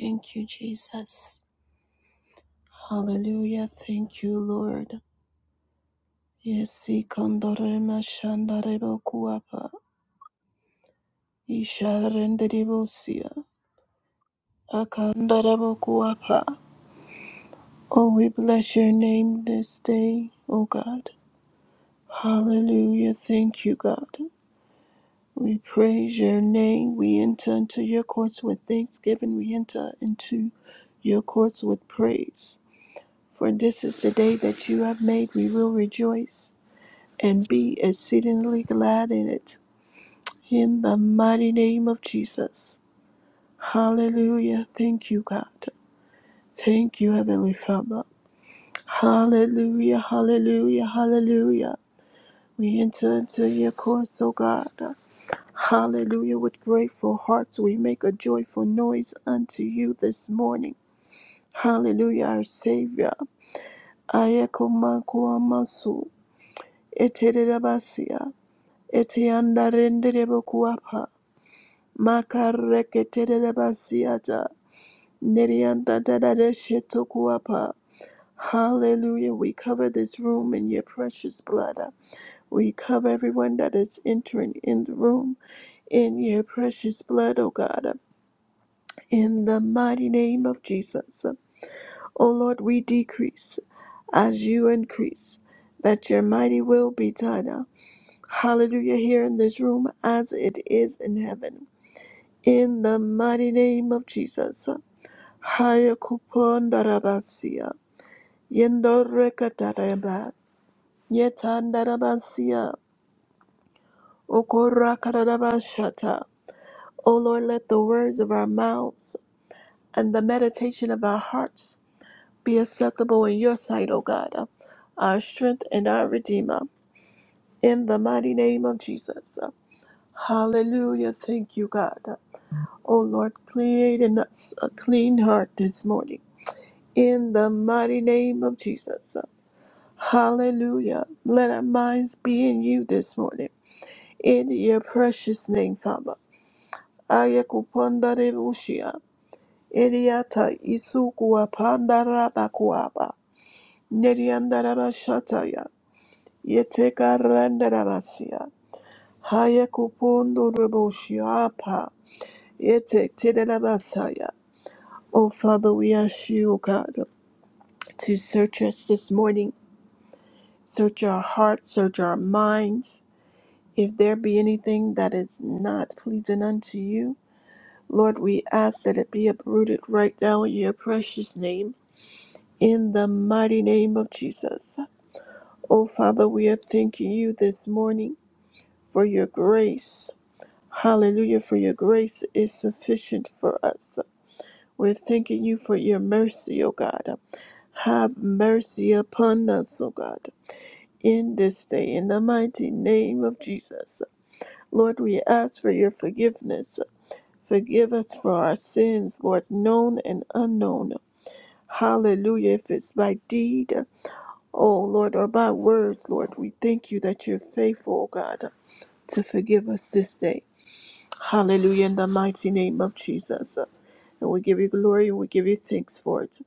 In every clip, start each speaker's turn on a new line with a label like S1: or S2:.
S1: Thank you, Jesus. Hallelujah. Thank you, Lord. Yesi kandarema shandarebo kuapa. Isharenderebosia. Akandarebo kuapa. Oh, we bless your name this day, O God. Hallelujah. Thank you, God. We praise your name. We enter into your courts with thanksgiving. We enter into your courts with praise. For this is the day that you have made. We will rejoice and be exceedingly glad in it. In the mighty name of Jesus. Hallelujah. Thank you, God. Thank you, Heavenly Father. Hallelujah, hallelujah, hallelujah. We enter into your courts, O God. Hallelujah. With grateful hearts, we make a joyful noise unto you this morning. Hallelujah, our Savior. Ayekomakuamasu. Eterebasia. Etiandarenderebokuapa. Makareketerebasiata. Neriandadadadeshetokuapa. Hallelujah. We cover this room in your precious blood. We cover everyone that is entering in the room in your precious blood, O God. In the mighty name of Jesus. O Lord, we decrease as you increase, that your mighty will be done. Hallelujah. Here in this room as it is in heaven. In the mighty name of Jesus. Haya kupondarabasia. Yendo rekatareba. Yetandarabasia. Okorakarabashata. O Lord, let the words of our mouths and the meditation of our hearts be acceptable in your sight, O God, our strength and our redeemer. In the mighty name of Jesus. Hallelujah. Thank you, God. O Lord, create in us a clean heart this morning. In the mighty name of Jesus. Hallelujah. Let our minds be in you this morning. In your precious name, Father. Ayakuponda rebushia. Eriata isukua pandarabakuaba. Neriandarabashataya. Yeteka randarabasia. Hayakupondo rebushiapa. Yetek tedarabasaya. Oh, Father, we ask you, O God, to search us this morning. Search our hearts, search our minds. If there be anything that is not pleasing unto you, Lord, we ask that it be uprooted right now in your precious name, in the mighty name of Jesus. Oh, Father, we are thanking you this morning for your grace. Hallelujah, for your grace is sufficient for us. We're thanking you for your mercy, O God. Have mercy upon us, O God, in this day, in the mighty name of Jesus. Lord, we ask for your forgiveness Forgive us for our sins, Lord, known and unknown. Hallelujah. If it's by deed, oh Lord, or by words, Lord, we thank you that you're faithful, oh God, to forgive us this day. Hallelujah. In the mighty name of Jesus. And we give you glory and we give you thanks for it.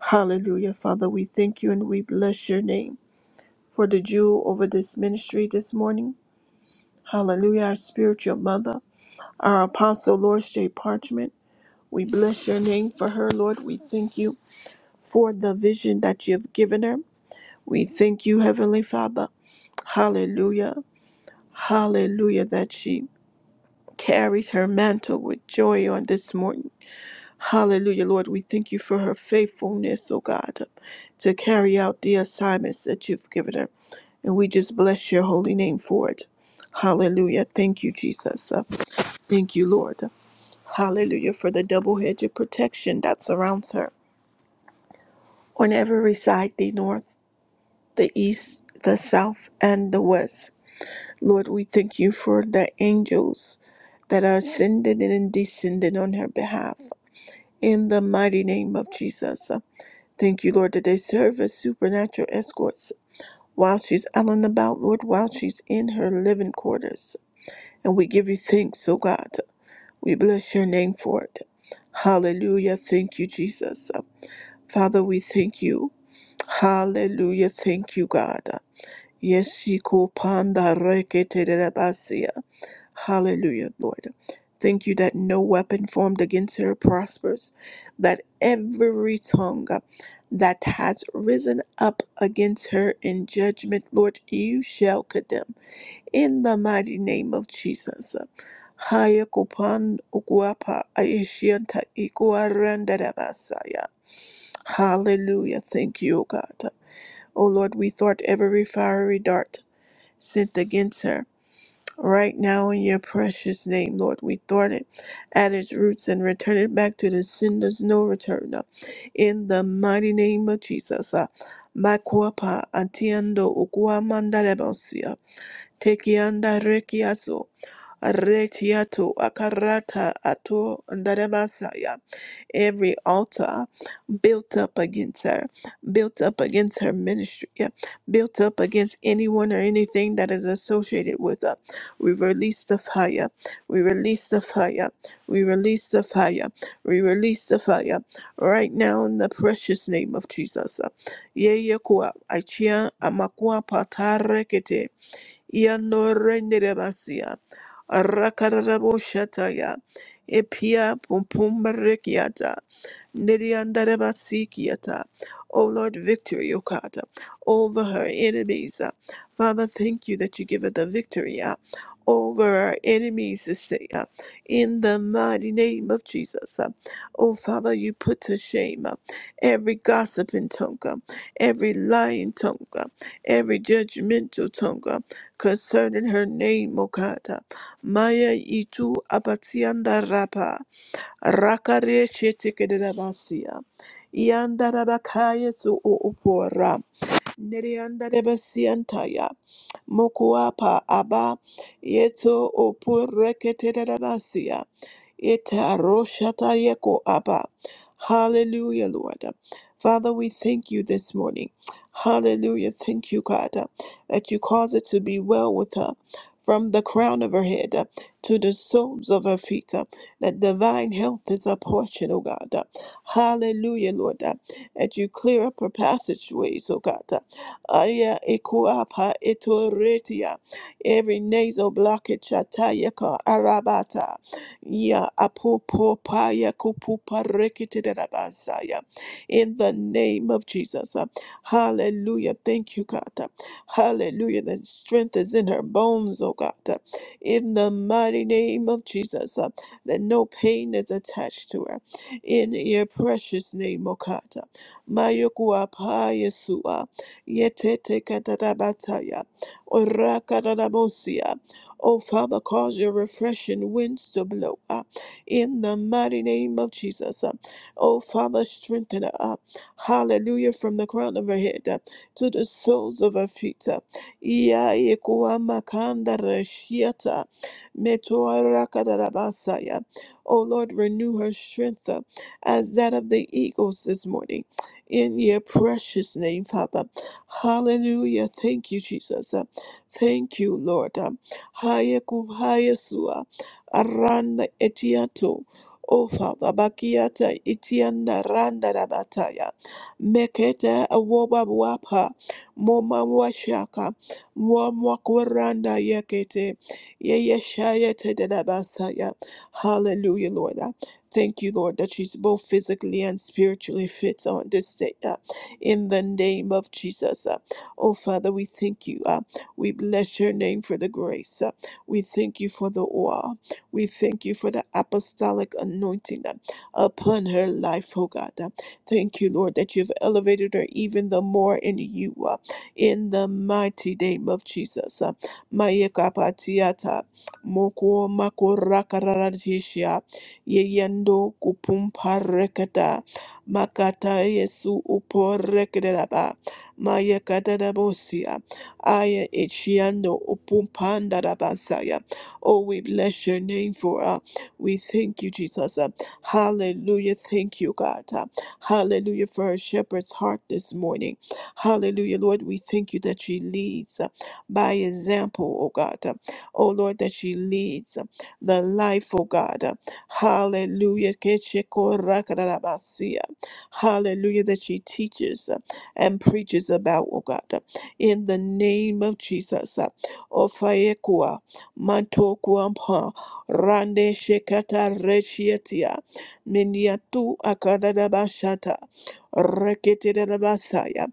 S1: Hallelujah. Father, we thank you and we bless your name for the Jew over this ministry this morning. Hallelujah. Our spiritual mother, our apostle, Lord J. Parchment. We bless your name for her, Lord. We thank you for the vision that you have given her. We thank you, Heavenly Father. Hallelujah. Hallelujah, that she carries her mantle with joy on this morning. Hallelujah, Lord. We thank you for her faithfulness, oh God, to carry out the assignments that you've given her. And we just bless your holy name for it. Hallelujah. Thank you, Jesus. Uh, Thank you, Lord. Hallelujah, for the double hedge of protection that surrounds her. on every side the north, the east, the south, and the west. Lord, we thank you for the angels that are ascending and descending on her behalf. In the mighty name of Jesus. Thank you, Lord, that they serve as supernatural escorts while she's out and about, Lord, while she's in her living quarters. And we give you thanks, oh God. We bless your name for it. Hallelujah. Thank you, Jesus. Father, we thank you. Hallelujah. Thank you, God. Yeshiko panda rekete dedabasia. Hallelujah, Lord. Thank you that no weapon formed against her prospers, that every tongue that has risen up against her in judgment, Lord, you shall condemn. In the mighty name of Jesus. Haya kupan uguapa aishianta ikuarandadabasaya. Hallelujah. Thank you, O God. O Lord, we thwart every fiery dart sent against her. Right now, in your precious name, Lord, we thwart it at its roots and return it back to the sender's no return returner. In the mighty name of Jesus. uh, Makwapa atiando ukuamanda lebosia. Tekianda rekiaso. Retiato akarata ato ndarebasaya. Every altar built up against her, built up against her ministry, yeah, built up against anyone or anything that is associated with her. We release the fire. We release the fire. We release the fire. We release the fire right now in the precious name of Jesus. Yeye kuwa achia amakuwa patarekete yanorenderebasia rakaraboshataya epia pumpumbarekiata Nidiyandere basikiyata. O Lord, victory, O God, over her enemies. Father, thank you that you give her the victory uh, over our enemies this day. uh, In the mighty name of Jesus. uh. Oh, Father, you put to shame uh, every gossiping tongue, uh, every lying tongue, uh, every judgmental tongue uh, concerning her name, O God. uh. Maya itu abatianda rapa. Rakare shetekedera basia. Yandara bakaya su upora. Neriandare basiantaya. Mokuapa Abba Yeto Opureketerabasia Ita Roshata Yeko Abba. Hallelujah, Lord. Father, we thank you this morning. Hallelujah. Thank you, God, that you cause it to be well with her from the crown of her head uh, to the soles of her feet. uh, That divine health is a portion, oh God. uh, Hallelujah, Lord. uh, That you clear up her passageways, oh God. Uh, Aya ikuapa etoretia. Every nasal blockage atayaka arabata. Ya apopopaya kupuparekitedabasaya. In the name of Jesus. uh, Hallelujah. Thank you, God. uh, Hallelujah. The strength is in her bones, oh God. uh, In the mighty name of Jesus. uh, That no pain is attached to her. In your precious name, oh God. Mayokuapa Yesua. Yetete katarabataya. Orakarabosia. Oh, Father, cause your refreshing winds to blow up in the mighty name of Jesus. uh. Oh, Father, strengthen her up. Hallelujah. From the crown of her head uh, to the soles of her feet. uh. Yaikuamakandarashiata. Metoarakadarabataya. Oh, Lord, renew her strength uh, as that of the eagles this morning. In your precious name, Father. Hallelujah. Thank you, Jesus. Uh, Thank you, Lord. Um, Haya kubhaya sua. Aranda etiato. O Father, bakiata itianda randa rabataya. Mekete awoba wapa. Moma washaka. Mwamwa kweranda yekete. yeye shayete Yeyeshaya tedabasaya. Hallelujah, Lord. Uh, Thank you, Lord, that she's both physically and spiritually fit on this day. Uh, in the name of Jesus. Uh, Oh, Father, we thank you. Uh, We bless your name for the grace. Uh, We thank you for the oil. We thank you for the apostolic anointing uh, upon her life, oh God. Uh, Thank you, Lord, that you've elevated her even the more in you, uh, in the mighty name of Jesus. Uh, Mayekapatiata, moko makoraka rararishia, yeyendo kupumpa rekata, Makata Yesu uporekeraba. Maya kadadabosia. Aya ichiando upumpandarabasaya. Oh, we bless your name for uh, we thank you, Jesus. Uh, hallelujah. Thank you, God. Uh, hallelujah for our shepherd's heart this morning. Hallelujah, Lord. We thank you that she leads uh, by example, oh God. Uh, oh Lord, that she leads uh, the life, oh God. Uh, hallelujah. Hallelujah, that she teaches uh, and preaches about, oh God, uh, in the name of Jesus. uh, Ofayekua, Mantokuampa, Rande Shekata Rechiatia, Miniatu Akadabashata, Reketirabasaya,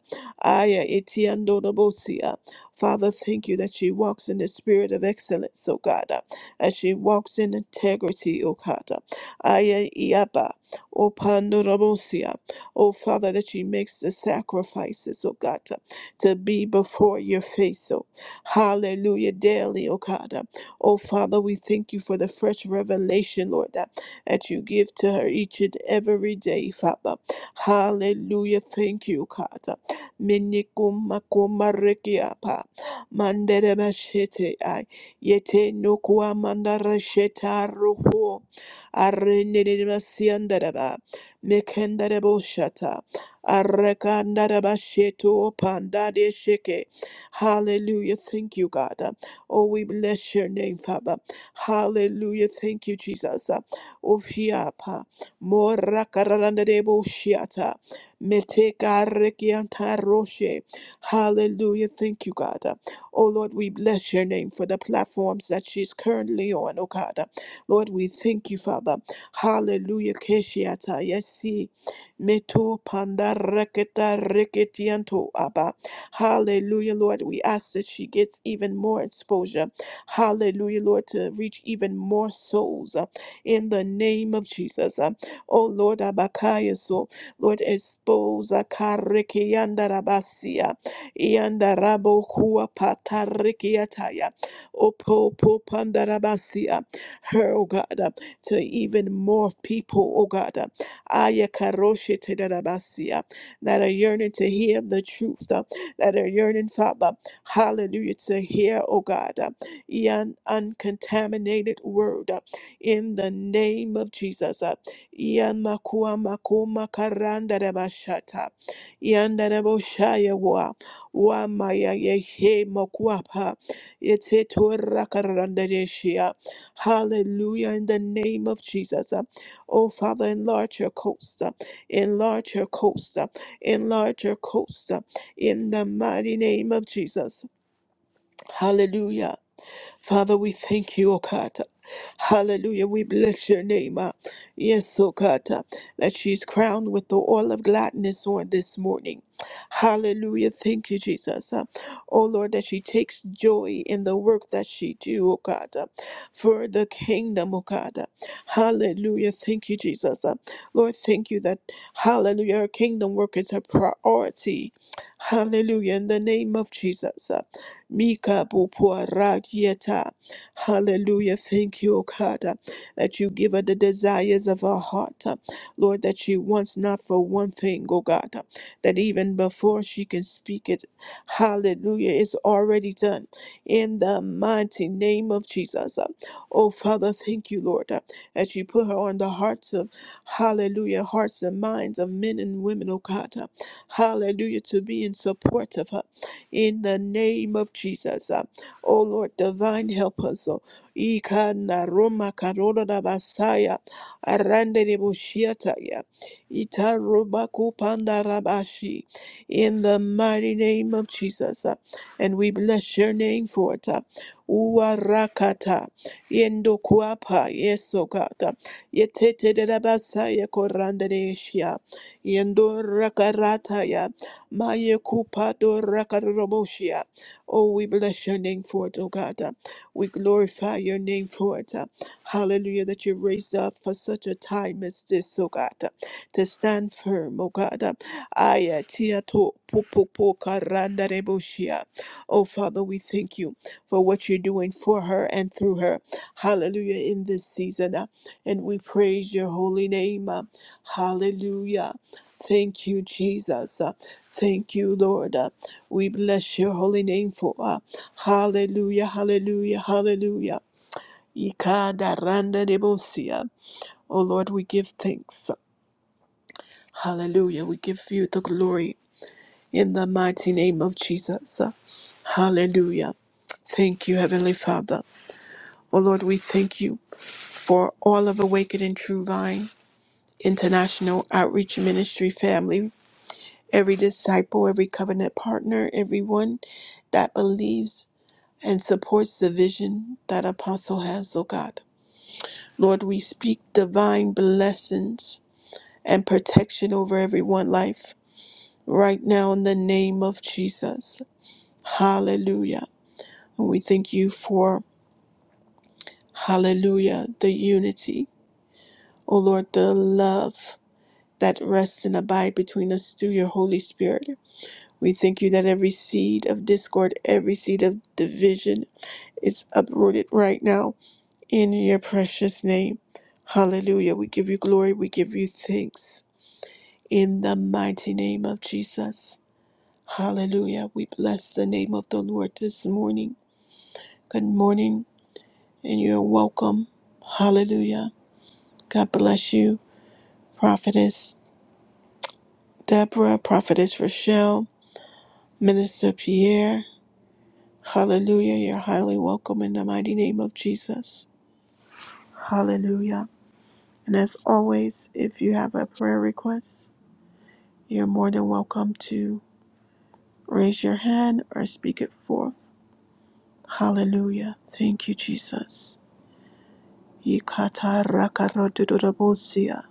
S1: Aya etiando Bosia. Father, thank you that she walks in the spirit of excellence, O God, uh, as she walks in integrity, O God. uh, Aya Iaba, O Pandorobosia oh Father, that she makes the sacrifices, oh God, to, to be before your face, oh hallelujah, daily, oh God. Uh, Oh Father, we thank you for the fresh revelation, Lord, that, that you give to her each and every day, Father. Hallelujah, thank you, God. Uh, Minikumakumarekiapa, manderebashete ai, yete nokuamandarasheta ruho, arenenemasiandaraba. Mekenderebo shata. Arrekandaraba sheto pandade sheke. Hallelujah. Thank you, God. Oh, we bless your name, Father. Hallelujah. Thank you, Jesus. Ofiapa. Morakarandarebo shiata. Metekarekianta roshe. Hallelujah. Thank you, God. Oh, Lord, we bless your name for the platforms that she's currently on, oh God. Lord, we thank you, Father. Hallelujah. Keshiata. Yesi. Meto panda reketa reketianto abba. Hallelujah, Lord. We ask that she gets even more exposure. Hallelujah, Lord, to reach even more souls uh, in the name of Jesus. Uh, Oh Lord Abakaya, so Lord, expose Karekiandarabasia. Yandarabo Hua Patarikiataya. Opo Popandarabasia. Her oh God. uh, to even more people, oh God. uh, Aya karoshe te That are yearning to hear the truth, uh, that are yearning, Father, hallelujah, to hear, oh God, uh, an uncontaminated word uh, in the name of Jesus. uh, Ian makua makuma karanda rabashata, Ian daraboshaya wa, wa maya yehe makuapa, yete torra karanda Hallelujah. In the name of Jesus. Uh, Oh, Father, enlarge your coast. uh, Enlarge your coast. uh, Enlarge your coast. uh, In the mighty name of Jesus. Hallelujah. Father, we thank you, O God. Hallelujah. We bless your name. uh, Yes, O God, uh, that she's crowned with the oil of gladness on this morning. Hallelujah. Thank you, Jesus. Uh, Oh Lord, that she takes joy in the work that she do, O God, uh, for the kingdom, O God. Uh, Hallelujah. Thank you, Jesus. Uh, Lord, thank you that, hallelujah, her kingdom work is her priority. Hallelujah. In the name of Jesus. uh, Mika bupuarakieta. Hallelujah. Thank you, O God, uh, that you give her the desires of her heart. uh, Lord, that she wants not for one thing, O God, uh, that even before she can speak it, hallelujah, It's already done. In the mighty name of Jesus. uh, Oh, Father, thank you, Lord, uh, that you put her on the hearts of, hallelujah, hearts and minds of men and women, O God. uh, Hallelujah, to be in support of her in the name of Jesus. Uh, Oh Lord, divine help us. Oh, Ikana Roma Karona da Basaya, Arande de Bushiataya, Ita Roma Kupanda Rabashi, in the mighty name of Jesus. Uh, And we bless your name for it. Uh, Uwarakata, Yendo Kuapa, Yesokata, Yetete de Rabasaya Koranda de Shia, Yendo Rakarataya. Maye kupado rakaraboshia. Oh, we bless your name for it, oh God. We glorify your name for it. Hallelujah, that you raised up for such a time as this, oh God, to stand firm, oh God. Aya tia to pupupu karandareboshia. Oh, Father, we thank you for what you're doing for her and through her. Hallelujah, in this season. And we praise your holy name. Hallelujah. Thank you, Jesus. Uh, Thank you, Lord. Uh, We bless your holy name for uh, hallelujah, hallelujah, hallelujah. Ikada randa debosia. Oh Lord, we give thanks. Hallelujah. We give you the glory in the mighty name of Jesus. Uh, Hallelujah. Thank you, Heavenly Father. Oh Lord, we thank you for all of awakened and True Vine International Outreach Ministry family every disciple, every covenant partner, everyone that believes and supports the vision that Apostle has, oh God. Lord, we speak divine blessings and protection over everyone life right now in the name of Jesus. Hallelujah. And we thank you for, hallelujah, the unity. Oh Lord, the love that rests and abide between us through your Holy Spirit. We thank you that every seed of discord, every seed of division, is uprooted right now in your precious name. Hallelujah. We give you glory. We give you thanks in the mighty name of Jesus. Hallelujah. We bless the name of the Lord this morning. Good morning, and you're welcome. Hallelujah. God bless you, Prophetess Deborah, Prophetess Rochelle, Minister Pierre. Hallelujah. You're highly welcome in the mighty name of Jesus. Hallelujah. And as always, if you have a prayer request, you're more than welcome to raise your hand or speak it forth. Hallelujah. Thank you, Jesus. Ikata rakarodododobosia.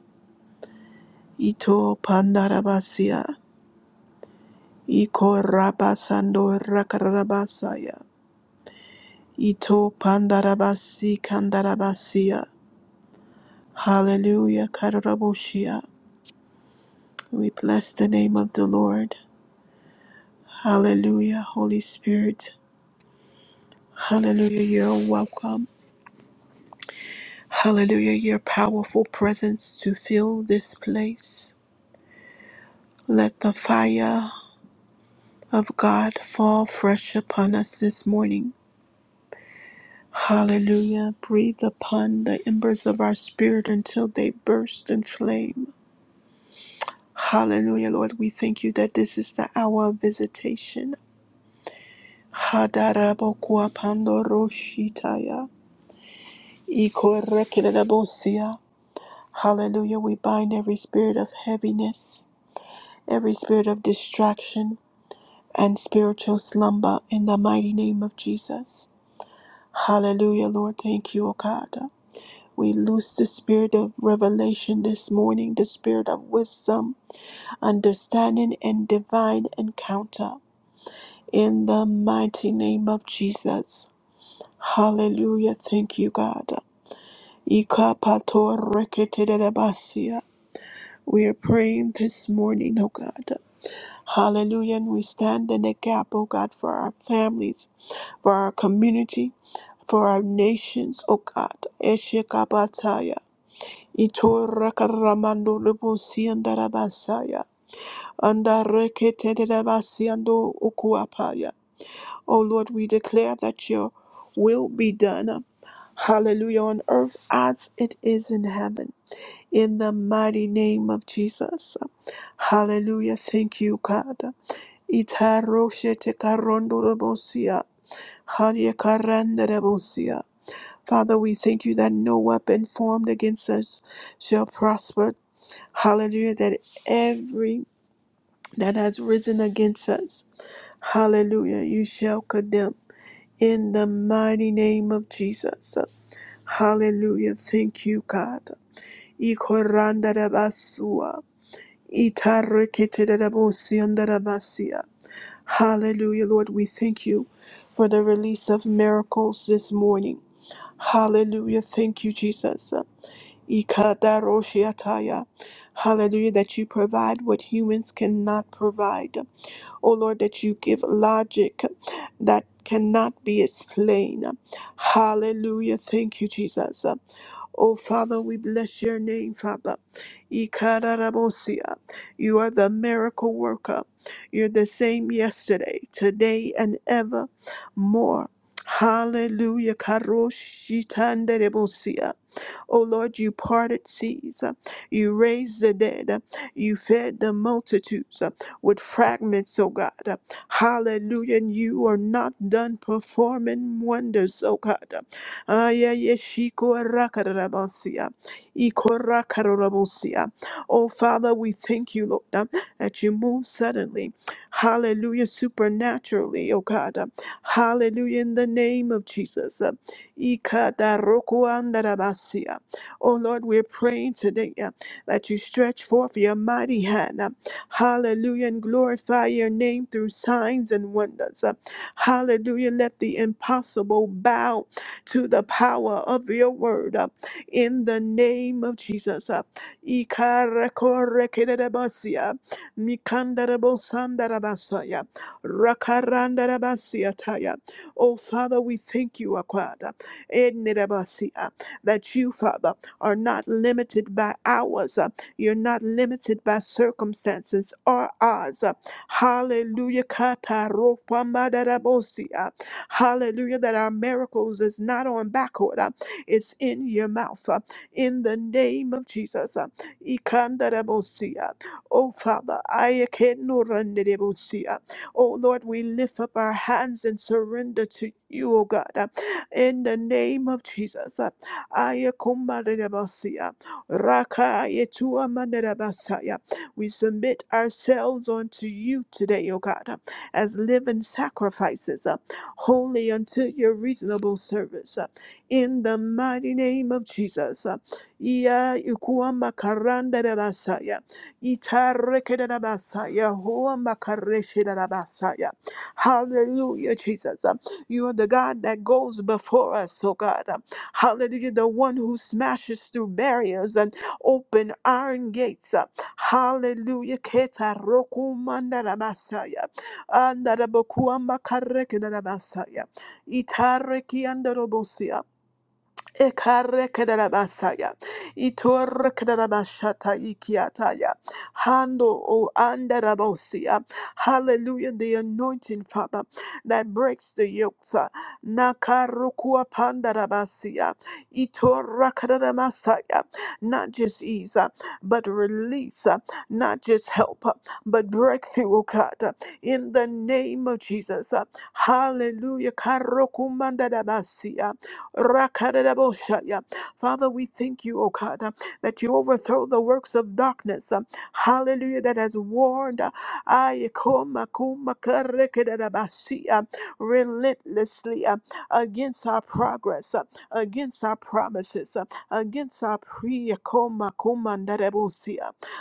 S1: Ito pandarabasia. Iko rabasando rakarabasaya. Ito pandarabasi kandarabasia. Hallelujah. Karaboshia. We bless the name of the Lord. Hallelujah, Holy Spirit. Hallelujah, you're welcome. Hallelujah, your powerful presence to fill this place. Let the fire of God fall fresh upon us this morning. Hallelujah, breathe upon the embers of our spirit until they burst in flame. Hallelujah, Lord, we thank you that this is the hour of visitation. Hadarabokuapandoroshitaya, ikorekelebosia. Hallelujah, we bind every spirit of heaviness every spirit of distraction and spiritual slumber in the mighty name of Jesus. Hallelujah, Lord. Thank you, O God. We loose the spirit of revelation this morning, the spirit of wisdom, understanding, and divine encounter in the mighty name of Jesus. Hallelujah. Thank you, God. Ikapato reketedebasia. We are praying this morning, O God. Hallelujah. And we stand in the gap, oh God, for our families, for our community, for our nations, O God. Eshekabataya. Itorakaramando lebosindarabasaya. Andareketedabasiando ukuapaya. O Lord, we declare that your will be done. Hallelujah. On earth as it is in heaven. In the mighty name of Jesus. Hallelujah. Thank you, God. Itaroshetakarondorobosia, Hanyakarandabosia. Father, we thank you that no weapon formed against us shall prosper. Hallelujah, that every that has risen against us, hallelujah, you shall condemn in the mighty name of Jesus. Hallelujah, thank you, God. Ikoranda rabasua, Ikorandadabasua, Itareketedabosiandarabasia. Hallelujah, Lord. We thank you for the release of miracles this morning. Hallelujah. Thank you, Jesus. Ikadaroshiataya. Hallelujah, that you provide what humans cannot provide. Oh Lord, that you give logic that cannot be explained. Hallelujah. Thank you, Jesus. Oh, Father, we bless your name, Father. Ikararabosia. You are the miracle worker. You're the same yesterday, today, and ever more. Hallelujah. Karoshitanderebosia. O Lord, you parted seas. uh, You raised the dead. uh, You fed the multitudes uh, with fragments, O God. uh, Hallelujah. And you are not done performing wonders, O God. uh, Aya yeshiko rakarabansia, iko rakarabansia. Oh Father, we thank you, Lord, uh, that you move suddenly. Hallelujah, supernaturally, O God. uh, Hallelujah, in the name of Jesus. uh, ikadarokoandarabasia. Oh Lord, we're praying today uh, that you stretch forth your mighty hand. uh, hallelujah. And glorify your name through signs and wonders. uh, hallelujah. Let the impossible bow to the power of your word. uh, in the name of Jesus. uh, Ikarakorekerebasia, Mikandarabosandarabasia, Rakarandarabasia. Oh, Father, we thank you, Akwada, Ednerebasia, that you, Father, are not limited by hours. Uh, You're not limited by circumstances or odds. Uh, Hallelujah. Kataropamadarabosi. Uh, Hallelujah. That our miracles is not on back order. It's in your mouth. Uh, In the name of Jesus. Uh, Ikandarabosi. Uh, Oh Father, I akenorandarabosi. Uh, Oh Lord, we lift up our hands and surrender to you, oh God, uh, in the name of Jesus. uh, Aya kumbarabasia. Raka yetua mandarabasaya. We submit ourselves unto you today, O God, as living sacrifices, uh, holy unto your reasonable service. uh, In the mighty name of Jesus. uh. Iya ikua makarandarabasaya. Itarekedarabasaya. Hua makareshidarabasaya. Hallelujah, Jesus. uh. You are the God that goes before us, O God. Hallelujah. The one who smashes through barriers and open iron gates. Hallelujah. Keta roku mandara basaya. Andara bokuamba kareke dara basaya. Itareki Ekarekerabasaya. Itorekerabashata ikiataya. Hando o andarabosia. Hallelujah. The anointing, Father, that breaks the yokes. uh, Nakarukua pandarabasia. Itorakaramasaya. Not just ease, uh, but release. uh, Not just help, uh, but breakthrough, oh God. uh, In the name of Jesus. uh, Hallelujah. Karokumandarabasia. Rakadadaboshaya. Father, we thank you, O God, uh, that you overthrow the works of darkness. uh, Hallelujah, that has warned uh, Ayekomakumakarekedadabasi, uh, relentlessly uh, against our progress, uh, against our promises, uh, against our pre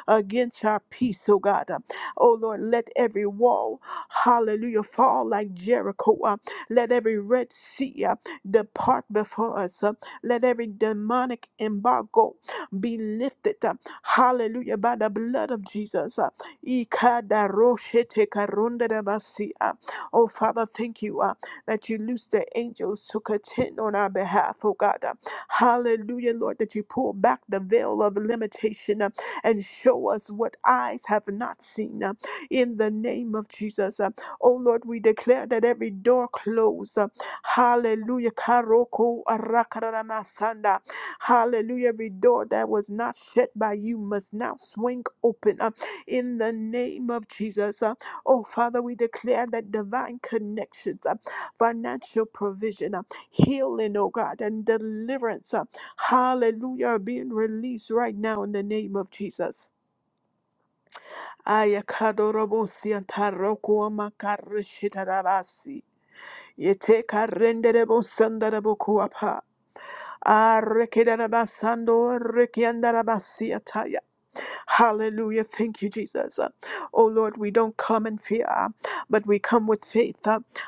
S1: against our peace, O God. uh, Oh Lord, let every wall, hallelujah, fall like Jericho. uh, Let every Red Sea, uh, depart before us. Uh, Let every demonic embargo be lifted. uh, Hallelujah. By the blood of Jesus. uh, Ikadaroshetekarondadabasi, uh, Oh, Father, thank you uh, that you loose the angels to contend on our behalf, oh God. uh, Hallelujah, Lord, that you pull back the veil of limitation uh, and show us what eyes have not seen. uh, In the name of Jesus. uh, Oh Lord, we declare that every door closed. uh, Hallelujah. Karoko arakararamasanda. Hallelujah. Every door that was not shut by you must now swing open uh, in the name of Jesus. uh. Oh Father, we declare that divine connections, uh, financial provision, uh, healing, oh God, and deliverance. uh, Hallelujah. Are being released right now in the name of Jesus. Ayakadorobosi antarokuama karishita rabasi. Yete karendere bosandarabo kuapa. Arrekedarabasando, rekiandarabasiataya. Hallelujah. Thank you, Jesus. Oh Lord, we don't come in fear, but we come with faith.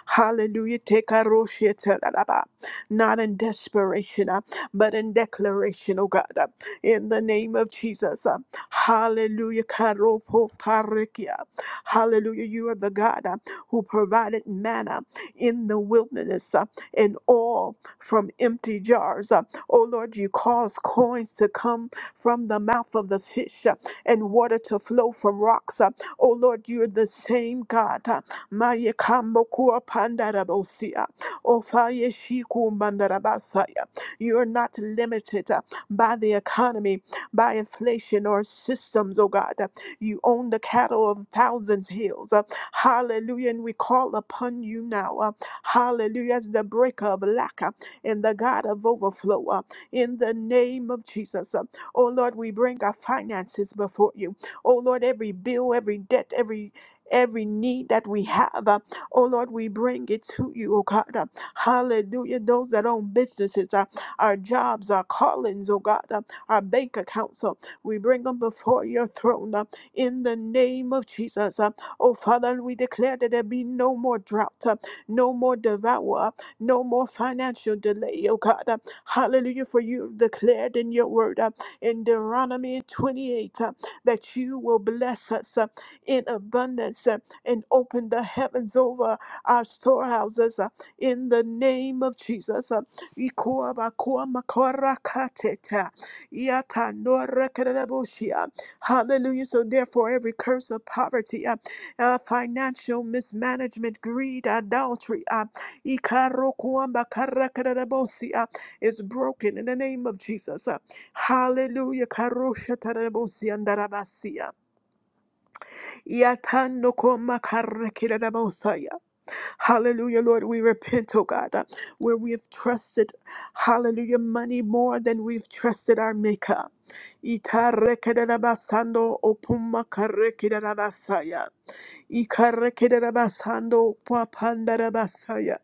S1: Hallelujah. Take our roshia telaraba. Not in desperation, uh, but in declaration, oh God. uh, In the name of Jesus. uh, Hallelujah. Karopo tarikia. Hallelujah. You are the God uh, who provided manna in the wilderness uh, and all from empty jars. O Lord, you cause coins to come from the mouth of the fish uh, and water to flow from rocks. uh. O Lord, you are the same God. uh. Maye kambokua pandarabosia. O faye shiku mandarabasaya. You are not limited uh, by the economy, by inflation or systems, O God. uh. You own the cattle of thousands hills. uh. Hallelujah. And we call upon you now. uh. Hallelujah. As the breaker of lack. uh and the God of overflow uh, in the name of Jesus. uh. Oh Lord, we bring our finances before you. Oh Lord, every bill, every debt, every Every need that we have, uh, oh Lord, we bring it to you, oh God. uh. hallelujah. Those that own businesses, uh, our jobs, our callings, oh God, uh, our bank accounts, uh, we bring them before your throne uh, in the name of Jesus. uh. oh Father, we declare that there be no more drought, uh, no more devour, uh, no more financial delay, oh God. Uh, Hallelujah. For you have declared in your word uh, in Deuteronomy 28 uh, that you will bless us uh, in abundance uh, and open the heavens over our storehouses uh, in the name of Jesus. Uh, Hallelujah. So, therefore, every curse of poverty, uh, uh, financial mismanagement, greed, idolatry. Ikarokuambakarakadarabosea is broken in the name of Jesus. Hallelujah. Karoshatarabosiandarabasia. Yatanokomakarakidabosaya. Hallelujah, Lord. We repent, oh God, uh, where we have trusted, hallelujah, money more than we've trusted our Maker. Itarekedarabasando opumakarekadarabasaya. Ikarekerabasando papandarabasaya.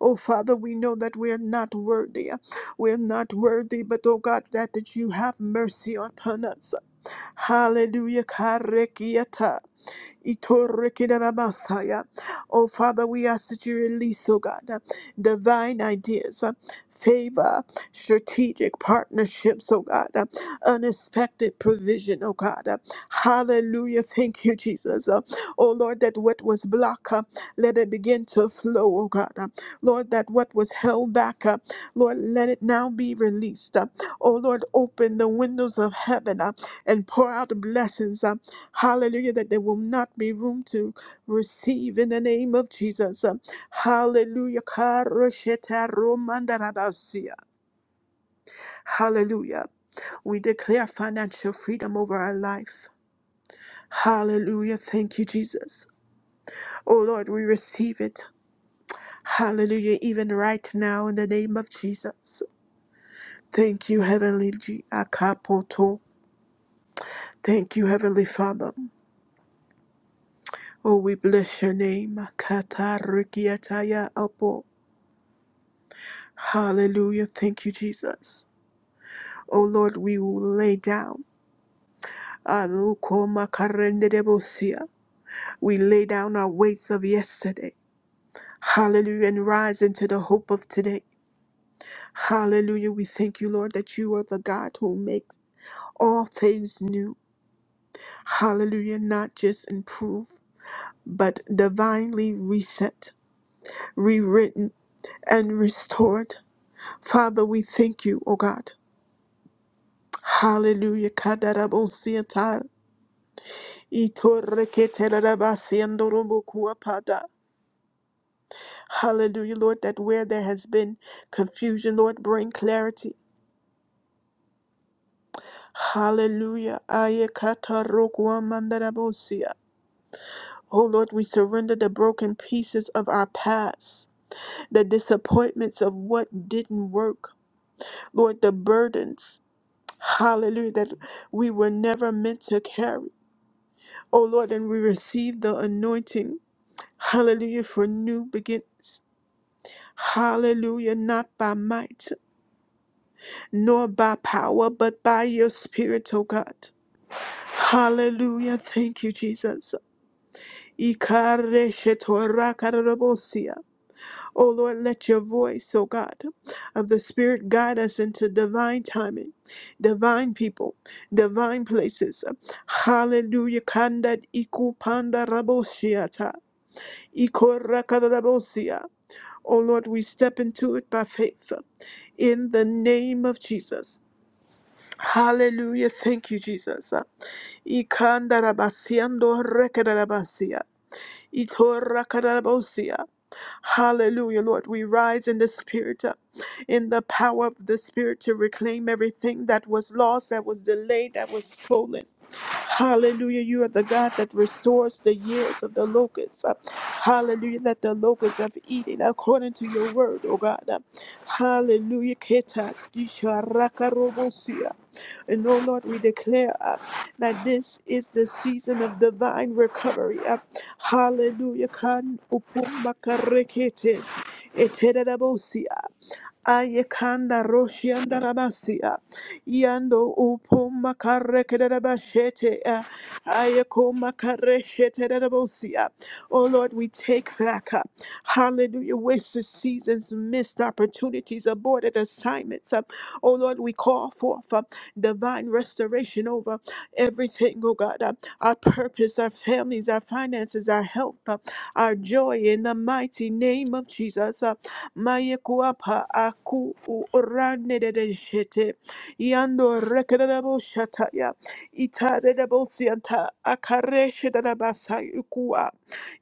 S1: Oh, Father, we know that we are not worthy. We are not worthy, but oh God, that, that you have mercy upon us. Hallelujah. Karekiata. Itorikidaramasaya. Oh, Father, we ask that you release, oh God, uh, divine ideas, uh, favor, strategic partnerships, oh God, uh, unexpected provision, oh God. uh, Hallelujah. Thank you, Jesus. Uh, Oh, Lord, that what was blocked, uh, let it begin to flow, oh God. uh, Lord, that what was held back, uh, Lord, let it now be released. uh, Oh, Lord, open the windows of heaven uh, and pour out blessings. Hallelujah, that there will not be room to receive in the name of Jesus. Um, Hallelujah. Karosheta romandarabasia. Hallelujah. We declare financial freedom over our life. Hallelujah. Thank you, Jesus. Oh Lord, we receive it. Hallelujah. Even right now, in the name of Jesus. Thank you, Heavenly G. Akapoto. Thank you, Heavenly Father. Oh, we bless your name. Katarikiataya Apo. Hallelujah. Thank you, Jesus. Oh Lord, we will lay down. Alukomakarendedebosia. We lay down our weights of yesterday. Hallelujah. And rise into the hope of today. Hallelujah. We thank you, Lord, that you are the God who makes all things new. Hallelujah. Not just improve, but divinely reset, rewritten, and restored. Father, we thank you, O God. Hallelujah. Kadarabosia Itorreketerabasiandorobokuapada. Hallelujah, Lord, that where there has been confusion, Lord, bring clarity. Hallelujah. Ayekatarokuamandarabosia. Oh Lord, we surrender the broken pieces of our past, the disappointments of what didn't work, Lord, the burdens, hallelujah, that we were never meant to carry. Oh Lord, and we receive the anointing, hallelujah, for new beginnings. Hallelujah, not by might nor by power, but by your spirit, O God. Hallelujah, thank you, Jesus. Ikareshetorakarobosia. O Lord, let your voice, O God, of the Spirit guide us into divine timing, divine people, divine places. Hallelujah, kandat ikupanda rabosiata. Ikorakarabosia. Oh Lord, we step into it by faith uh, in the name of Jesus. Hallelujah. Thank you, Jesus. Uh, Ikandarabasiando rekadarabasia. Itorakadarabosia. Hallelujah, Lord. We rise in the Spirit, uh, in the power of the Spirit to reclaim everything that was lost, that was delayed, that was stolen. Hallelujah. You are the God that restores the years of the locusts. Uh, Hallelujah. That the locusts have eaten according to your word, oh God. Uh, Hallelujah. Keta kisha raka robosia. And oh Lord, we declare uh, that this is the season of divine recovery. Uh, Hallelujah. Kan upumakarekete. Eteradabosia. Ayekanda Roshianda Rabasia Yando Upo Makare Kedarabashete Ayeko Makare Sheterabosia. Oh Lord, we take back up. Hallelujah. Wasted seasons, missed opportunities, aborted assignments. uh, Oh Lord, we call forth uh, divine restoration over everything, oh God. uh, Our purpose, our families, our finances, our health, uh, our joy in the mighty name of Jesus. uh. Mayekuapa aku u de de shete. Yando rekedabo shataya. Ita de de bosianta. Akareshe de basa ikua.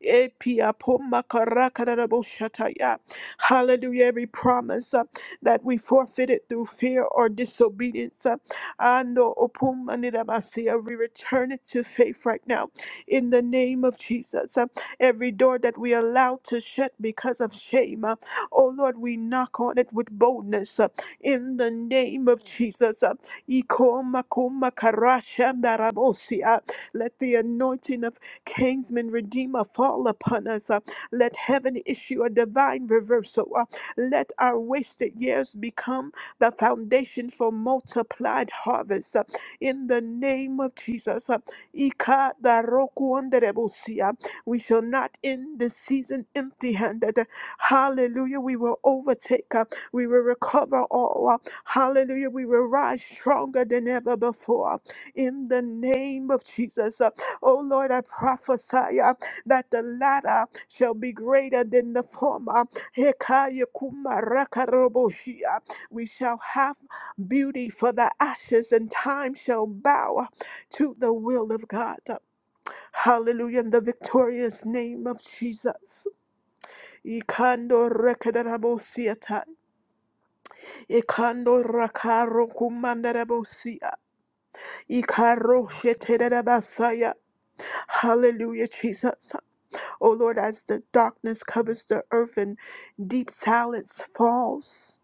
S1: Epia poma karaka de boshataya. Hallelujah. Every promise uh, that we forfeited through fear or disobedience. uh, Ando opuma ni de basia. We return it to faith right now. In the name of Jesus. Uh, Every door that we allow to shut because of shame. uh, Oh Lord, we knock on it with boldness uh, in the name of Jesus. uh, Ikomakomakarashandarabosia. Let the anointing of Kingsman Redeemer fall upon us. uh, Let heaven issue a divine reversal. uh, Let our wasted years become the foundation for multiplied harvests. uh, In the name of Jesus. uh, Ikadarokuonderebosia. We shall not end this season empty handed. Hallelujah. We will overtake. uh, We will recover all. uh, Hallelujah. We will rise stronger than ever before. In the name of Jesus. Uh, Oh Lord, I prophesy uh, that the latter shall be greater than the former. Hekaya kumarakaraboshia. We shall have beauty for the ashes, and time shall bow to the will of God. Hallelujah, in the victorious name of Jesus. Ikando rekedarabosiata. Ikando rakaro kumandarabosia. Ikaro shetedarabasaya. Hallelujah, Jesus. O Lord, as the darkness covers the earth and deep silence falls.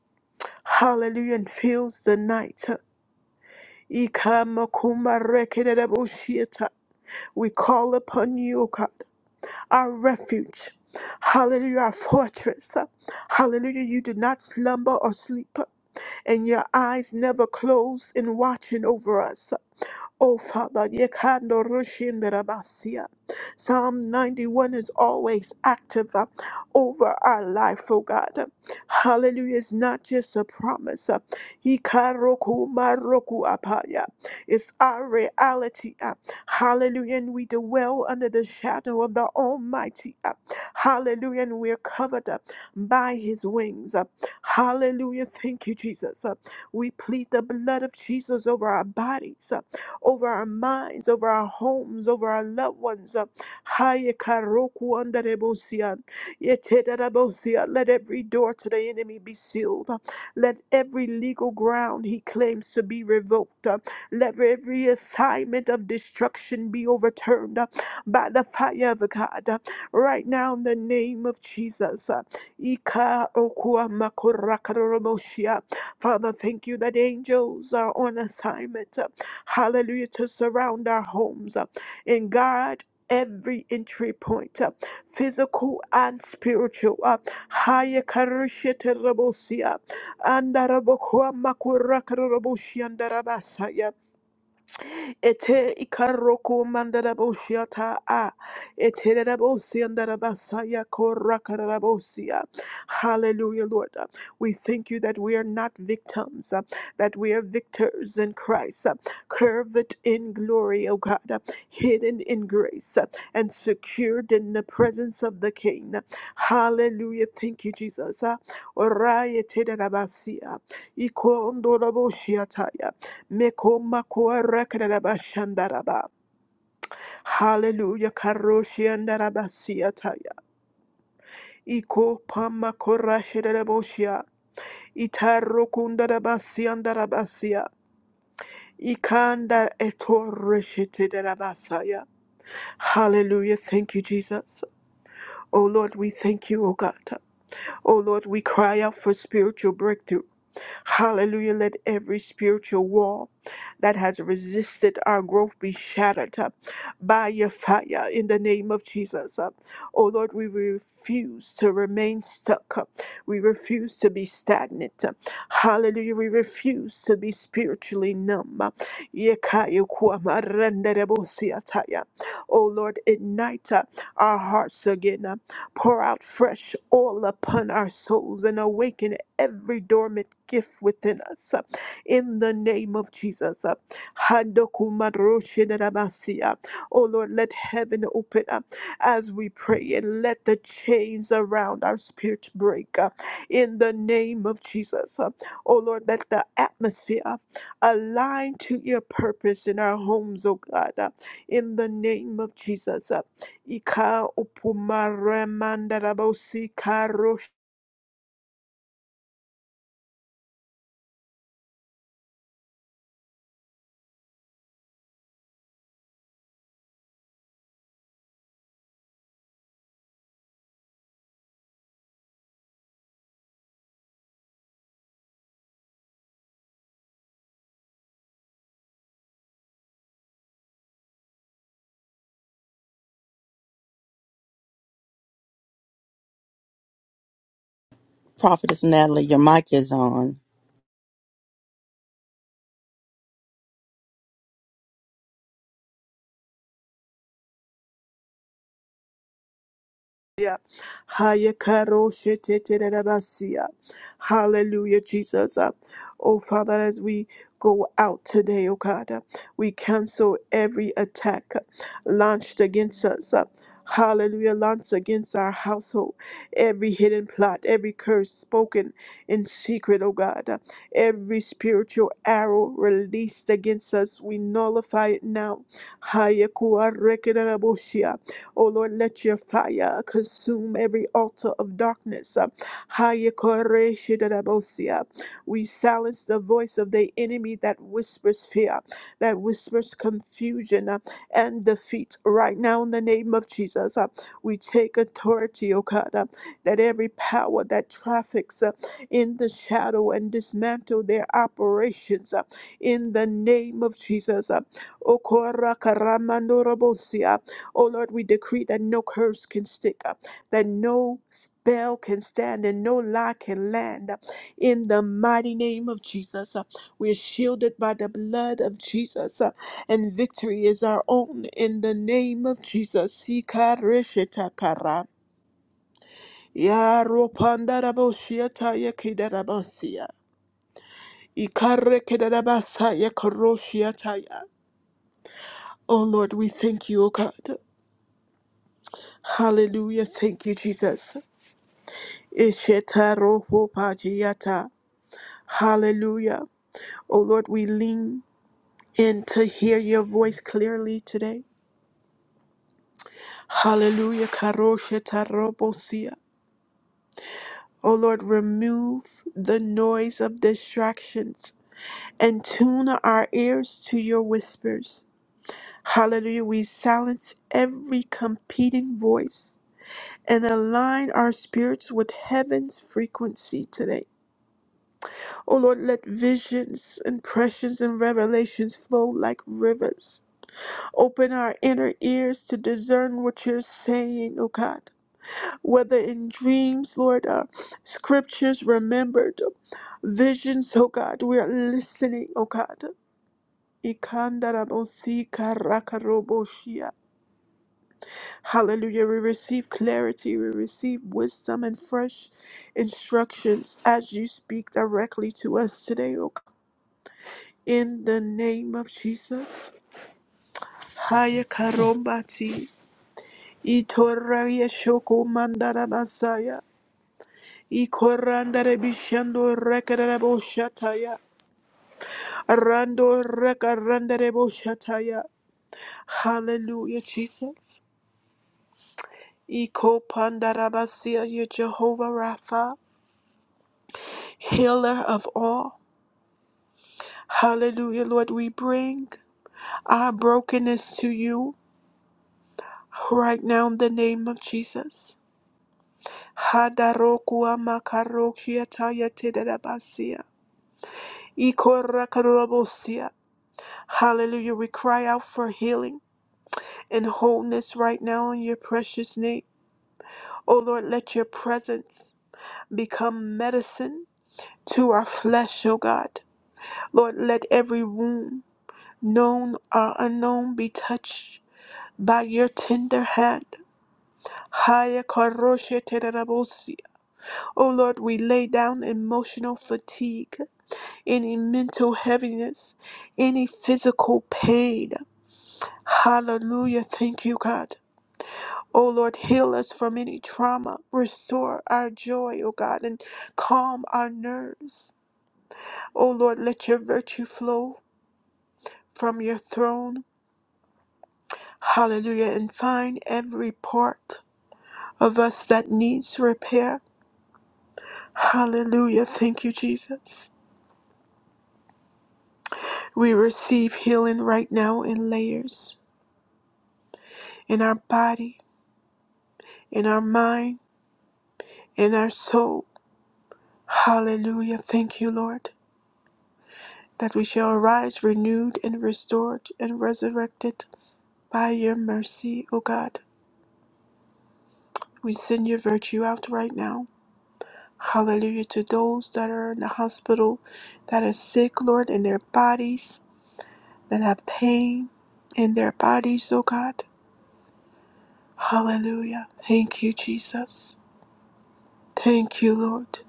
S1: Hallelujah, and fills the night. Ikamakumba rekedarabosiata. We call upon you, O God. our refuge. Hallelujah, our fortress. Hallelujah, you do not slumber or sleep, and your eyes never close in watching over us. Oh, Father, yekando rushinderabasia. Psalm 91 is always active uh, over our life, oh God. Hallelujah. It's not just a promise. uh, hikaroku maroku apaya. It's our reality. uh, Hallelujah. And we dwell under the shadow of the Almighty. uh, Hallelujah. And we're covered up by his wings. uh, Hallelujah. Thank you, Jesus. uh, We plead the blood of Jesus over our bodies. uh, over our minds, over our homes, over our loved ones. Uh, Haye karoku andarebosia, yetedarabosia. Let every door to the enemy be sealed. Uh, Let every legal ground he claims to be revoked. Uh, Let every assignment of destruction be overturned uh, by the fire of God. Uh, Right now, in the name of Jesus. uh, Ika okua makorakarabosia. Father, thank you that angels are on assignment hallelujah, to surround our homes uh, and guard every entry point, uh, physical and spiritual. Uh, haya karishe terabosia, andarabokwa makura karaboshiandarabasaya. Ete ikaroko mandaraboshiata a. Ete rabosia ndarabasaya korakarabosia. Hallelujah, Lord. Uh, We thank you that we are not victims, uh, that we are victors in Christ, uh, curved in glory, O God, uh, hidden in grace, uh, and secured in the presence of the King. Hallelujah. Thank you, Jesus. Uh, Oraya te rabasia. Iko ondorabosia ta. Mekoma kuara karaba shandaraba. Hallelujah. Karoshi andaraba siataya. Iko pama korashi daraboshia. Itaro kundaraba siandarabasia. Ikanda etoreshite darabasaya. Hallelujah. Thank you, Jesus. Oh Lord, we thank you, oh God. Oh Lord, we cry out for spiritual breakthrough. Hallelujah. Let every spiritual wall that has resisted our growth be shattered uh, by your fire in the name of Jesus. Uh, Oh Lord, we refuse to remain stuck. uh, We refuse to be stagnant. uh, Hallelujah. We refuse to be spiritually numb. uh, Yekaya kwama renderebosi ataya. Oh Lord, ignite uh, our hearts again. uh, Pour out fresh oil upon our souls and awaken every dormant gift within us uh, in the name of Jesus. uh. Handokumaroshinarabasiya. Oh Lord, let heaven open up as we pray and let the chains around our spirit break uh, in the name of Jesus. uh. Oh Lord, let the atmosphere uh, align to your purpose in our homes, oh God, uh, in the name of Jesus. uh. Ika upumaremandarabosi
S2: Prophetess Natalie, your mic is on.
S1: Yeah. Hayakaro sheteterebasia. Hallelujah, Jesus. Uh, Oh, Father, as we go out today, oh God, uh, we cancel every attack uh, launched against us. uh, Hallelujah, launched against our household. Every hidden plot, every curse spoken in secret, oh God. uh, Every spiritual arrow released against us, we nullify it now. Hayakuarekedarabosia. Oh Lord, let your fire consume every altar of darkness. Uh, Haya kore shidadabosia. We silence the voice of the enemy that whispers fear, that whispers confusion uh, and defeat. Right now, in the name of Jesus, uh, we take authority, O God, uh, that every power that traffics uh, in the shadow and dismantle their operations uh, in the name of Jesus. uh, Okora karamandorobosia. Oh Lord, we decree that no curse can stick, up, that no spell can stand, and no lie can land. uh, In the mighty name of Jesus, Uh, we are shielded by the blood of Jesus, uh, and victory is our own. In the name of Jesus, Ikareshetakara. Yaropandaraboshiatayakidarabasia. Ikarekedarabasayakaroshitaya. Oh Lord, we thank you, O God. Hallelujah. Thank you, Jesus. Ishetarohopajiata. Hallelujah. Oh Lord, we lean in to hear your voice clearly today. Hallelujah. Karoshetarobosia. Oh Lord, remove the noise of distractions and tune our ears to your whispers. Hallelujah. We silence every competing voice and align our spirits with heaven's frequency today. Oh Lord, let visions, impressions, and revelations flow like rivers. Open our inner ears to discern what you're saying, oh God. Whether in dreams, Lord, uh, scriptures remembered, visions, oh God, we are listening, oh God. Ikandarabosi karakaraboshia. Hallelujah. We receive clarity, we receive wisdom and fresh instructions as you speak directly to us today, oh God. In the name of Jesus, Haya Karombati, Itoraya Shoko Mandara Basaya, Ikorandare Bishando Rekarabo Shataya, Rando Rekarandarebo Shataya. Hallelujah, Jesus. Iko Pandarabasia, your Jehovah Rapha, healer of all. Hallelujah, Lord, we bring our brokenness to you right now in the name of Jesus. Hadarokua makarokia taya tederabasia. Ikorakarobosia. Hallelujah. We cry out for healing and wholeness right now in your precious name. Oh Lord, let your presence become medicine to our flesh, oh God. Lord, let every wound, known or unknown, be touched by your tender hand. Haya karoshe tederabosia. Oh Lord, we lay down emotional fatigue. any mental heaviness, any physical pain. Hallelujah. Thank you, God. Oh Lord, heal us from any trauma. Restore our joy, oh God, and calm our nerves. Oh Lord, let your virtue flow from your throne. Hallelujah. And find every part of us that needs repair. Hallelujah. Thank you, Jesus. We receive healing right now in layers in our body, in our mind in our soul. Hallelujah. Thank you, Lord, that we shall arise renewed and restored and resurrected by your mercy, O God. We send your virtue out right now. Hallelujah to those that are in the hospital, that are sick, Lord, in their bodies, that have pain in their bodies, O God. Hallelujah. Thank you, Jesus. Thank you, Lord.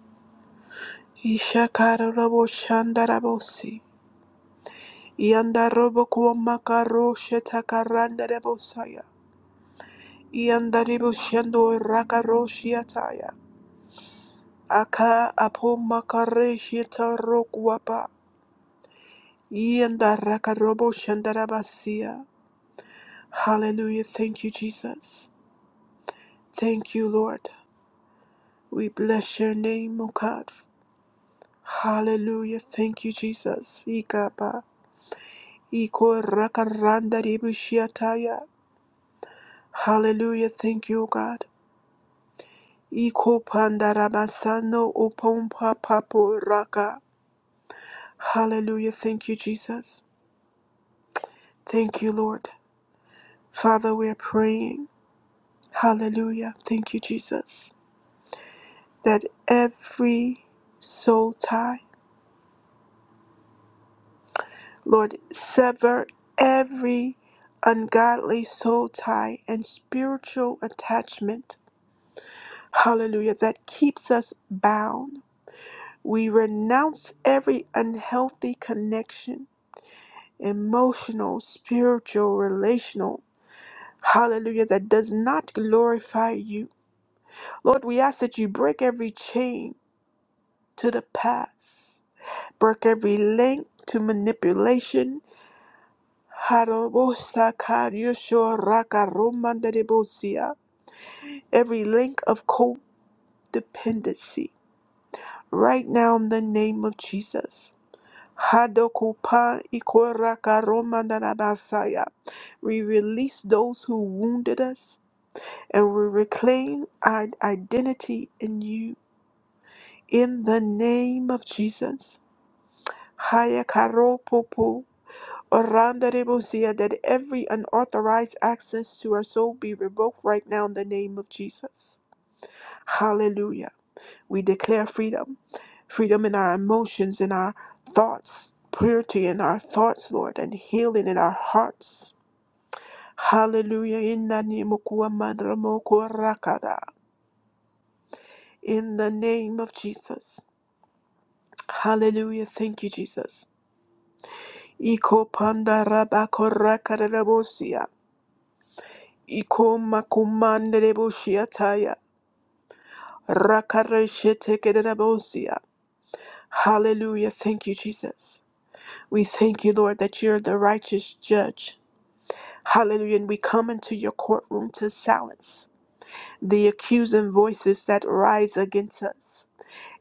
S1: Ishakara rabo shandarabosi. Yandarobo kuomakaro shetakarandebosaya. Yandaribu shendo rakaroshiataya. Aka apomakare shetarokwapa. Yandarakarobo shandarabasia. Hallelujah. Thank you, Jesus. Thank you, Lord. We bless your name, O God. Hallelujah. Thank you, Jesus. Ikapa. Iko rakarandaribu shiataya. Hallelujah. Thank you, O God. Iko pandarabasando upompa papo raka. Hallelujah. Thank you, Jesus. Thank you, Lord. Father, we are praying. Hallelujah. Thank you, Jesus. That every soul tie, Lord, sever every ungodly soul tie and spiritual attachment. Hallelujah. That keeps us bound. We renounce every unhealthy connection emotional, spiritual, relational. Hallelujah, that does not glorify you. Lord, we ask that you break every chain to the past, break every link to manipulation. Harobosakaryoshorakaromandadebosia. Every link of codependency, right now in the name of Jesus. Hadokupa ikorakaromandadabasaya. We release those who wounded us and we reclaim our identity in you. In the name of Jesus. Haya karo popo, oranda rebosia, That every unauthorized access to our soul be revoked right now in the name of Jesus. Hallelujah. We declare freedom. Freedom in our emotions, in our thoughts, purity in our thoughts, Lord, and healing in our hearts. Hallelujah. In the name of Jesus. In the name of Jesus. Hallelujah. Thank you, Jesus. Iko panda raba korra Iko makumande rebosia taya. Rakareshete kererabosia. Hallelujah. Thank you, Jesus. We thank you, Lord, that you're the righteous judge. Hallelujah. And we come into your courtroom to silence the accusing voices that rise against us.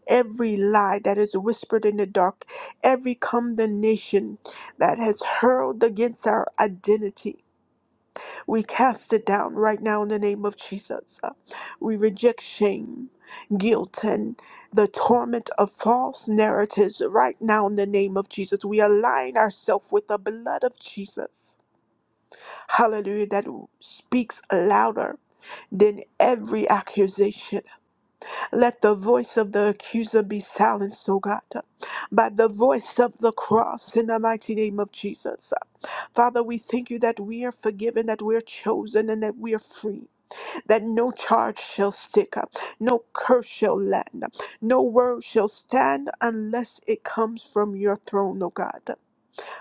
S1: every lie that is whispered in the dark, every condemnation that has hurled against our identity. We cast it down right now in the name of Jesus. Uh, We reject shame, guilt, and the torment of false narratives right now in the name of Jesus. We align ourselves with the blood of Jesus. Hallelujah, that speaks louder than every accusation. Let the voice of the accuser be silenced, O God, by the voice of the cross in the mighty name of Jesus. Father, we thank you that we are forgiven, that we're chosen, and that we are free, that no charge shall stick, no curse shall land, no word shall stand unless it comes from your throne, O God.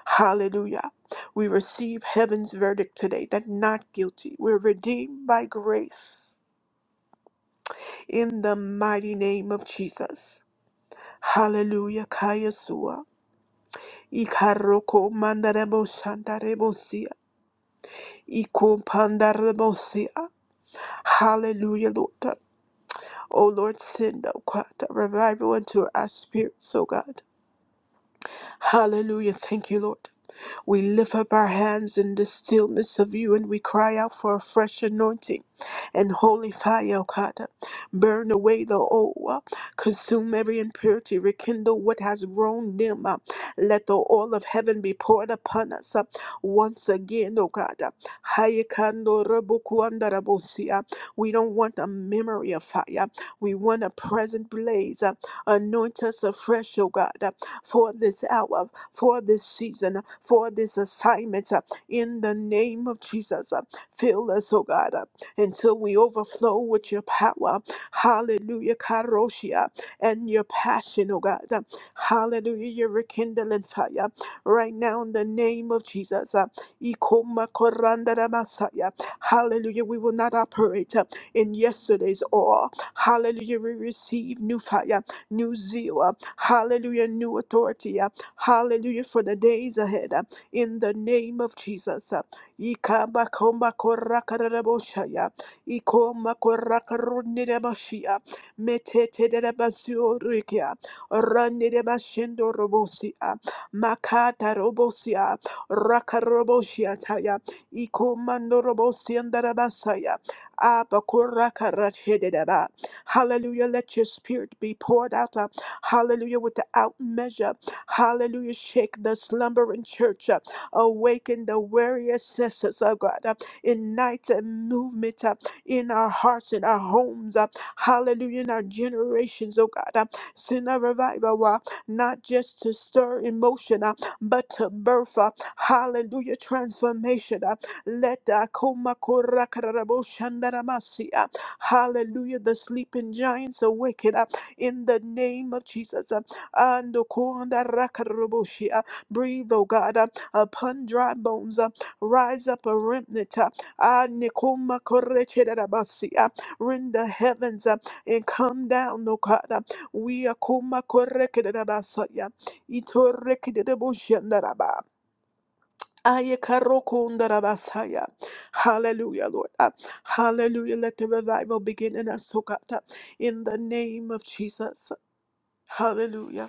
S1: Hallelujah. We receive heaven's verdict today that not guilty. We're redeemed by grace in the mighty name of Jesus. Hallelujah, Kayasua. Ikaroko mandarebo shandarebosia. Iko pandarebosia. Hallelujah, Lord. Oh Lord, send, oh God, revival into our spirits, oh God. Hallelujah. Thank you, Lord. We lift up our hands in the stillness of you and we cry out for a fresh anointing and holy fire, O God. Burn away the old, uh, consume every impurity, rekindle what has grown dim. uh, Let the oil of heaven be poured upon us uh, once again, O God. uh, Hayekando rabukuandarabosi, uh, We don't want a memory of fire, we want a present blaze. uh, Anoint us afresh, O God, uh, for this hour for this season, for this assignment. uh, In the name of Jesus, uh, fill us, oh God, uh, until we overflow with your power. Hallelujah, Karoshia, and your passion, oh God. uh, Hallelujah, your rekindling fire. Right now, in the name of Jesus, uh, Ikoma korandara masaya. hallelujah, we will not operate uh, in yesterday's awe. Hallelujah, we receive new fire, new zeal. uh, Hallelujah, new authority. uh, Hallelujah for the days ahead. uh, In the name of Jesus. uh, Ikabakomakorakarabosha, ikomakorakarunirebashia, meteterebaziorikia, ranirebashindorobosia, makatarobosia, rakaroboshiataya, ikomandorobosiandarabasaya, abakorakarashedereba. Hallelujah. Let your spirit be poured out. uh, Hallelujah. Without measure. Hallelujah. Shake the slumbering church. uh, Awaken the weary assessors, oh God. uh, Ignite a movement uh, in our hearts, in our homes. uh, Hallelujah. In our generations, oh God. uh, Send a revival, uh, not just to stir emotion, uh, but to birth. uh, Hallelujah. Transformation. uh, Let the akoma kora kararabo shandaramasi, uh, Hallelujah. The sleeping giants awaken up in the name of Jesus. uh, Ando konda rakarabushi, uh, Breathe, O God, uh, upon dry bones. uh, Rise up a remnant. uh, ah, nikoma korechedabasi, uh, Rend the heavens uh, and come down, O God. uh, We are kuma korekedabasaya. Itorekedabushandaraba. Ayekarokundarabasaya. Hallelujah, Lord. Uh, Hallelujah. Let the revival begin in us, O God. uh, In the name of Jesus. Hallelujah.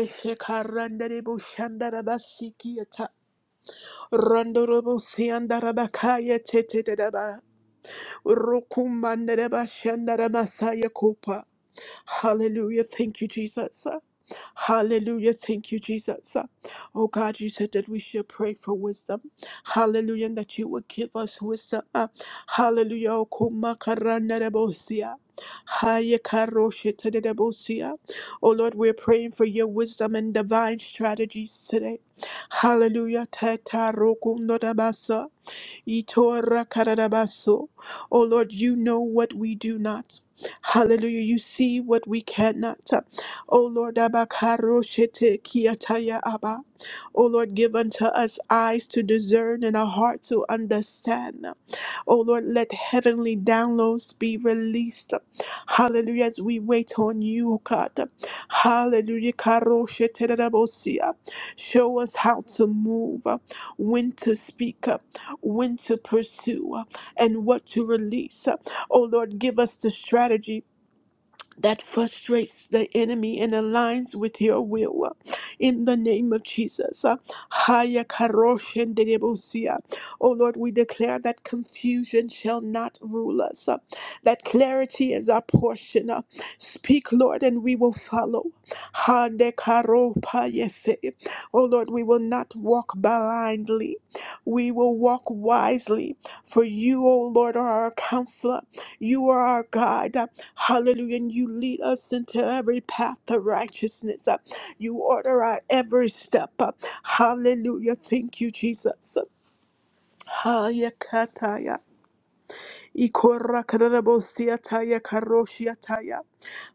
S1: Eshekarandaribu shandarabasikiyata. Randurubu siyandarabakaya tetetetaba. Rukumandaraba shandaramasaya Hallelujah. Thank you, Jesus. Hallelujah. Thank you, Jesus. Oh God, you said that we should pray for wisdom. Hallelujah. And that you would give us wisdom. Uh, Hallelujah. Oh, kumakaranarebosia. Hayekaroshitadebosia. Oh Lord, we're praying for your wisdom and divine strategies today. Hallelujah. Tetarokunodabasa. Itora kararabaso. Oh Lord, you know what we do not. Hallelujah. You see what we cannot. Oh Lord, abakaro shete kiataya abba. Oh Lord, give unto us eyes to discern and a heart to understand. Oh Lord, let heavenly downloads be released. Hallelujah. As we wait on you, oh God. Hallelujah. Karosheterebosia. Show us how to move, when to speak, when to pursue, and what to release. Oh Lord, give us the strategy that frustrates the enemy and aligns with your will. uh, In the name of Jesus. uh, Haya karoshen derebosia. Oh Lord, we declare that confusion shall not rule us, uh, that clarity is our portion. uh. Speak, Lord, and we will follow. Hande karo payese. Oh Lord, we will not walk blindly, we will walk wisely. For you, O Lord, are our counselor. You are our God. uh, Hallelujah. And you lead us into every path of righteousness. uh, You order our every step. uh, Hallelujah. Thank you, Jesus. Hayakataya. Ikorakarabosiataya karoshiataya.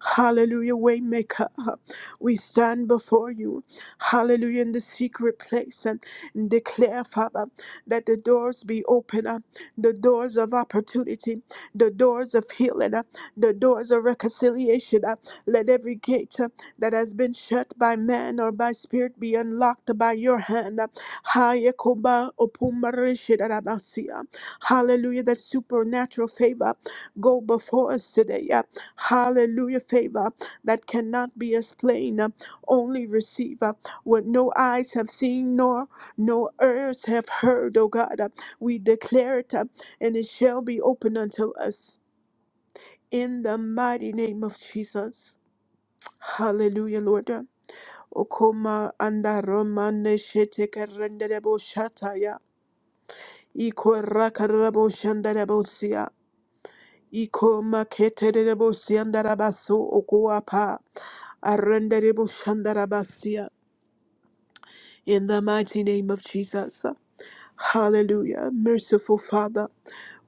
S1: Hallelujah, Waymaker. We stand before you. Hallelujah, in the secret place and declare, Father, that the doors be open, uh, the doors of opportunity, the doors of healing, uh, the doors of reconciliation. uh, Let every gate uh, that has been shut by man or by spirit be unlocked by your hand. uh. Hayekoba opumarishidarabasia. Hallelujah, that supernatural favor go before us today. uh, Hallelujah, favor that cannot be explained, uh, only receive uh, what no eyes have seen, nor no ears have heard, O God. uh, We declare it, uh, and it shall be open unto us in the mighty name of Jesus. Hallelujah, Lord. Okoma anda romane shete karendere bo shataya. Iko rakarabo shandarabo Ikoma keterebo siandarabaso okuapa. Arenderebo shandarabasia. In the mighty name of Jesus. Hallelujah. Merciful Father,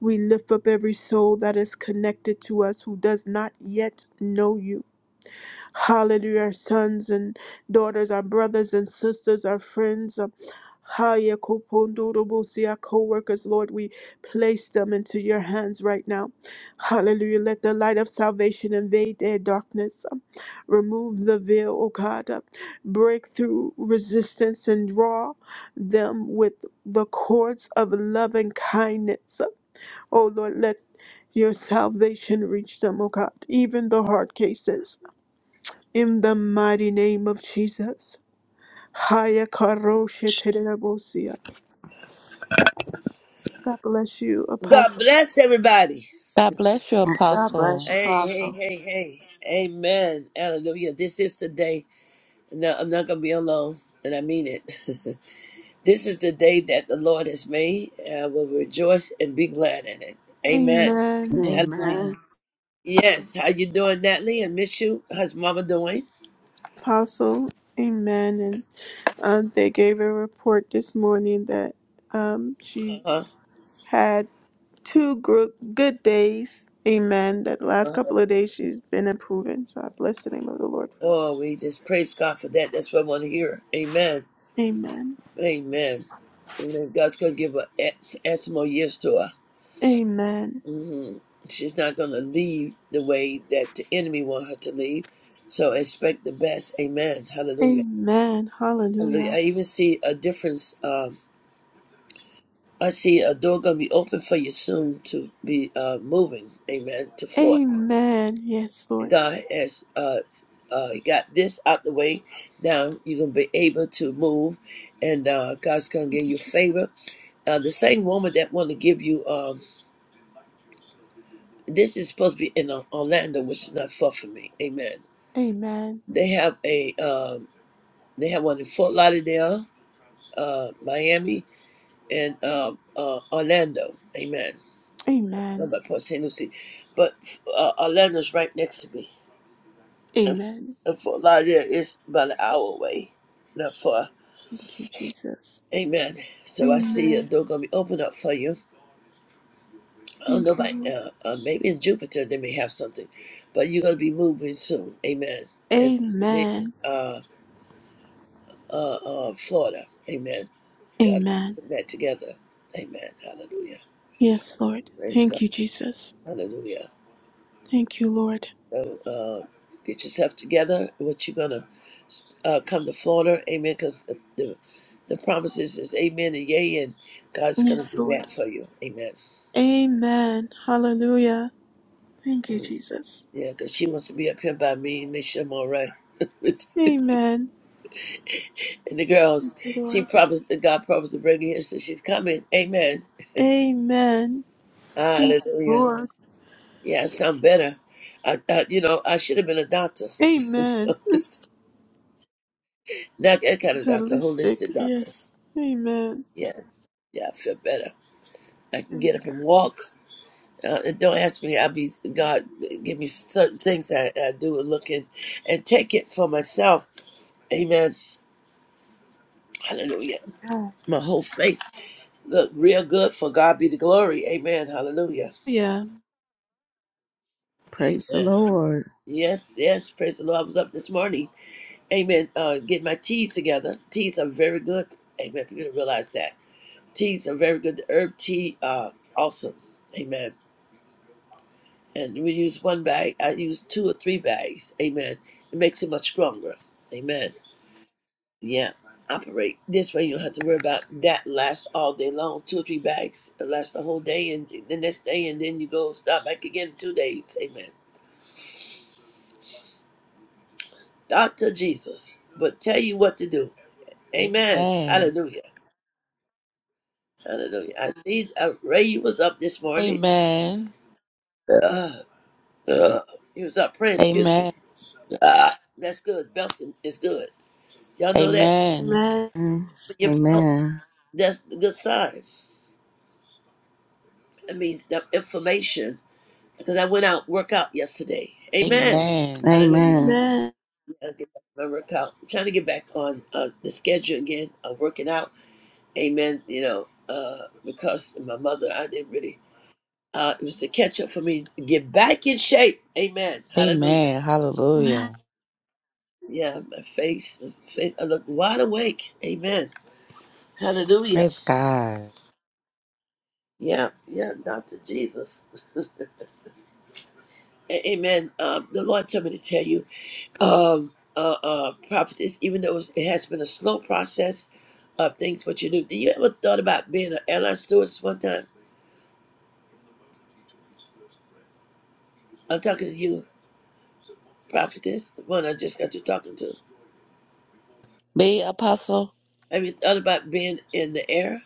S1: we lift up every soul that is connected to us who does not yet know you. Hallelujah. Our sons and daughters, our brothers and sisters, our friends. um, Haya Kopondodobosi, Our co workers, Lord, we place them into your hands right now. Hallelujah. Let the light of salvation invade their darkness. um, Remove the veil, O God. uh, Break through resistance and draw them with the cords of loving kindness. Oh Lord, let your salvation reach them, O God, even the hard cases. In the mighty name of Jesus. Haya karoshe terebosia. God bless you,
S3: God
S1: Apostle.
S3: bless everybody.
S4: God bless you,
S2: God bless you,
S4: Apostle.
S3: Hey, hey,
S2: Apostle.
S3: hey, hey. Amen. Hallelujah. This is the day. No, I'm not going to be alone, and I mean it. this is the day that the Lord has made. and I will rejoice and be glad in it. Amen.
S1: Amen.
S3: Hallelujah.
S2: Amen.
S4: Amen.
S3: Yes. How you doing, Natalie? I miss you. How's Mama doing?
S1: Apostle, amen. And um, they gave a report this morning that um, she
S3: Huh?
S1: had two gro- good days. Amen. That last
S3: Uh,
S1: couple of days she's been improving. So I bless the name of the Lord for that.
S3: oh, we just praise God for that. That's what I want to hear. Amen.
S1: Amen.
S3: Amen. Amen. God's going to give us S- S more years to her.
S1: Amen.
S3: hmm She's not going to leave the way that the enemy want her to leave. So expect the best. Amen. Hallelujah.
S1: Amen.
S3: Hallelujah.
S1: Hallelujah.
S3: I even see a difference. Um, I see a door going to be open for you soon to be uh, moving. Amen. To Florida.
S1: Amen. Yes,
S3: And
S1: Lord.
S3: God has uh, uh, got this out the way. Now you're going to be able to move, and uh, God's going to
S1: Thank
S3: give
S1: you,
S3: you
S1: Jesus.
S3: favor. Uh, the same woman that want to give you um, this is supposed to be in uh, Orlando, which is not far from me. Amen.
S1: Amen.
S3: They have a um, they have one in Fort Lauderdale, uh, Miami, and um, uh, Orlando. Amen. Not
S1: Amen.
S3: by Port St. Lucie, but uh, Orlando's right next to me, and,
S1: Amen.
S3: and Fort Lauderdale is about an hour away, not far.
S1: Thank you, Jesus.
S3: Amen. So I see a
S1: Amen.
S3: door gonna be opened up for you. I don't know
S1: Thank you,
S3: about
S1: Lord.
S3: uh, uh, maybe in Jupiter they may have something, but you're gonna be moving soon. Amen. And maybe,
S1: Amen.
S3: uh, uh, uh, Florida. Amen. God
S1: Amen.
S3: put that together. Amen. Hallelujah.
S1: Yes, Lord.
S3: Praise
S1: Thank
S3: God.
S1: you, Jesus.
S3: Hallelujah.
S1: Thank you, Lord.
S3: So uh, get yourself together. What you're gonna uh, come to Florida. Amen. Because the, the the promises is amen and yay, and God's gonna
S1: Yes,
S3: do
S1: Lord.
S3: that for you. Amen.
S1: Amen. Hallelujah. Thank you, Jesus.
S3: Yeah, because she wants to be up here by me and make sure I'm all right. and
S1: Amen.
S3: the
S1: Thank
S3: girls,
S1: you,
S3: she
S1: Lord.
S3: promised that God promised to bring her here, so she's coming. Amen.
S1: Amen. Thank you,
S3: Hallelujah.
S1: Lord.
S3: Yeah, I sound better. I, I you know, I should have been a doctor.
S1: Amen.
S3: That, that kind of doctor,
S1: Holistic.
S3: holistic doctor.
S1: Yes. Amen.
S3: Yes. Yeah, I feel better. I can get
S1: Praise
S3: up and walk. Uh, and don't ask me. I'll be God. Give me certain things I, I do and look in, and take it for myself. Amen. Hallelujah.
S1: God.
S3: My whole face look real good for God be the glory. Amen. Hallelujah.
S1: Yeah.
S2: Praise the
S3: Amen.
S2: Lord.
S3: Yes, yes. Praise the Lord. I was up this morning. Amen. Uh, get my teas together. Teas are very good. Amen. People don't realize that teas are very good. The herb tea, uh, awesome. Amen. And we use one bag. I use two or three bags. Amen. It makes it much stronger. Amen. Yeah. Operate this way. You don't have to worry about that lasts all day long. Two or three bags it lasts the whole day, and the next day, and then you go start back again in two days. Amen. Doctor Jesus, but tell you what to do. Amen.
S4: Amen.
S3: Hallelujah. Hallelujah. I see uh, Ray. You was up this morning.
S4: Amen.
S3: Uh, uh, he was up praying. Excuse me.
S4: Amen.
S3: Ah, that's good. Belting is good. Y'all know that.
S4: Amen.
S1: Amen.
S2: Mm.
S3: Your belt.
S2: Amen.
S3: That's the good sign. That means the inflammation. Because I went out workout yesterday. Amen.
S4: Amen.
S3: Hallelujah.
S2: Amen.
S1: Amen.
S3: I get back to my workout. I'm trying to get back on uh, the schedule again of working out. Amen. You know, uh, because my mother, I didn't really. Uh, it was to catch up for me, get back in shape. Amen. Hallelujah.
S4: Amen.
S1: Amen.
S4: Hallelujah.
S3: Yeah, my face was face. I looked wide awake. Amen. Hallelujah.
S4: Praise God.
S3: Yeah, yeah, Doctor Jesus. A- Amen. Um, the Lord told me to tell you, um, uh, uh, prophetess, even though it, was, it has been a slow process of things, what you do. Did you ever thought about being an airline stewardess one time? I'm talking to you, prophetess, the one I just got you talking to.
S4: Me, Apostle?
S3: Have you thought about being in the air?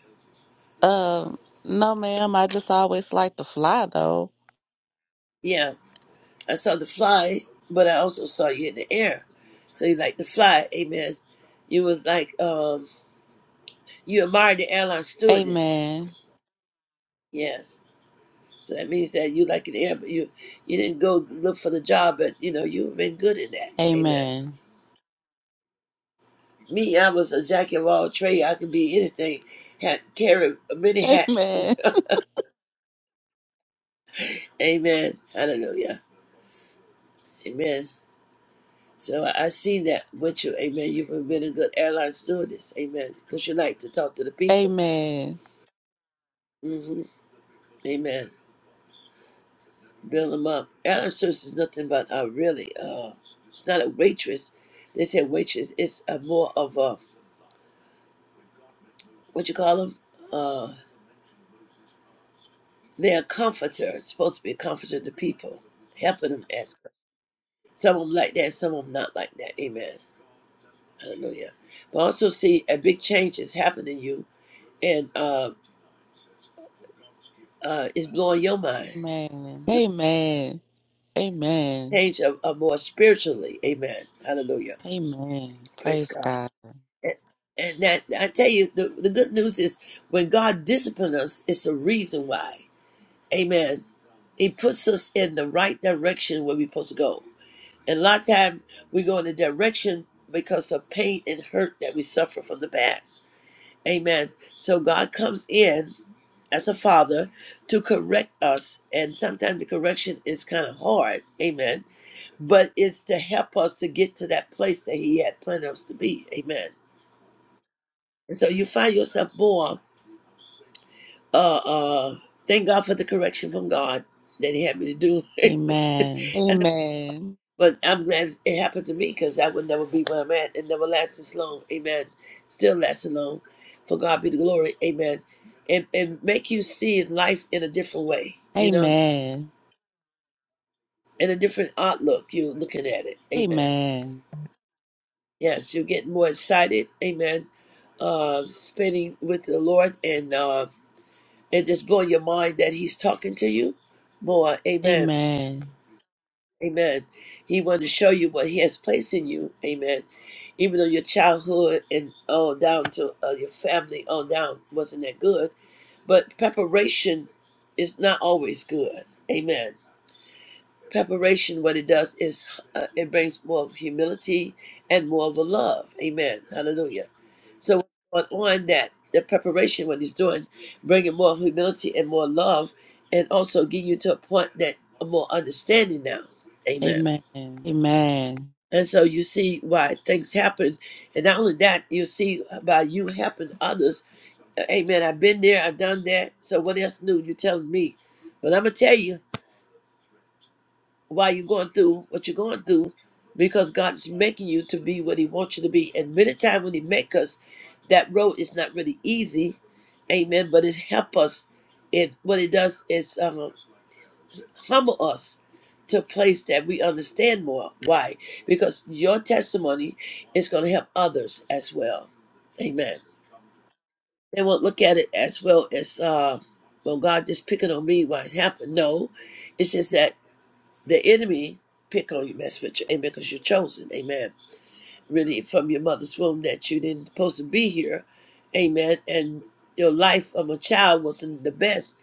S4: Um, no, ma'am. I just always like to fly, though.
S3: Yeah, I saw the fly, but I also saw you in the air. So you like to fly, amen. You was like, um, you admired the airline stewardess.
S4: Amen.
S3: Yes. So that means that you like an air, but you you didn't go look for the job, but you know you've been good in that. Amen.
S4: Amen.
S3: Me, I was a jack of all trade. I could be anything. Had carried many hats.
S4: Amen.
S3: Amen. Hallelujah. Amen. So I I seen that with you. Amen. You've been a good airline stewardess. Amen. Because you like to talk to the people.
S4: Amen.
S3: hmm Amen. Build them up. Airline stewardess is nothing but uh, really. Uh, it's not a waitress. They said waitress. It's a more of a what you call them. They're a comforter, supposed to be a comforter to people, helping them ask. Some of them like that, some of them not like that. Amen. Hallelujah. But also see a big change is happening to you and uh, uh, it's blowing your mind.
S4: Amen. Amen. Amen.
S3: Change of, of more spiritually. Amen. Hallelujah.
S4: Amen.
S3: Praise
S4: Praise
S3: God.
S4: God.
S3: And, and that I tell you, the, the good news is when God disciplines us, it's a reason why. Amen. He puts us in the right direction where we're supposed to go. And a lot of time we go in a direction because of pain and hurt that we suffer from the past. Amen. So God comes in as a father to correct us. And sometimes the correction is kind of hard. Amen. But it's to help us to get to that place that He had planned us to be. Amen. And so you find yourself more, uh, uh, thank God for the correction from God that He had me to do.
S4: Amen.
S3: and
S4: Amen.
S3: But I'm glad it happened to me because that would never be where I'm at. It never lasts this long. Amen. Still lasting long. For God be the glory. Amen. And and make you see life in a different way, you know,
S4: Amen.
S3: in a different outlook. You're looking at it. Amen.
S4: Amen.
S3: Yes, you're getting more excited. Amen. Uh, spending with the Lord and uh, and just blowing your mind that He's talking to you more. Amen
S4: Amen.
S3: Amen. He wanted to show you what He has placed in you. Amen. Even though your childhood and on down to uh, your family on down wasn't that good, but preparation is not always good. Amen. Preparation, what it does is uh, it brings more of humility and more of a love. Amen. Hallelujah. So on, on that, the preparation, what He's doing, bringing more humility and more love, and also getting you to a point that more understanding now. Amen.
S4: Amen. Amen.
S3: And so you see why things happen. And not only that, you see by you helping others. Hey man, I've been there, I've done that. So what else new? you telling me. But I'm gonna tell you why you're going through what you're going through, because God is making you to be what He wants you to be. And many times when He make us, that road is not really easy. Amen. But it's help us. It what it does is um, humble us to a place that we understand more. Why? Because your testimony is going to help others as well. Amen. They won't look at it as well as, uh, well, God just picking on me why it happened. No, it's just that the enemy pick on you, mess with you, amen, because you're chosen. Amen really from your mother's womb that you didn't supposed to be here. Amen. And your life of a child wasn't the best,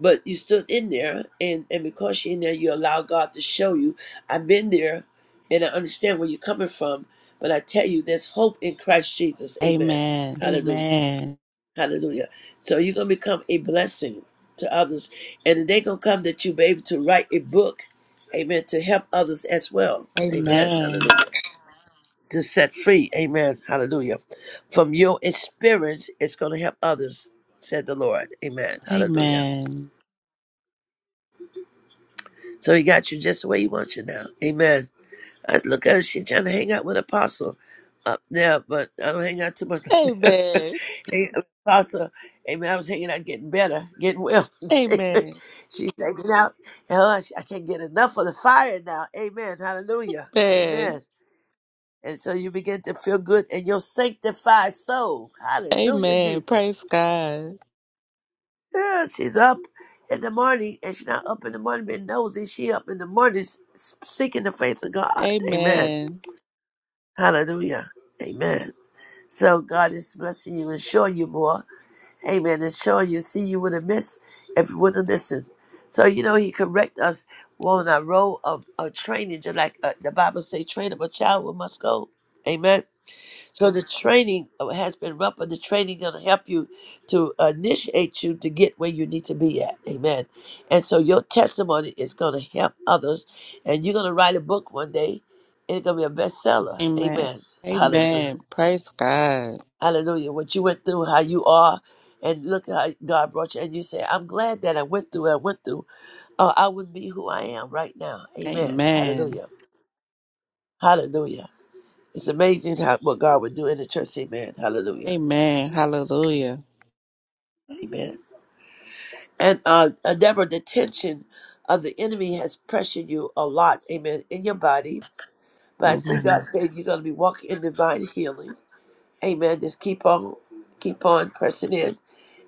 S3: but you stood in there and, and because you're in there you allow God to show you. I've been there and I understand where you're coming from, but I tell you there's hope in Christ Jesus. Amen.
S4: Amen.
S3: Hallelujah.
S4: Amen.
S3: Hallelujah. So you're gonna become a blessing to others. And the day gonna come that you'll be able to write a book, amen, to help others as well. Amen.
S4: Amen.
S3: Hallelujah to set free. Amen. Hallelujah. From your experience, it's going to help others, said the Lord. Amen. Hallelujah.
S4: Amen.
S3: So he got you just the way he wants you now. Amen. I look at her, she trying to hang out with Apostle up there, but I don't hang out too much like that.
S4: Amen.
S3: hey, Apostle, amen. I was hanging out getting better, getting well. Amen.
S4: Amen.
S3: She's hanging out. Hell, I I can't get enough of the fire now. Amen. Hallelujah.
S4: Amen.
S3: Amen. And so you begin to feel good in your sanctified soul. Hallelujah,
S4: Amen.
S3: Jesus.
S4: Praise God.
S3: Yeah, she's up in the morning, and she's not up in the morning being nosy. She up in the morning s- seeking the face of God. Amen.
S4: Amen.
S3: Hallelujah. Amen. So God is blessing you and showing you more. Amen. And showing you, see, you would have missed if you wouldn't have listened. So, you know, he correct us on our role of, of training, just like uh, the Bible say, train up a child, we must go. Amen. So the training uh, has been rough, but the training going to help you to initiate you to get where you need to be at. Amen. And so your testimony is going to help others, and you're going to write a book one day. It's going to be a bestseller.
S4: Amen.
S3: Amen. Hallelujah.
S4: Amen. Praise God.
S3: Hallelujah. What you went through, how you are, and look how God brought you. And you say, I'm glad that I went through what I went through. or I wouldn't be who I am right now. Amen.
S4: Amen.
S3: Hallelujah. Hallelujah. It's amazing how what God would do in the church. Amen. Hallelujah.
S4: Amen. Hallelujah.
S3: Amen. And uh, uh, Deborah, the tension of the enemy has pressured you a lot, amen, in your body. But I see God
S2: Amen.
S3: saying you're going to be walking in divine healing, amen. Just keep on, keep on pressing in,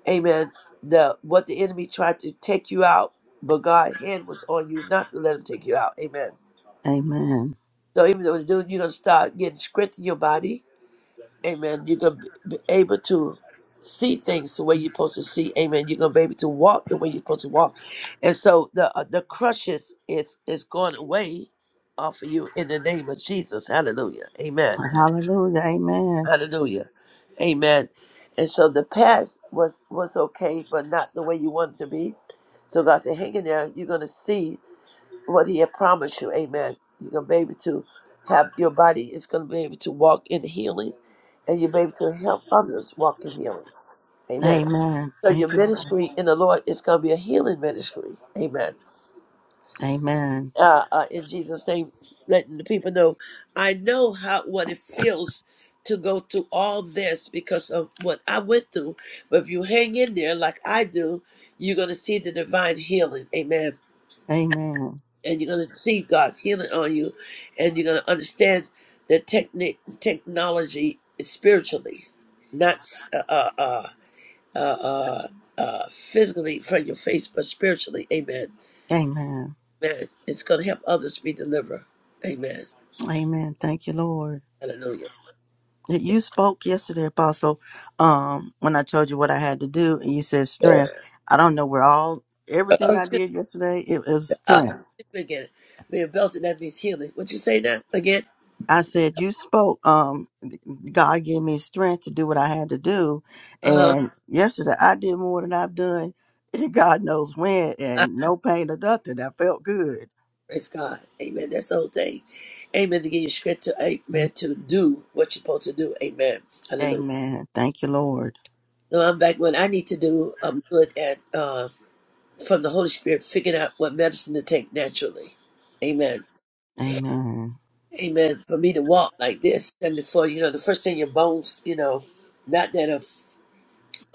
S3: amen. The what the enemy tried to take you out, but God's hand was on you not to let him take you out, amen.
S2: Amen.
S3: So even though you're doing, you're going to start getting strength in your body, Amen. You're gonna be able to see things the way you're supposed to see. Amen. You're gonna be able to walk the way you're supposed to walk, and so the uh, the crutches is is going away off of you in the name of Jesus. Hallelujah. Amen.
S2: Hallelujah. Amen.
S3: Hallelujah. Amen. And so the past was was okay, but not the way you wanted to be. So God said, "Hang in there. You're gonna see what he had promised you. Amen. You're going to be able to have your body is going to be able to walk in healing and you'll be able to help others walk in healing. Amen.
S2: Amen.
S3: So your
S2: Thank you. Lord.
S3: ministry in the Lord is going to be a healing ministry. Amen.
S2: Amen.
S3: Uh, uh, in Jesus' name, letting the people know, I know how what it feels to go through all this because of what I went through. But if you hang in there like I do, you're going to see the divine healing. Amen
S2: Amen.
S3: and you're going to see God's healing on you, and you're going to understand that technic technology is spiritually, not uh, uh, uh, uh, uh, uh, physically from your face, but spiritually. Amen.
S2: Amen.
S3: Man, It's going to help others be delivered. Amen.
S2: Amen. Thank you, Lord.
S3: Hallelujah. Yeah.
S2: You spoke yesterday, Apostle, um, when I told you what I had to do, and you said
S3: Uh,
S2: strength. I don't know where all everything
S3: oh,
S2: I
S3: excuse me.
S2: did yesterday, it, it was
S3: uh,
S2: strength.
S3: excuse me again. Being belted, that means healing. What you say now? again?
S2: I said, "You spoke. Um, God gave me strength to do what I had to do,
S3: Uh
S2: and yesterday I did more than I've done. God knows when,
S3: huh.
S2: and no pain or nothing. I felt good.
S3: Praise God. Amen. That's the whole thing. Amen. To give you strength to amen, to do what you're supposed to do. Amen. Hallelujah.
S2: Amen. Thank you, Lord.
S3: So I'm back when I need to do, I'm good at, uh, from the Holy Spirit, figuring out what medicine to take naturally. Amen.
S2: Amen.
S3: Amen. For me to walk like this, 74, you know, the first thing your bones, you know, not that a,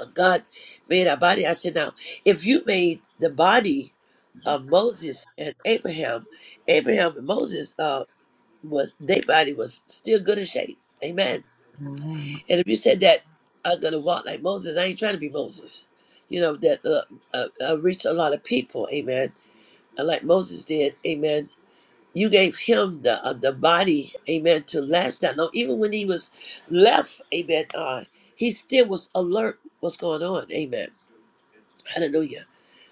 S3: God made our body. I said, now, if you made the body of Moses and Abraham, Abraham and Moses. uh. was their body was still good in shape. Amen.
S2: Amen.
S3: And if you said that I'm gonna walk like Moses, I ain't trying to be Moses. You know that uh, uh, I reached a lot of people. Amen. And like Moses did. Amen. You gave him the uh, the body. Amen. To last that long, even when he was left. Amen. Uh, he still was alert. What's going on? Amen. Hallelujah.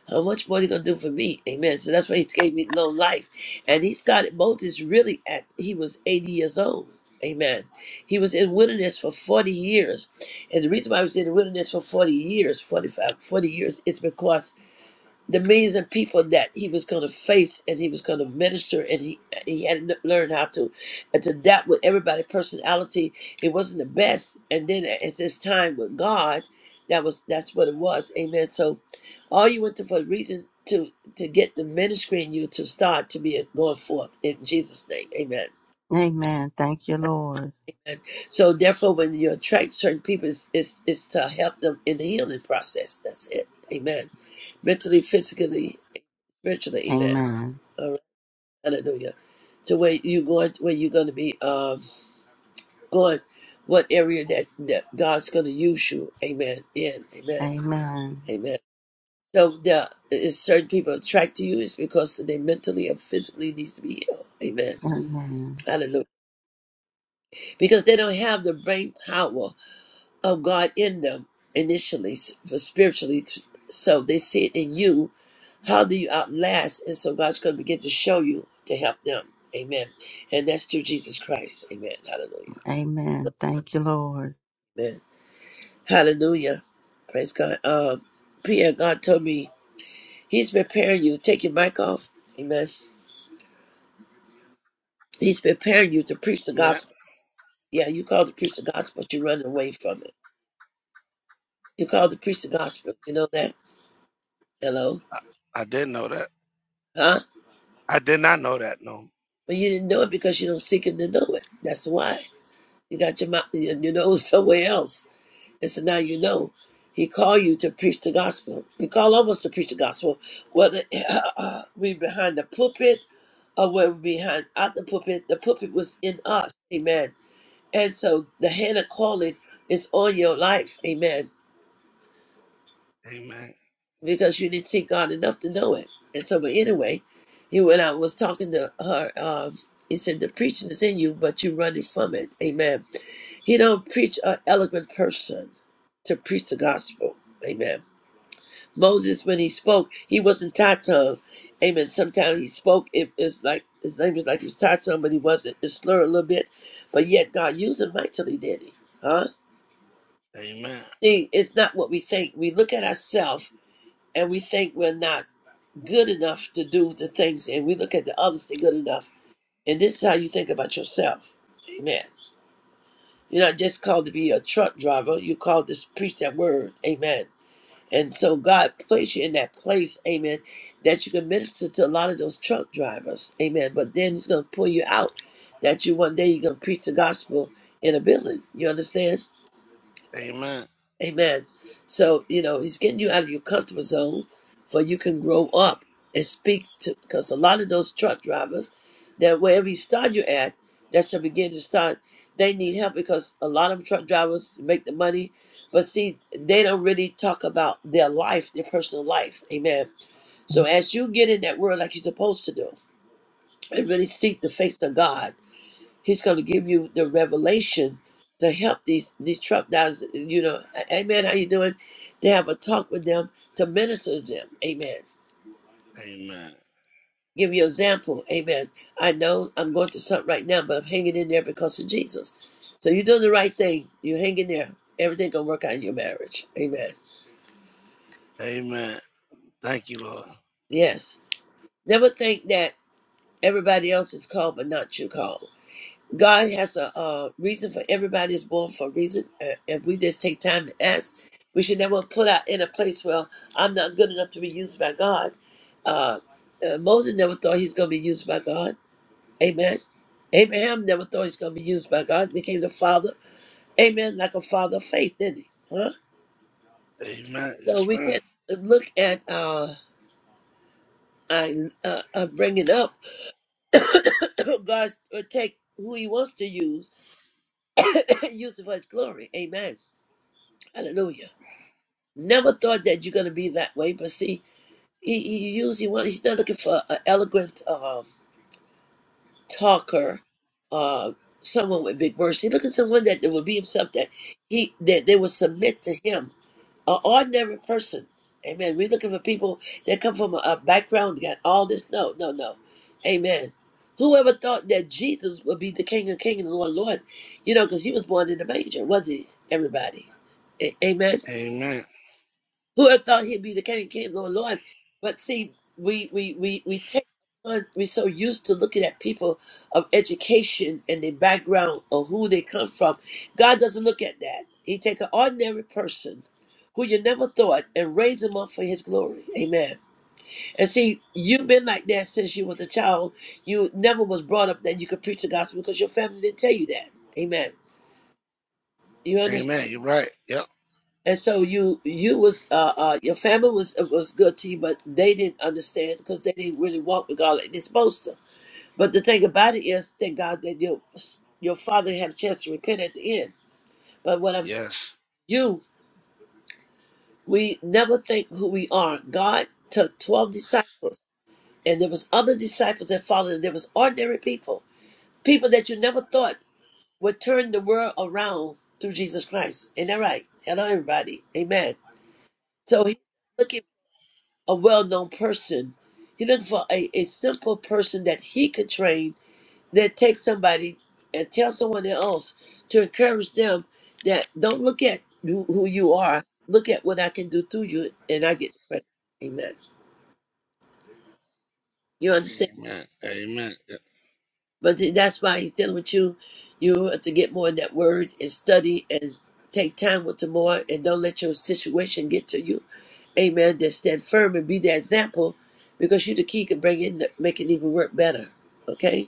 S3: How much more he gonna do for me? Amen. So that's why he gave me long life. And he started Moses really at he was 80 years old. Amen. He was in wilderness for 40 years. And the reason why he was in the wilderness for 40 years, 45, 40 years, is because the millions of people that he was going to face and he was going to minister and he he had to learn how to adapt with everybody personality it wasn't the best and then it's his time with god that was that's what it was amen so all you went to for a reason to to get the ministry in you to start to be going forth in jesus name amen
S2: Amen. Thank you, Lord.
S3: and so therefore when you attract certain people it's, it's, it's to help them in the healing process that's it amen mentally physically spiritually amen
S2: Amen.
S3: Hallelujah. To where you going where you're gonna be um going what area that, that God's gonna use you. Amen. In amen.
S2: Amen.
S3: Amen. So the certain people attract to you is because they mentally or physically needs to be healed. Amen.
S2: Amen.
S3: Hallelujah. Because they don't have the brain power of God in them initially, s- but spiritually. t- So they see it in you. How do you outlast? And so God's going to begin to show you to help them. Amen. And that's through Jesus Christ. Amen. Hallelujah.
S2: Amen. Thank you, Lord.
S3: Amen. Hallelujah. Praise God. Um, Pierre, God told me He's preparing you. Take your mic off. Amen. He's preparing you to preach the
S5: Amen.
S3: gospel. Yeah, you called to preach the gospel, but you're running away from it. You called to preach the gospel. You know that? Hello?
S5: I, I didn't know that.
S3: Huh?
S5: I did not know that. No.
S3: But you didn't know it because you don't seek Him to know it. That's why. You got your mouth, your your nose somewhere else. And so now you know. He called you to preach the gospel. He called all of us to preach the gospel. Whether we behind the pulpit uh, where we're behind out the pulpit. The pulpit was in us. Amen. And so the hand of calling is on your life. Amen.
S5: Amen.
S3: Because you didn't see God enough to know it. And so, but anyway, he went out and was talking to her. Um, he said, the preaching is in you, but you're running from it. Amen. He don't preach an eloquent person to preach the gospel. Amen. Moses, when he spoke, he wasn't tatung. Amen. Sometimes he spoke, it, it's like his name was like he was tatung, but he wasn't. It's slurred a little bit. But yet God used him mightily, did he? Huh?
S5: Amen.
S3: See, it's not what we think. We look at ourselves and we think we're not good enough to do the things, and we look at the others, they're good enough. And this is how you think about yourself. Amen. You're not just called to be a truck driver, you're called to preach that word. Amen. And so God placed you in that place, amen, that you can minister to a lot of those truck drivers, amen. But then He's going to pull you out that you one day you're going to preach the gospel in a building. You understand?
S5: Amen.
S3: Amen. So, you know, he's getting you out of your comfort zone for you can grow up and speak to, because a lot of those truck drivers, that wherever you start you at, that's the begin to start, they need help because a lot of truck drivers make the money, but see, they don't really talk about their life, their personal life. Amen. So as you get in that word like you're supposed to do, and really seek the face of God, He's going to give you the revelation to help these these truck guys. You know, "Hey, Amen. How you doing? To have a talk with them to minister to them. Amen.
S5: Amen.
S3: Give you example. Amen. I know I'm going through something right now, but I'm hanging in there because of Jesus. So you're doing the right thing. You're hanging there. Everything gonna work out in your marriage. Amen.
S5: Amen. Thank you, Lord.
S3: Yes. Never think that everybody else is called but not you called. God has a, uh reason for everybody is born for a reason. Uh, if we just take time to ask, we should never put out in a place where I'm not good enough to be used by God. Uh, uh, Moses never thought he's going to be used by God. Amen. Abraham never thought he's going to be used by God. Became the father. Amen. Like a father of faith, didn't he? Huh?
S5: Amen.
S3: So
S5: Yes,
S3: we
S5: ma'am.
S3: can look at uh, I uh, uh, bringing up God will take who He wants to use, use it for His glory. Amen. Hallelujah. Never thought that you're going to be that way. But see, he, he usually wants, he's not looking for an eloquent um, talker, uh, someone with big words. He's looking for someone that there will be himself, that he that they will submit to him, an ordinary person. Amen. We're looking for people that come from a, a background that got all this. No, no, no. Amen. Whoever thought that Jesus would be the King of King and the Lord of Lord, you know, because he was born in a manger, wasn't he? Everybody. A- amen.
S5: Amen.
S3: Who had thought he'd be the King of Kings, Lord, Lord? But see, we we we we take on. We're so used to looking at people of education and their background or who they come from. God doesn't look at that. He take an ordinary person who you never thought and raise him up for His glory. Amen. And see, you've been like that since you was a child. You never was brought up that you could preach the gospel because your family didn't tell you that. Amen. You understand?
S5: Amen. You're right. Yep.
S3: and so you you was uh, uh your family was was good to you, but they didn't understand because they didn't really walk with God like they're supposed to. But the thing about it is, thank God that your your father had a chance to repent at the end. But what I'm saying,
S5: Yes.
S3: you we never think who we are. God took twelve disciples, and there was other disciples that followed. And there was ordinary people, people that you never thought would turn the world around through Jesus Christ. Ain't that right? Hello, everybody. Amen. So he looking. a well-known person. He looking for a, a simple person that he could train, that take somebody and tell someone else to encourage them that don't look at who, who you are, look at what I can do through you, and I get the credit. Amen. You understand?
S5: Amen. Amen. Yep.
S3: But th- that's why he's dealing with you. You have to get more in that word and study and take time with the more, and don't let your situation get to you Amen. That stand firm and be the example because you the key can bring it make it even work better. Okay?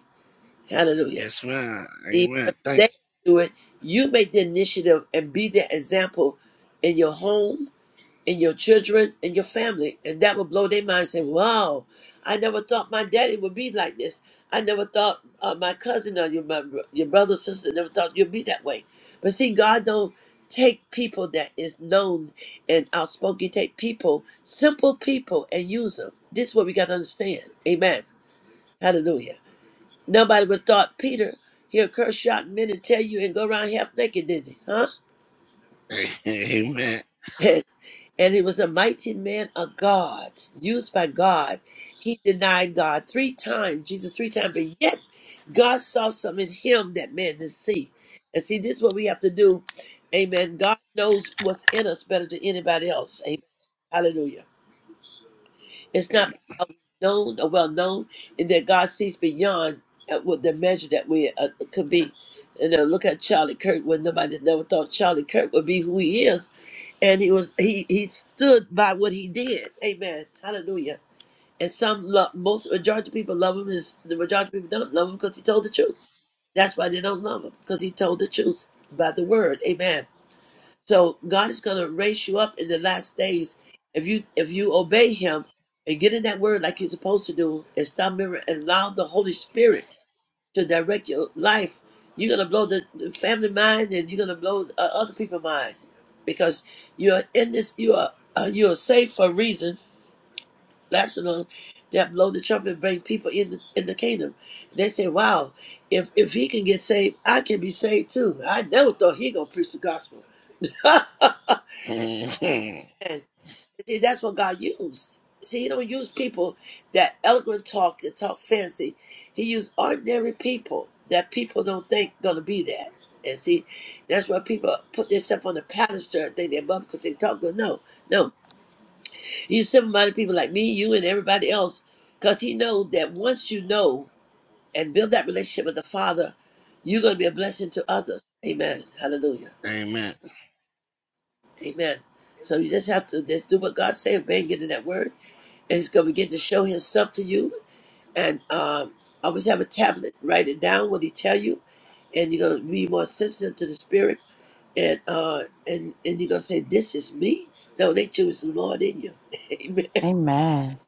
S3: Hallelujah.
S5: Yes, ma'am.
S3: Even if
S5: Amen. Thank
S3: they do it, you make the initiative and be the example in your home and your children and your family. And that will blow their mind and say, wow, I never thought my daddy would be like this. I never thought uh, my cousin or your, my, your brother, sister, never thought you'd be that way. But see, God don't take people that is known and outspoken. He take people, simple people, and use them. This is what we got to understand. Amen. Hallelujah. Nobody would have thought Peter, he'll curse you out in men and tell you and go around half naked, did not he? Huh?
S5: you. Amen.
S3: and he was a mighty man of God, used by God. He denied God three times, Jesus three times, but yet God saw something in him that man didn't see. And see, this is what we have to do. Amen. God knows what's in us better than anybody else. Amen. Hallelujah. It's not
S5: Mhm.
S3: how known or well known, and that God sees beyond at what the measure that we uh, could be. And uh, look at Charlie Kirk when nobody never thought Charlie Kirk would be who he is, and he was he he stood by what he did. Amen. Hallelujah. And some love, most majority of people love him. Is the majority of people don't love him because he told the truth. That's why they don't love him because he told the truth by the word. Amen. So God is going to raise you up in the last days if you if you obey Him and get in that Word like you're supposed to do, and stop remembering and allow the Holy Spirit to direct your life. You're going to blow the, the family mind, and you're going to blow uh, other people's mind because you're in this. You are uh, you are saved for a reason. Last alone that blow the trumpet and bring people in the, in the kingdom. They say, "Wow, if if he can get saved, I can be saved too." I never thought he gonna preach the gospel.
S5: Amen.
S3: See, that's what God used. See, He don't use people that eloquent talk that talk fancy. He used ordinary people that people don't think gonna be that. And see, that's why people put themselves on the pedestal and think they're above because they talk good. No, no. You simple-minded people like me, you, and everybody else, because He know that once you know and build that relationship with the Father, you're gonna be a blessing to others. Amen. Hallelujah.
S5: Amen.
S3: Amen. So you just have to just do what God say, obey, and get in that word and he's going to begin to show himself to you. And um, always have a tablet, write it down what he tell you, and you're going to be more sensitive to the spirit. And uh, and and you're going to say, "This is me." No, they choose the Lord in you. Amen.
S4: Amen.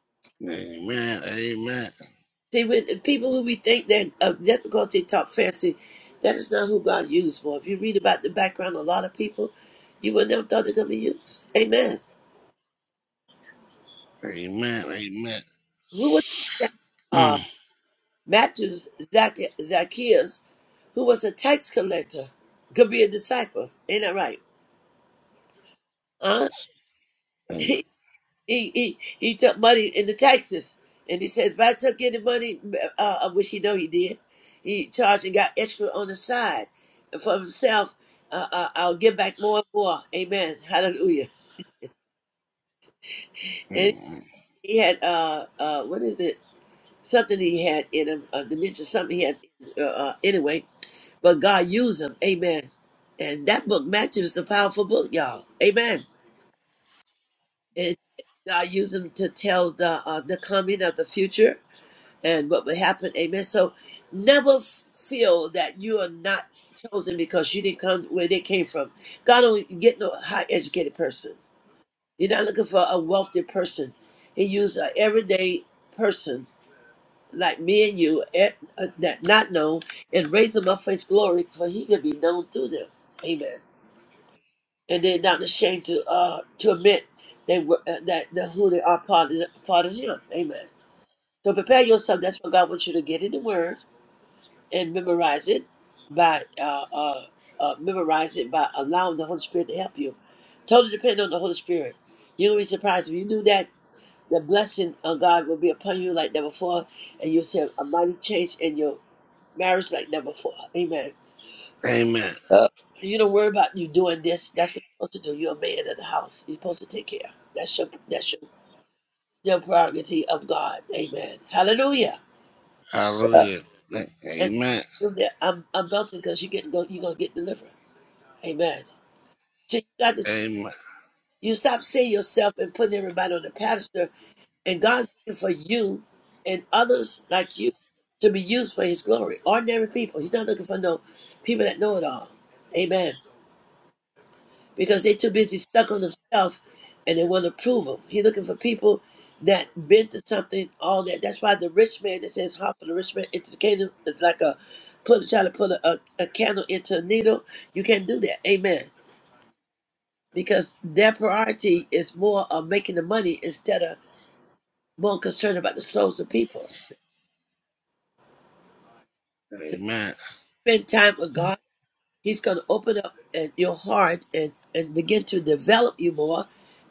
S5: Amen.
S3: See, when people who we think that uh, that because they talk fancy, that is not who God used for. If you read about the background, of a lot of people, you would never thought they're going to be used. Amen.
S5: Amen. Amen.
S3: Who was that? Matthew's Zac- Zacchaeus, who was a tax collector, could be a disciple. Ain't that right? Huh?
S5: Amen. Mm.
S3: He he he, he took money in the taxes, and he says, "If I took any money, uh, uh, which he know he did, he charged and got extra on the side for himself. Uh, uh, I'll give back more and more. Amen. Hallelujah." And
S5: Mm.
S3: he had uh uh what is it? Something he had in him, uh, dementia. Something he had uh, uh, anyway. but God used them. Amen. And that book, Matthew, is a powerful book, y'all. Amen. And God used them to tell the uh, the coming of the future and what would happen. Amen. So never f- feel that you are not chosen because you didn't come where they came from. God don't get no high educated person. You're not looking for a wealthy person. He used an everyday person like me and you eh, uh, that not known and raise them up for his glory for he could be known through them. Amen. and they're not ashamed to uh to admit they were uh, that, that who they are part of, part of Him. Amen. So prepare yourself. That's what God wants you to get in the Word and memorize it by uh, uh, uh memorize it by allowing the Holy Spirit to help you. Totally depend on the Holy Spirit. you will be surprised if you do that the blessing of God will be upon you like never before, and you'll see a mighty change in your marriage like never before. Amen.
S5: Amen.
S3: Uh, you don't worry about you doing this. That's what you're supposed to do. You're a man of the house. You're supposed to take care. That's your that's your, your prerogative of God. Amen. Hallelujah. Yeah.
S5: Hallelujah.
S3: And
S5: Amen.
S3: hallelujah. I'm I'm daunting because you get go you're gonna get delivered. Amen. So you got to see,
S5: Amen.
S3: you stop seeing yourself and putting everybody on the pedestal, and God's looking for you and others like you to be used for His glory. Ordinary people. He's not looking for no people that know it all. Amen. because they're too busy stuck on themselves and they want approval. He's looking for people that been to something, all that. That's why the rich man that says half for the rich man into the kingdom is like a put try to put a, a, a candle into a needle. You can't do that. Amen. Because their priority is more of making the money instead of more concerned about the souls of people. So
S5: Amen.
S3: spend time with God He's going to open up and your heart and, and begin to develop you more.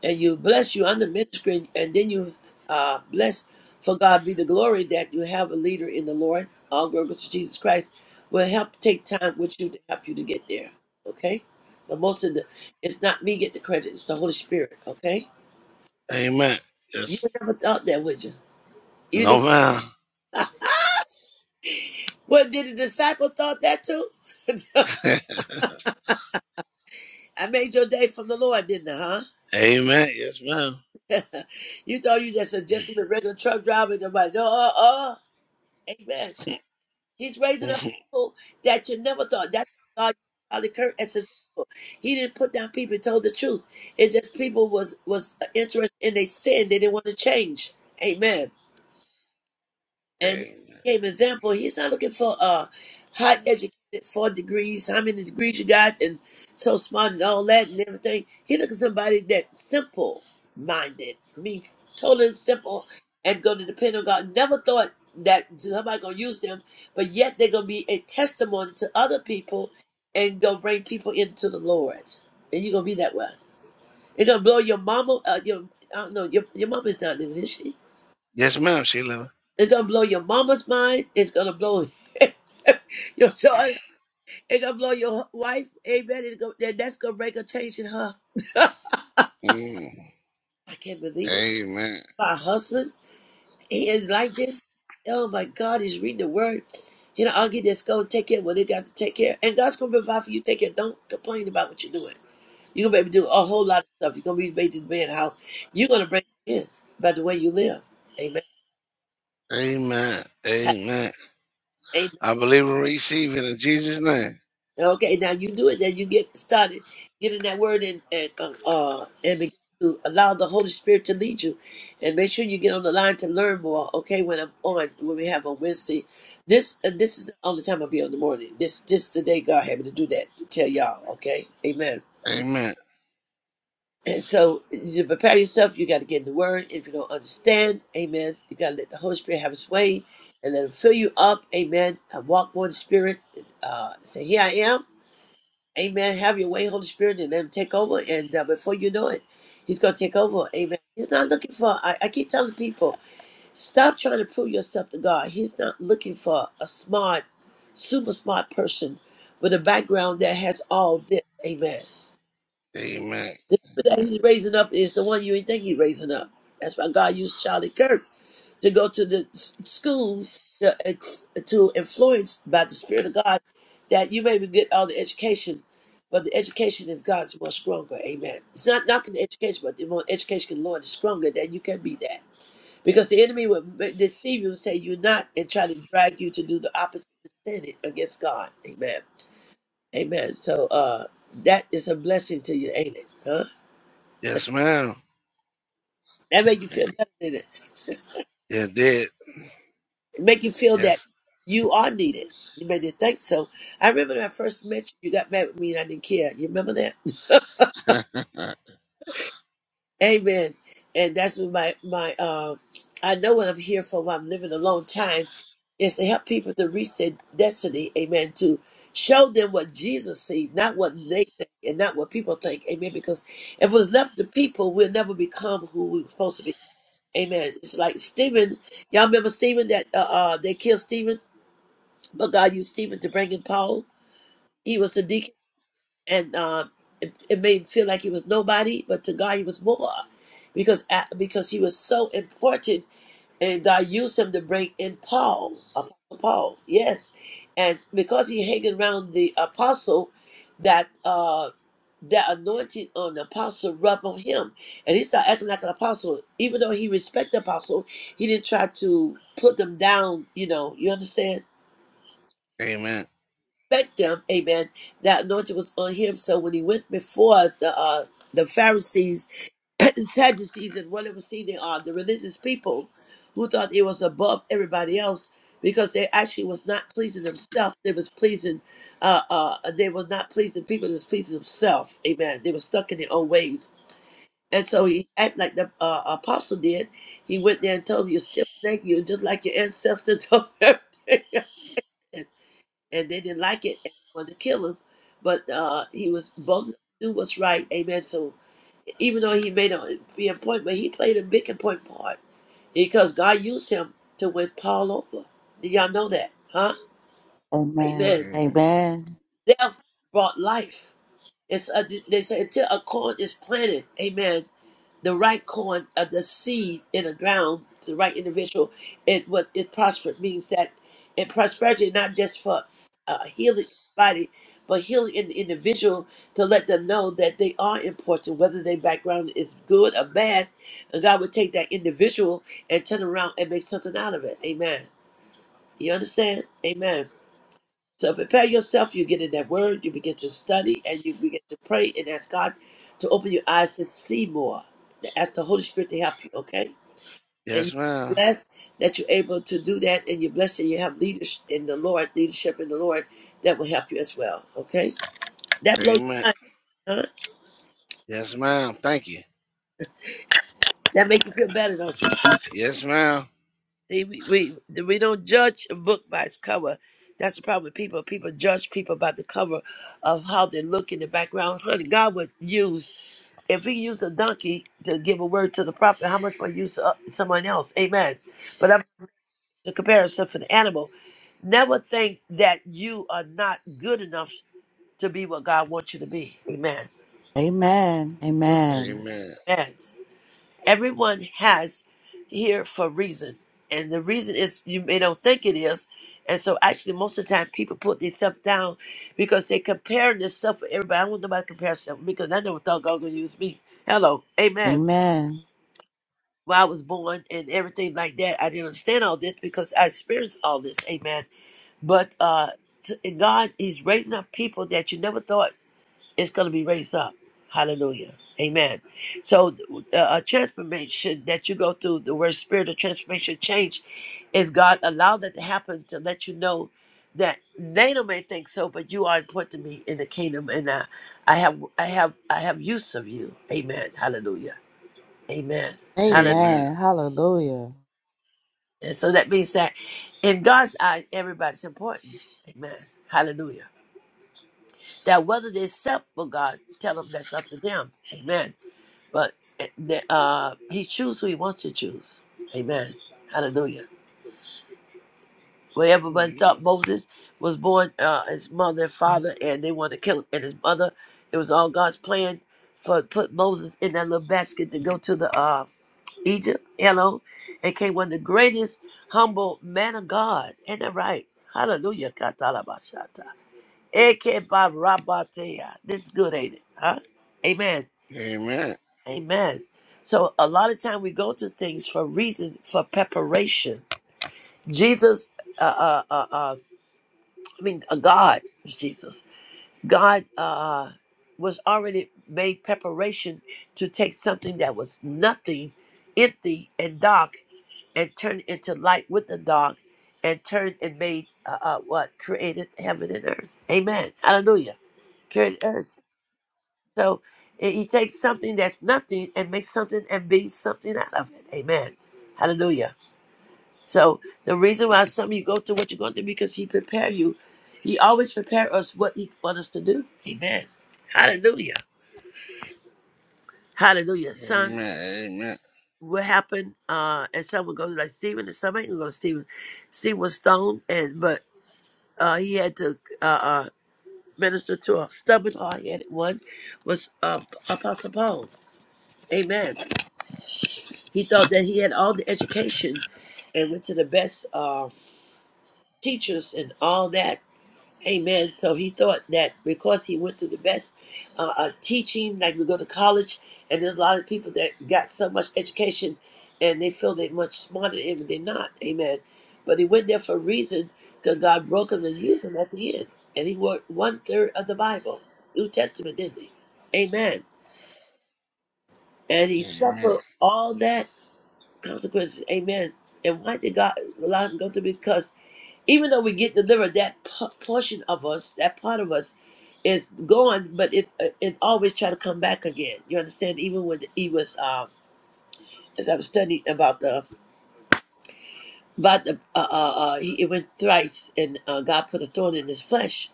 S3: And you bless you under ministry. And then you uh, bless, for God be the glory, that you have a leader in the Lord. All glory to Jesus Christ will help take time with you to help you to get there. Okay? But most of the, it's not me get the credit. It's the Holy Spirit. Okay?
S5: Amen.
S3: You
S5: Yes.
S3: never thought that, would you? You never.
S5: No, ma'am.
S3: Well, did the disciple thought that too? I made your day from the Lord, didn't I? Huh?
S5: Amen. Yes, ma'am.
S3: You thought you just a just 'cause a regular truck driver. Nobody, no, uh, uh, amen. He's raising up
S5: Amen.
S3: people that you never thought. That's why God used Charlie Kirk as an example. He didn't put down people. He told the truth. It just people was was interested in they sin. They didn't want to change. Amen and he gave an example. He's not looking for uh high educated four degrees, how many degrees you got, and so smart and all that and everything. He looking somebody that's simple minded, means totally simple, and going to depend on God. Never thought that somebody gonna use them, but yet they're gonna be a testimony to other people and gonna bring people into the Lord. And you're gonna be that one. It's gonna blow your mama. Uh, your I don't know. Your your mama's not living, is she?
S5: Yes, ma'am, Sheila.
S3: It's gonna blow your mama's mind. It's gonna blow your daughter. It's gonna blow your hu- wife. Amen. It's gonna, that- that's gonna break a change in her.
S5: Mm.
S3: I can't believe it.
S5: Amen.
S3: My husband, he is like this. Oh my God, he's reading the word. You know, I'll get this. Go and take care of what they got to take care. of. And God's gonna provide for you. Take care. Don't complain about what you're doing. You're gonna be able to do a whole lot of stuff. You're gonna be made to be in the house. You're gonna bring in by the way you live. Amen.
S5: Amen. Amen. I believe and receive it in Jesus' name.
S3: Okay, now you do it. Then you get started getting that word and and uh, uh, and begin to allow the Holy Spirit to lead you, and make sure you get on the line to learn more. Okay, when I'm on, when we have on Wednesday, this uh, this is the only time I'll be on the morning. This this is the day God had me to do that to tell y'all. Okay, Amen.
S5: Amen.
S3: And so you prepare yourself. You got to get in the Word. If you don't understand, Amen. You got to let the Holy Spirit have His way and let Him fill you up. Amen. And walk more in the Spirit. Uh, say, here I am. Amen. Have your way, Holy Spirit, and then take over. And uh, before you know it, He's going to take over. Amen. He's not looking for, I, I keep telling people, stop trying to prove yourself to God. He's not looking for a smart, super smart person with a background that has all this. Amen.
S5: Amen.
S3: The people that He's raising up is the one you ain't think He's raising up. That's why God used Charlie Kirk to go to the s- schools to, ex- to influence by the Spirit of God that you may get all the education, but the education is God's more stronger. Amen. It's not knocking the education, but the more education of the Lord is stronger, that you can be that. Because the enemy will ma- deceive you and say you're not and try to drag you to do the opposite and sin it against God. Amen. Amen. So uh, that is a blessing to you, ain't it? Huh?
S5: Yes, ma'am.
S3: That make you
S5: Eh,
S3: feel better, did it?
S5: You did.
S3: make you feel that
S5: Yes.
S3: you are needed. You made it think so. I remember when I first met you, you got mad with me and I didn't care. You remember that?
S5: Amen.
S3: Amen. And that's what my, my uh, I know what I'm here for when I'm living a long time is to help people to reach their destiny. Amen. To show them what Jesus sees, not what they think and not what people think. Amen. Because if it was left to people, we'll never become who we were supposed to be. Amen. It's like Stephen. Y'all remember Stephen that uh, uh, they killed Stephen? But God used Stephen to bring in Paul. he was a deacon and um, it, it made him feel like he was nobody but to god he was more because a- because he was so important and god used him to bring in paul apostle paul yes and because he hanging around the apostle that uh that anointing on the apostle rubbed on him and he started acting like an apostle even though he respected the apostle he didn't try to put them down you know you understand
S5: Amen.
S3: Expect them. Amen. That anointing was on him. So when he went before the uh, the Pharisees, and Sadducees, and whatever see they are, the religious people who thought it was above everybody else because they actually was not pleasing themselves. They was pleasing, uh, uh, they were not pleasing people. They was pleasing themselves. Amen. They were stuck in their own ways. And so he act like the uh, apostle did. He went there and told him, "You're stiff necked. You're just like your ancestors." Told everything else and they didn't like it and wanted to kill him. But uh, he was bold enough to do what's right. Amen. So even though he made a be important, but he played a big important part because God used him to win Paul over. Do y'all know that? Huh?
S4: Amen.
S3: Amen.
S4: Amen.
S3: Death brought life. It's a, they say until a corn is planted, amen. the right corn of the seed in the ground to the right individual, it what it prospered means that in prosperity not just for uh, healing in the body, but healing in the individual to let them know that they are important, whether their background is good or bad. And God would take that individual and turn around and make something out of it. Amen. You understand? Amen. So prepare yourself. You get in that word, you begin to study, and you begin to pray and ask God to open your eyes to see more. Ask the Holy Spirit to help you, okay? And
S5: Yes,
S3: you're
S5: ma'am.
S3: blessed that you're able to do that, and you're blessed that you have leadership in the Lord, leadership in the Lord that will help you as well, okay? That blows,
S5: Amen.
S3: your mind, huh?
S5: Yes, ma'am. Thank you.
S3: That make you feel better, don't you?
S5: Yes, ma'am.
S3: See, we, we, we don't judge a book by its cover. That's the problem with people. People judge people by the cover of how they look in the background. Honey, God would use if we use a donkey to give a word to the prophet, how much more use uh, someone else? Amen. But I'm the comparison for the animal. Never think that you are not good enough to be what God wants you to be. Amen.
S4: Amen. Amen.
S5: Amen.
S3: Amen. Everyone has here for a reason. And the reason is you may don't think it is. And so actually most of the time people put themselves down because they compare themselves with everybody. I don't want nobody to compare themselves because I never thought God was gonna use me. Hello. Amen.
S4: Amen.
S3: where I was born and everything like that. I didn't understand all this because I experienced all this. Amen. But uh, t- and God, He's raising up people that you never thought is going to be raised up. Hallelujah. Amen. So, uh, a transformation that you go through, the word spirit of transformation, change, is God allowed that to happen to let you know that NATO may think so, but you are important to me in the kingdom, and I, I have, I have, I have use of you. Amen. Hallelujah. Amen.
S5: Amen.
S4: Amen. Hallelujah.
S3: And so that means that in God's eyes, everybody's important. Amen. Hallelujah. That whether they accept for God, tell them that's up to them. Amen. But eh, the- uh, he chooses who he wants to choose. Amen. Hallelujah. Where everybody
S5: Amen.
S3: thought Moses was born, uh, his mother and father, and they wanted to kill him and his mother. It was all God's plan for put Moses in that little basket to go to the uh, Egypt, hello, and came one of the greatest humble man of God. Ain't that right? Hallelujah. Katalabashata. Ekebarabatea. This is good, ain't it? Huh? Amen.
S5: Amen.
S3: Amen. So a lot of time we go through things for reason, for preparation. Jesus, uh, uh, uh, uh, I mean, uh, God, Jesus, God uh, was already made preparation to take something that was nothing, empty, and dark and turned into light with the dog and turned and made uh, uh, what created heaven and earth. Amen. Hallelujah. Created earth. So eh, he takes something that's nothing and makes something and be something out of it. Amen. Hallelujah. So the reason why some of you go to what you're going to because he prepared you. He always prepared us what he wants us to do. Amen. Hallelujah. Hallelujah. Son,
S5: Amen.
S3: what happened? Uh, and some will go like Stephen, and some ain't gonna go to Stephen. Stephen was stoned, and but uh, he had to uh, uh, minister to a stubborn, hard-headed one was uh, Apostle Paul. Amen. He thought that he had all the education and went to the best uh, teachers and all that, Amen. So he thought that because he went through the best uh, uh, teaching, like we go to college, and there's a lot of people that got so much education and they feel they're much smarter than him, but they're not. Amen. But he went there for a reason because God broke him and used him at the end. And he worked one third of the Bible, New Testament, didn't he? Amen. And he
S5: Amen.
S3: suffered all that consequences. Amen. And why did God allow him to go through? Because even though we get delivered, that p- portion of us, that part of us, is gone, but it uh, it always try to come back again. You understand? Even when he was, um, as I was studying about the about the, uh, uh, uh, he it went thrice, and uh, God put a thorn in his flesh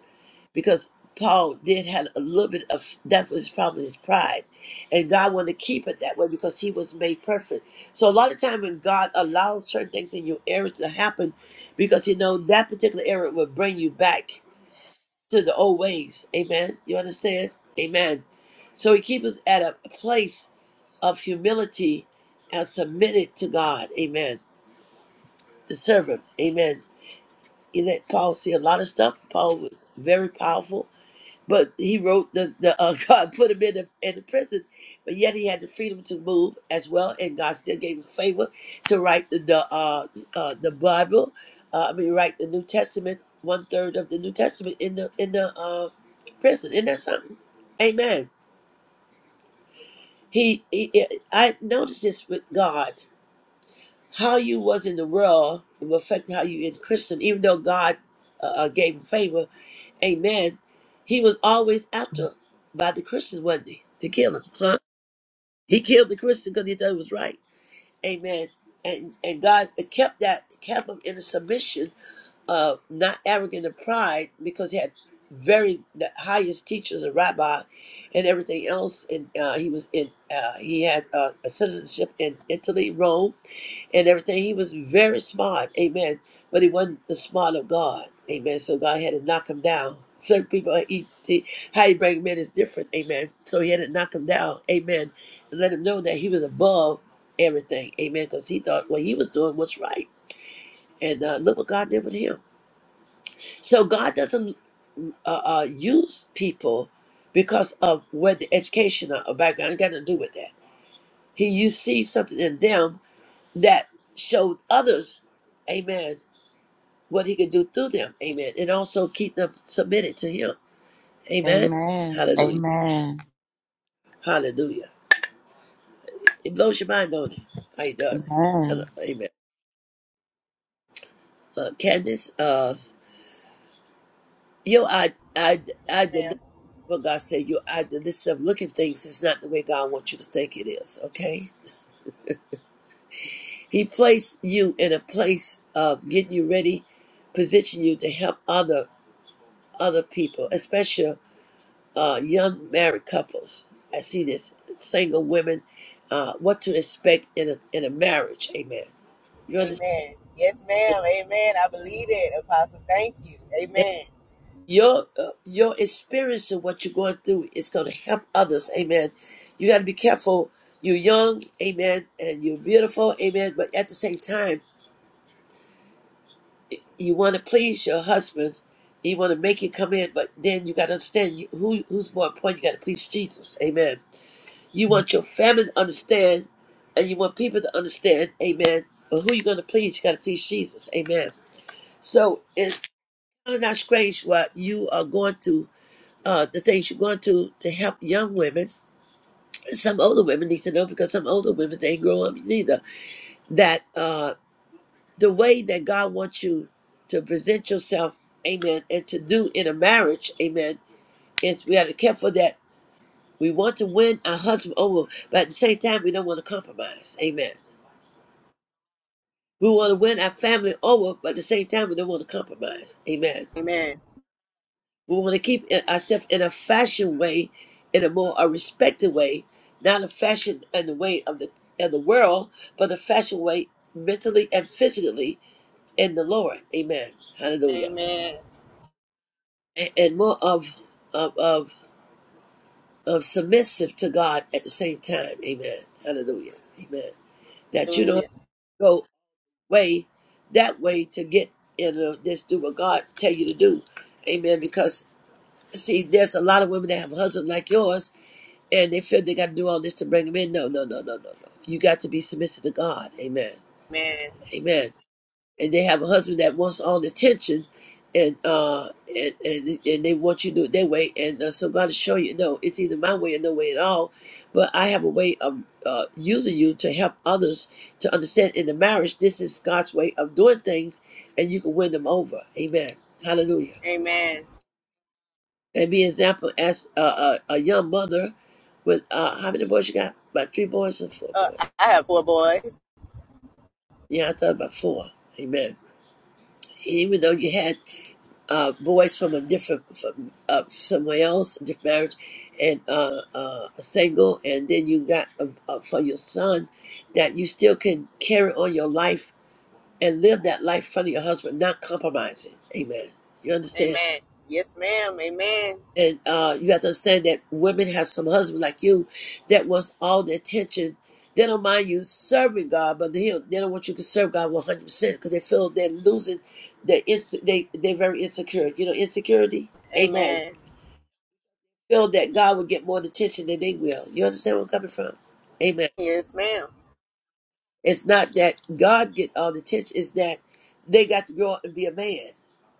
S3: because Paul did had a little bit of that was his problem, his pride, and God wanted to keep it that way because he was made perfect. So a lot of time when God allows certain things in your area to happen, because you know that particular area will bring you back to the old ways. Amen. You understand? Amen. So he keeps us at a place of humility and submitted to God. Amen. To serve him. Amen. He let Paul see a lot of stuff. Paul was very powerful but he wrote the, the uh, God put him in the, in the prison, but yet he had the freedom to move as well, and God still gave him favor to write the the, uh, uh, the Bible. Uh, I mean, write the New Testament, one third of the New Testament in the in the uh, prison. Isn't that something? Amen. He, he, I noticed this with God. How you was in the world will affect how you in Christian. Even though God uh, uh, gave him favor, Amen. He was always after by the Christians, wasn't he? To kill him, huh? He killed the Christian because he thought it was right. Amen. And and God kept that kept him in a submission uh, not arrogant and pride because he had very the highest teachers a rabbi and everything else and uh, he was in uh, he had uh, a citizenship in italy rome and everything he was very smart amen but he wasn't the smart of god amen so god had to knock him down certain people he, he, how you bring him in is different amen so he had to knock him down amen and let him know that he was above everything amen because he thought what he was doing was right and uh, look what god did with him so God doesn't uh, uh, use people because of where the education or or background got to do with that. He you see something in them that showed others, Amen, what He could do through them, Amen, and also keep them submitted to Him, Amen.
S4: Amen.
S3: Hallelujah,
S4: Amen.
S3: Hallelujah. It blows your mind, don't it? How He does, And, uh,
S4: Amen.
S3: Amen. Uh, Candice, uh, you, I, I,
S6: Yes,
S3: I did
S6: ma'am.
S3: what God said. You, I did this. Looking things is not the way God wants you to think it is. Okay He placed you in a place of getting you ready, position you to help other other people, especially uh, young married couples. I see this single women, uh, what to expect in a in a marriage. Amen. You understand?
S6: Amen. Yes, ma'am. Amen. I believe it, Apostle. Thank you.
S3: And
S6: Amen.
S3: Your uh, your experience of what you're going through is going to help others. Amen. You got to be careful. You're young, amen, and you're beautiful, amen. But at the same time. you want to please your husband, you want to make it come in, but then you got to understand you- who who's more important. You got to please Jesus, Amen. You want your family to understand, and you want people to understand, Amen. But who you going to please? You got to please Jesus, Amen. So it's kind of not strange what you are going to. Uh, the things you're going to to help young women, some older women need to know because some older women they ain't grow up neither. That uh, the way that God wants you to present yourself, amen, and to do in a marriage, amen, is we got to care for that. We want to win our husband over, but at the same time, we don't want to compromise, amen. We want to win our family over, but at the same time, we don't want to compromise, amen.
S6: Amen.
S3: We want to keep it- ourselves in a fashion way, in a more a respected way, not a fashion in the way of the of the world, but a fashion way mentally and physically in the Lord, amen. Hallelujah.
S6: Amen.
S3: and, and more of, of of of submissive to God at the same time. Amen. Hallelujah. Amen. That you don't have
S6: Hallelujah.
S3: to go way that way to get in a, this do what God tell you to do. Amen. Because see, there's a lot of women that have husbands like yours, and they feel they got to do all this to bring them in. No, no, no, no, no, no. You got to be submissive to God. Amen.
S6: Amen.
S3: Amen. and they have a husband that wants all the attention and uh and and, and they want you to do it their way and uh, so god to show you no it's either my way or no way at all but i have a way of uh, using you to help others to understand in the marriage this is god's way of doing things and you can win them over amen hallelujah
S6: Amen.
S3: and be an example as a, a, a young mother with uh how many boys you got about three boys or four
S6: Uh,
S3: boys
S6: I I have four boys.
S3: yeah i thought about four amen even though you had uh, boys from a different from uh, somewhere else, different marriage, and uh, uh, single, and then you got uh uh for your son that you still can carry on your life and live that life in front of your husband, not compromising. Amen. You understand?
S6: Amen. Yes, ma'am. Amen.
S3: And uh, you have to understand that women have some husband like you that wants all the attention. They don't mind you serving God, but they don't, they don't want you to serve God 100% because they feel they're losing, they're, they, they're very insecure. You know, insecurity? Amen
S6: Amen.
S3: feel that God will get more attention than they will. You understand where I'm coming from? Amen.
S6: Yes, ma'am.
S3: It's not that God get all the attention, it's that they got to grow up and be a man.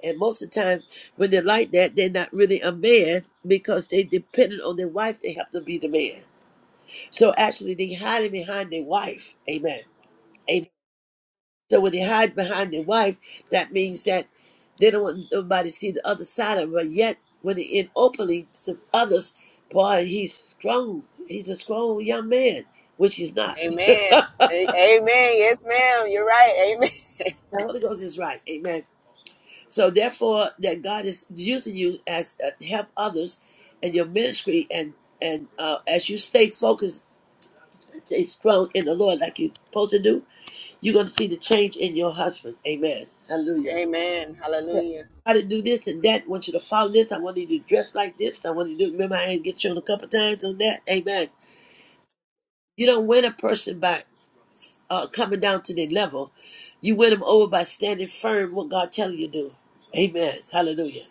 S3: And most of the time when they're like that, they're not really a man because they dependent on their wife to help them be the man. So actually they hiding behind their wife. Amen. Amen. So when they hide behind their wife, that means that they don't want nobody to see the other side of them. But yet, when they're in openly to others, boy, he's strong. He's a strong young man, which he's not.
S6: Amen.
S3: the
S6: A- Amen. Yes, ma'am. You're right. Amen.
S3: Holy Ghost is right. Amen. So therefore, that God is using you as uh, to help others in your ministry and and uh, as you stay focused, stay strong in the Lord like you're supposed to do, you're going to see the change in your husband. Amen. Hallelujah.
S6: Amen.
S3: I
S6: Hallelujah.
S3: try to do this and that. I want you to follow this. I want you to dress like this. I want you to do, remember I had to get you on a couple times on that. Amen. You don't win a person by uh, coming down to their level. You win them over by standing firm what God telling you to do. Amen. Hallelujah.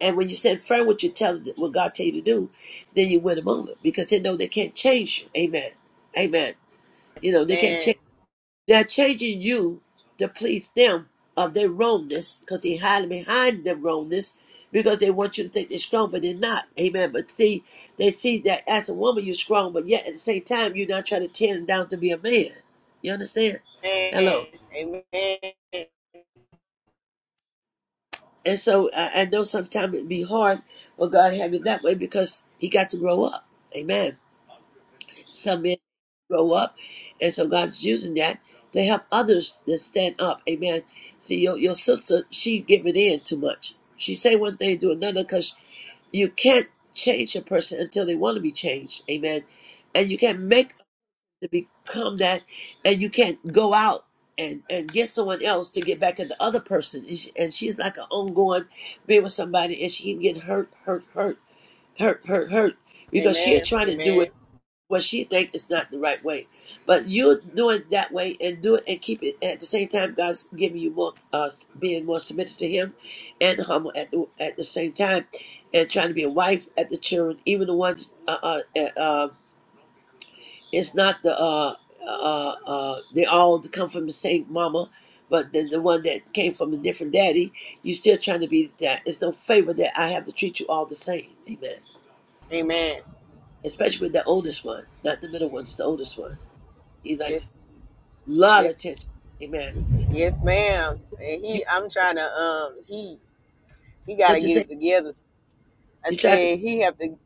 S3: And when you stand firm what you tell what God tell you to do, then you win them over because they know they can't change you. Amen. Amen. You know they can't change.
S6: Amen.
S3: They're changing you to please them of their wrongness because they hiding behind their wrongness because they want you to think they're strong, but they're not. Amen. But see, they see that as a woman you're strong, but yet at the same time you're not trying to tear them down to be a man. You understand?
S6: Amen.
S3: Hello.
S6: Amen.
S3: And so I, I know sometimes it'd be hard, but God have it that way because he got to grow up. Amen. Some men grow up, and so God's using that to help others to stand up. Amen. See, your your sister, she give in too much. She say one thing, do another, because you can't change a person until they want to be changed. Amen. And you can't make them to become that, and you can't go out and, and get someone else to get back at the other person. And she- and she's like an ongoing being with somebody, and she can get hurt, hurt, hurt, hurt, hurt, hurt because she's
S6: Amen.
S3: trying to do it
S6: Amen.
S3: what she think is not the right way. But you do it that way and do it and keep it at the same time. God's giving you more, uh, being more submitted to Him and humble at the at the same time, and trying to be a wife at the children, even the ones. Uh, uh, uh, uh, it's not the uh, uh, uh, they all come from the same mama. But then the one that came from a different daddy, you still trying to be that. It's no favor that I have to treat you all the same. Amen.
S6: Amen.
S3: Especially with the oldest one, not the middle ones, the oldest one. He likes
S6: Yes.
S3: lot of
S6: Yes,
S3: attention. Amen.
S6: Yes, ma'am. And
S3: You
S6: he, I'm trying to, um, he, he got to
S3: what you
S6: get
S3: say?
S6: it together. I
S3: You tried to.
S6: said he have to,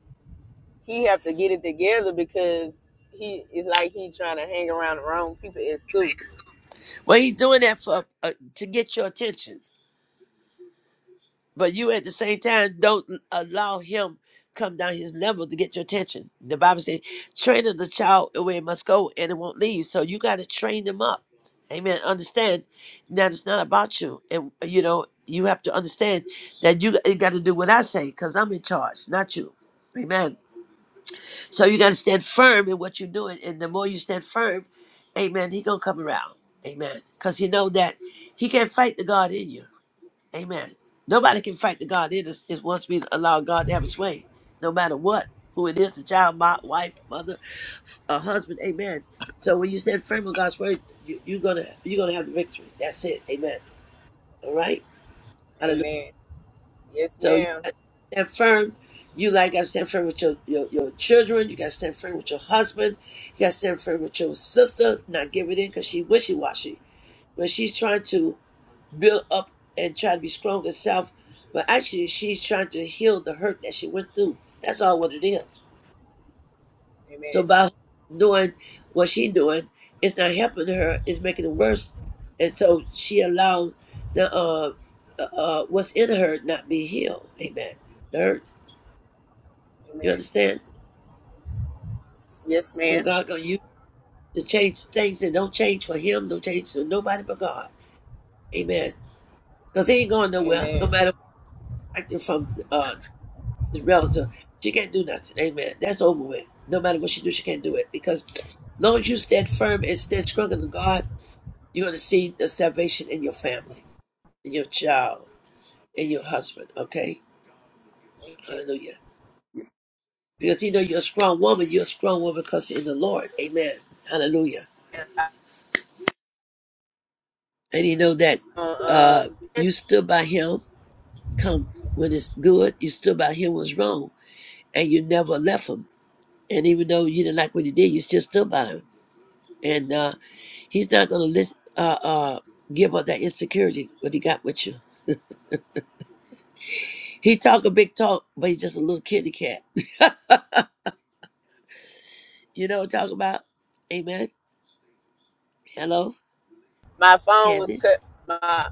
S6: he have to get it together because he it's like he trying to hang around the wrong people in school.
S3: Well, he's doing that for uh, to get your attention, but you at the same time don't allow him come down his level to get your attention. The Bible says, "Train up the child the way it must go, and it won't leave." So you got to train them up. Amen. Understand that it's not about you, and uh, you know you have to understand that you, you got to do what I say because I'm in charge, not you. Amen. So you got to stand firm in what you're doing, and the more you stand firm, Amen. He gonna come around, Amen. Cause you know that he can't fight the God in you, Amen. Nobody can fight the God in us. It wants me to allow God to have His way, no matter what, who it is—the child, my wife, mother, a husband, Amen. So when you stand firm on God's word, you, you're gonna you're gonna have the victory. That's it, Amen. All right.
S6: Amen. Yes,
S3: So you
S6: ma'am.
S3: got to stand firm. You like got to stand firm with your, your your children. You got to stand firm with your husband. You got to stand firm with your sister. Not give it in because she wishy washy, but she's trying to build up and try to be strong herself. But actually, she's trying to heal the hurt that she went through. That's all what it is.
S6: Amen.
S3: So by her doing what she doing, it's not helping her. It's making it worse. And so she allowed the uh, uh, uh, what's in her not be healed. Amen. The hurt. You
S6: Amen.
S3: understand?
S6: Yes,
S3: So
S6: ma'am.
S3: God gonna use to change things that don't change for him, don't change for nobody but God. Amen. Because he ain't going nowhere, no
S6: Amen.
S3: matter what acting from uh his relative. She can't do nothing. Amen. That's over with. No matter what she do, she can't do it. Because as long as you stand firm and stand strong in God, you're gonna see the salvation in your family, in your child, in your husband, okay? Hallelujah. Because he know you're a strong woman, you're a strong woman because you're in the Lord. Amen. Hallelujah.
S6: Amen.
S3: And he know that uh
S6: Um,
S3: you
S6: yes,
S3: stood by him come when it's good, you stood by him when it's wrong, and you never left him. And even though you didn't like what he did, you still stood by him. And uh, he's not gonna uh, uh, give up that insecurity what he got with you. He talk a big talk, but he's just a little kitty cat. You know what I'm talking about? Amen. Hello,
S6: my phone was
S3: Candace.
S6: cut. My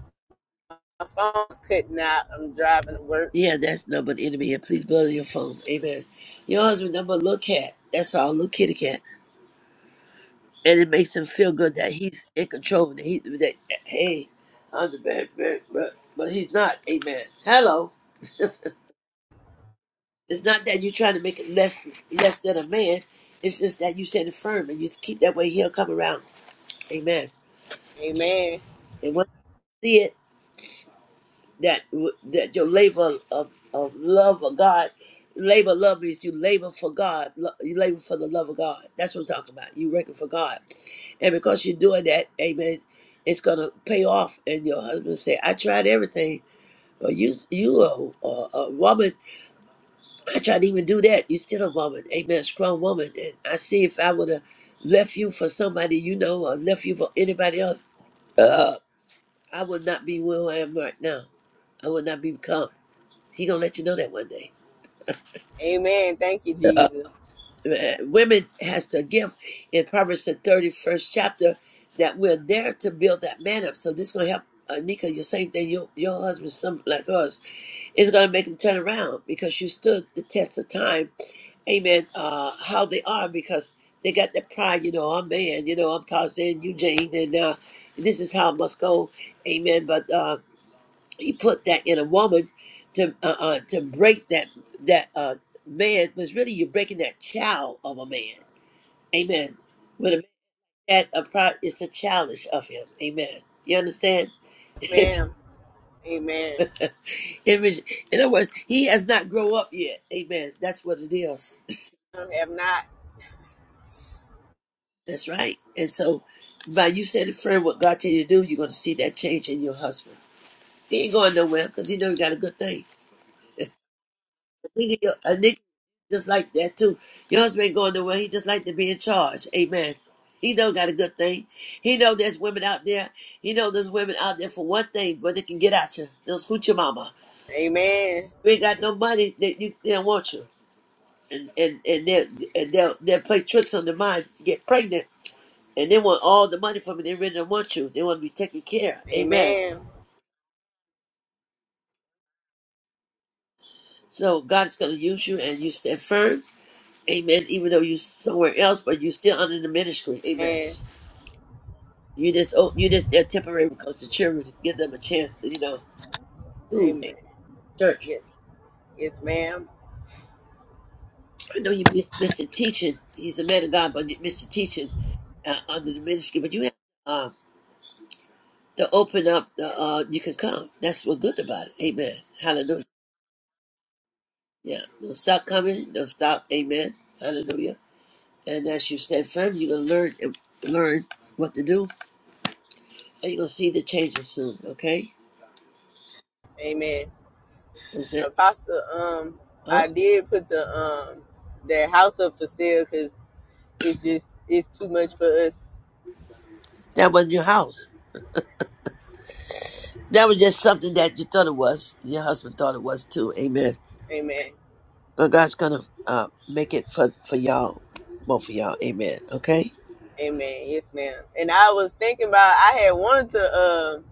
S6: my phone was cutting out. I'm driving to work.
S3: Yeah, that's number the enemy. And please blow your phone. Amen. Your husband number a little cat. That's all, little kitty cat. and it makes him feel good that he's in control. That he that hey, I'm the bad man, but but he's not. a man. Hello. it's not that you're trying to make it less less than a man. It's just that you stand firm and you keep that way. He'll come around. Amen.
S6: Amen.
S3: And when you see it. that w- that your labor of, of love of God, labor of love means you labor for God. lo- You labor for the love of God. That's what I'm talking about. You working for God, and because you're doing that, Amen. It's gonna pay off. And your husband say, "I tried everything, but you you a, a, a woman. I tried to even do that. You still a woman, Amen. A strong woman. And I see if I would have left you for somebody you know, or left you for anybody else, uh, I would not be where I am right now. I would not become." He gonna let you know that one day.
S6: Amen. Thank you,
S3: Uh,
S6: Jesus.
S3: women has the gift in Proverbs the thirty first chapter that we're there to build that man up. So this is gonna help uh, Nika. The same thing. Your your husband, some like us, is gonna make him turn around because you stood the test of time. Amen. Uh, how they are because they got that pride. You know, I'm man. You know, I'm Tarzan, you Jane, and uh, this is how it must go. Amen. But uh, he put that in a woman to uh, uh, to break that that uh, man was really you're breaking that child of a man. Amen. When a that a pride it's the childish of him. Amen. You understand?
S6: Yes,
S3: It's,
S6: ma'am. Amen.
S3: it was, in other words, he has not grown up yet. Amen. That's what it is.
S6: have not.
S3: That's right. And so, by you saying, "Friend, what God tell you to do," you're going to see that change in your husband. He ain't going nowhere because he know you got a good thing. A nigga, just like that too. Your husband ain't going nowhere. He just like to be in charge. Amen. He know got a good thing. He know there's women out there. He know there's women out there for one thing, but they can get at you. Those hoochie mama.
S6: Amen.
S3: You ain't got no money. They, you, they don't want you. And and and they and they'll they'll play tricks on the mind, get pregnant, and they want all the money from it. They really don't want you. They want to be taken care. of. Amen.
S6: Amen.
S3: So God is gonna use you, and you stand firm. Amen. Even though you're somewhere else, but you're still under the ministry. Amen.
S6: And
S3: You just oh, you just there temporary because the children give them a chance to you know do a
S6: amen.
S3: church.
S6: Yes. Yes, ma'am.
S3: I know you miss Mr. teaching. He's a man of God, but you miss the teaching uh, under the ministry. But you have um, to open up the uh, you can come. That's what's good about it. Amen. Hallelujah. Yeah. Don't stop coming. Don't stop. Amen. Hallelujah. And as you stand firm, you're gonna learn uh, learn what to do, and you're gonna see the changes soon. Okay.
S6: Amen.
S3: Is it?
S6: Apostle, um,
S3: Huh?
S6: I did put the um the house up for sale because it's just it's too much for us.
S3: That wasn't your house. That was just something that you thought it was. Your husband thought it was too. Amen.
S6: Amen.
S3: But God's gonna uh, make it for for y'all, both for y'all. Amen. Okay.
S6: Amen. Yes, ma'am. And I was thinking about I had wanted to um.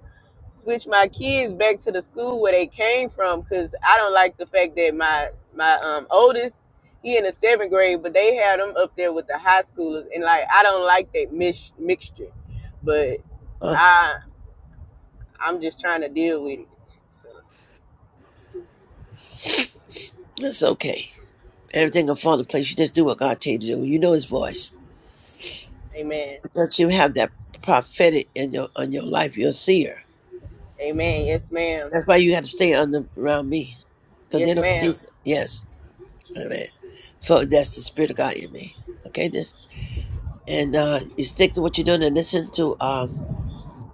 S6: switch my kids back to the school where they came from because I don't like the fact that my my um oldest he in the seventh grade, but they had him up there with the high schoolers, and like I don't like that mix mixture. But
S3: Uh,
S6: I I'm just trying to deal with it. So,
S3: that's okay.
S6: mm,
S3: Everything will fall into place. You just do what God tell you to do. You know His voice.
S6: amen,
S3: Once you have that prophetic in your on your life, you'll see her.
S6: amen, yes ma'am,
S3: That's why you got to stay under around me, because they
S6: yes
S3: don't
S6: ma'am,
S3: teach. Yes. Amen. For that's the spirit of God in me. Okay. This and uh, you stick to what you're doing and listen to um,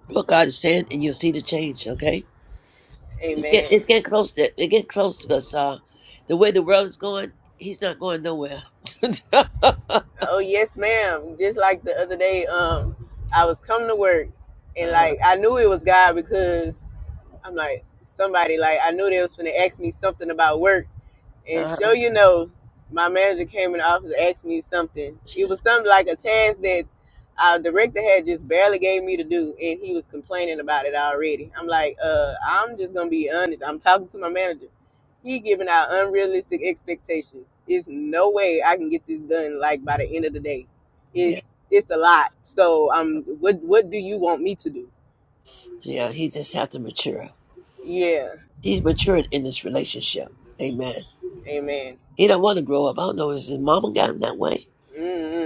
S3: what God is saying, and you'll see the change. Okay. It's get
S6: amen.
S3: it's getting close to it getting close to us. Uh, the way the world is going, he's not going nowhere.
S6: Oh yes ma'am. Just like the other day, um, I was coming to work, and
S3: Uh,
S6: like I knew it was God because I'm like, somebody like I knew they was gonna ask me something about work. And
S3: uh,
S6: sure you know, my manager came in the office and asked me something. It was something like a task that our director had just barely gave me to do and he was complaining about it already. I'm like, uh, I'm just gonna be honest. I'm talking to my manager. He giving out unrealistic expectations. It's no way I can get this done like by the end of the day.
S3: yeah,
S6: It's it's a lot. So um what what do you want me to do?
S3: yeah, he just had to mature.
S6: Yeah.
S3: He's matured in this relationship. Amen.
S6: Amen.
S3: He don't want to grow up. I don't know. Is his mama got him that way?
S6: Mm-mm.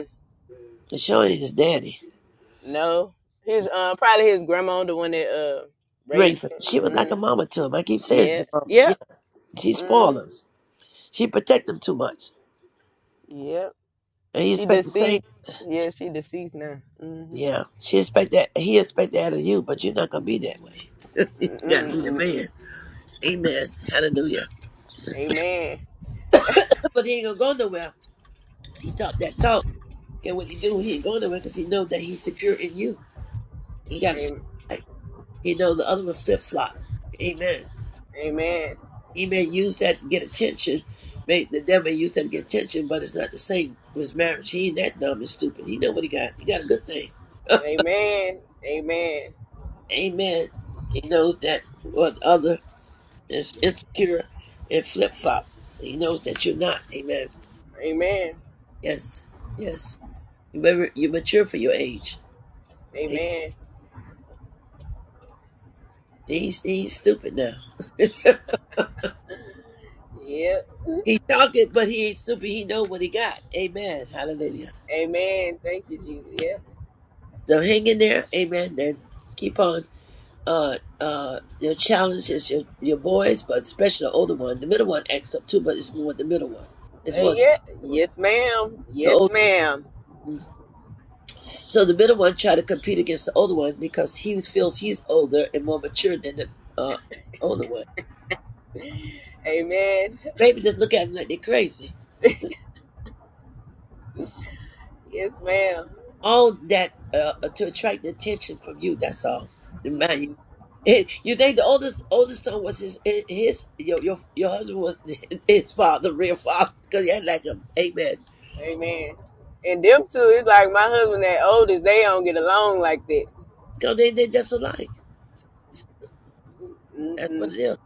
S3: But showing his daddy
S6: No, his uh probably his grandma, the one that uh raised
S3: raised him.
S6: him.
S3: She was like a
S6: Mm,
S3: mama to him. I keep saying
S6: yeah,
S3: his mama.
S6: yep,
S3: Yeah, she spoiled
S6: mm,
S3: him. She protect him too much,
S6: yep.
S3: and he
S6: She
S3: expect the same.
S6: deceased. Yeah, she deceased now. Mm-hmm.
S3: Yeah, she expect that. He expect that of you, but you're not gonna be that way. you gotta be the
S6: Mm-mm-mm.
S3: man. Amen. Hallelujah.
S6: Amen.
S3: But he ain't gonna go nowhere. He talked that talk, and what he do, he ain't going nowhere because he know that he's secure in you. He got to
S6: Am-
S3: like he know the other one flip flop. Amen.
S6: Amen.
S3: He may use that to get attention. May the devil may use that to get attention, but it's not the same with marriage. He ain't that dumb and stupid. He know what he got. He got a good thing.
S6: Amen. Amen.
S3: Amen. He knows that what the other is insecure and flip flop. He knows that you're not. Amen.
S6: Amen.
S3: Yes. Yes. You remember, you're mature for your age.
S6: Amen.
S3: He's he's stupid now.
S6: Yep.
S3: he talking, but he ain't stupid. He know what he got. Amen. Hallelujah.
S6: Amen. Thank you, Jesus. Yeah.
S3: So hang in there. Amen. Then keep on. Uh, uh, your challenge is your your boys, but especially the older one. The middle one acts up too, but it's more the middle one. It's
S6: Uh,
S3: more
S6: yeah. Yes, ma'am.
S3: the
S6: Yes,
S3: older.
S6: ma'am.
S3: So the middle one try to compete against the older one because he feels he's older and more mature than the uh, older one.
S6: Amen.
S3: Maybe just look at him like they're crazy.
S6: Yes, ma'am.
S3: all that uh, to attract the attention from you. That's all. The
S6: Mm.
S3: man, you, you think the oldest oldest son was his his your your, your husband was his father, real father, because he had like him. Amen.
S6: Amen. And them two, it's like my husband that oldest, they don't get along like that.
S3: Because they they just alike. That's what
S6: Mm-mm.
S3: it is.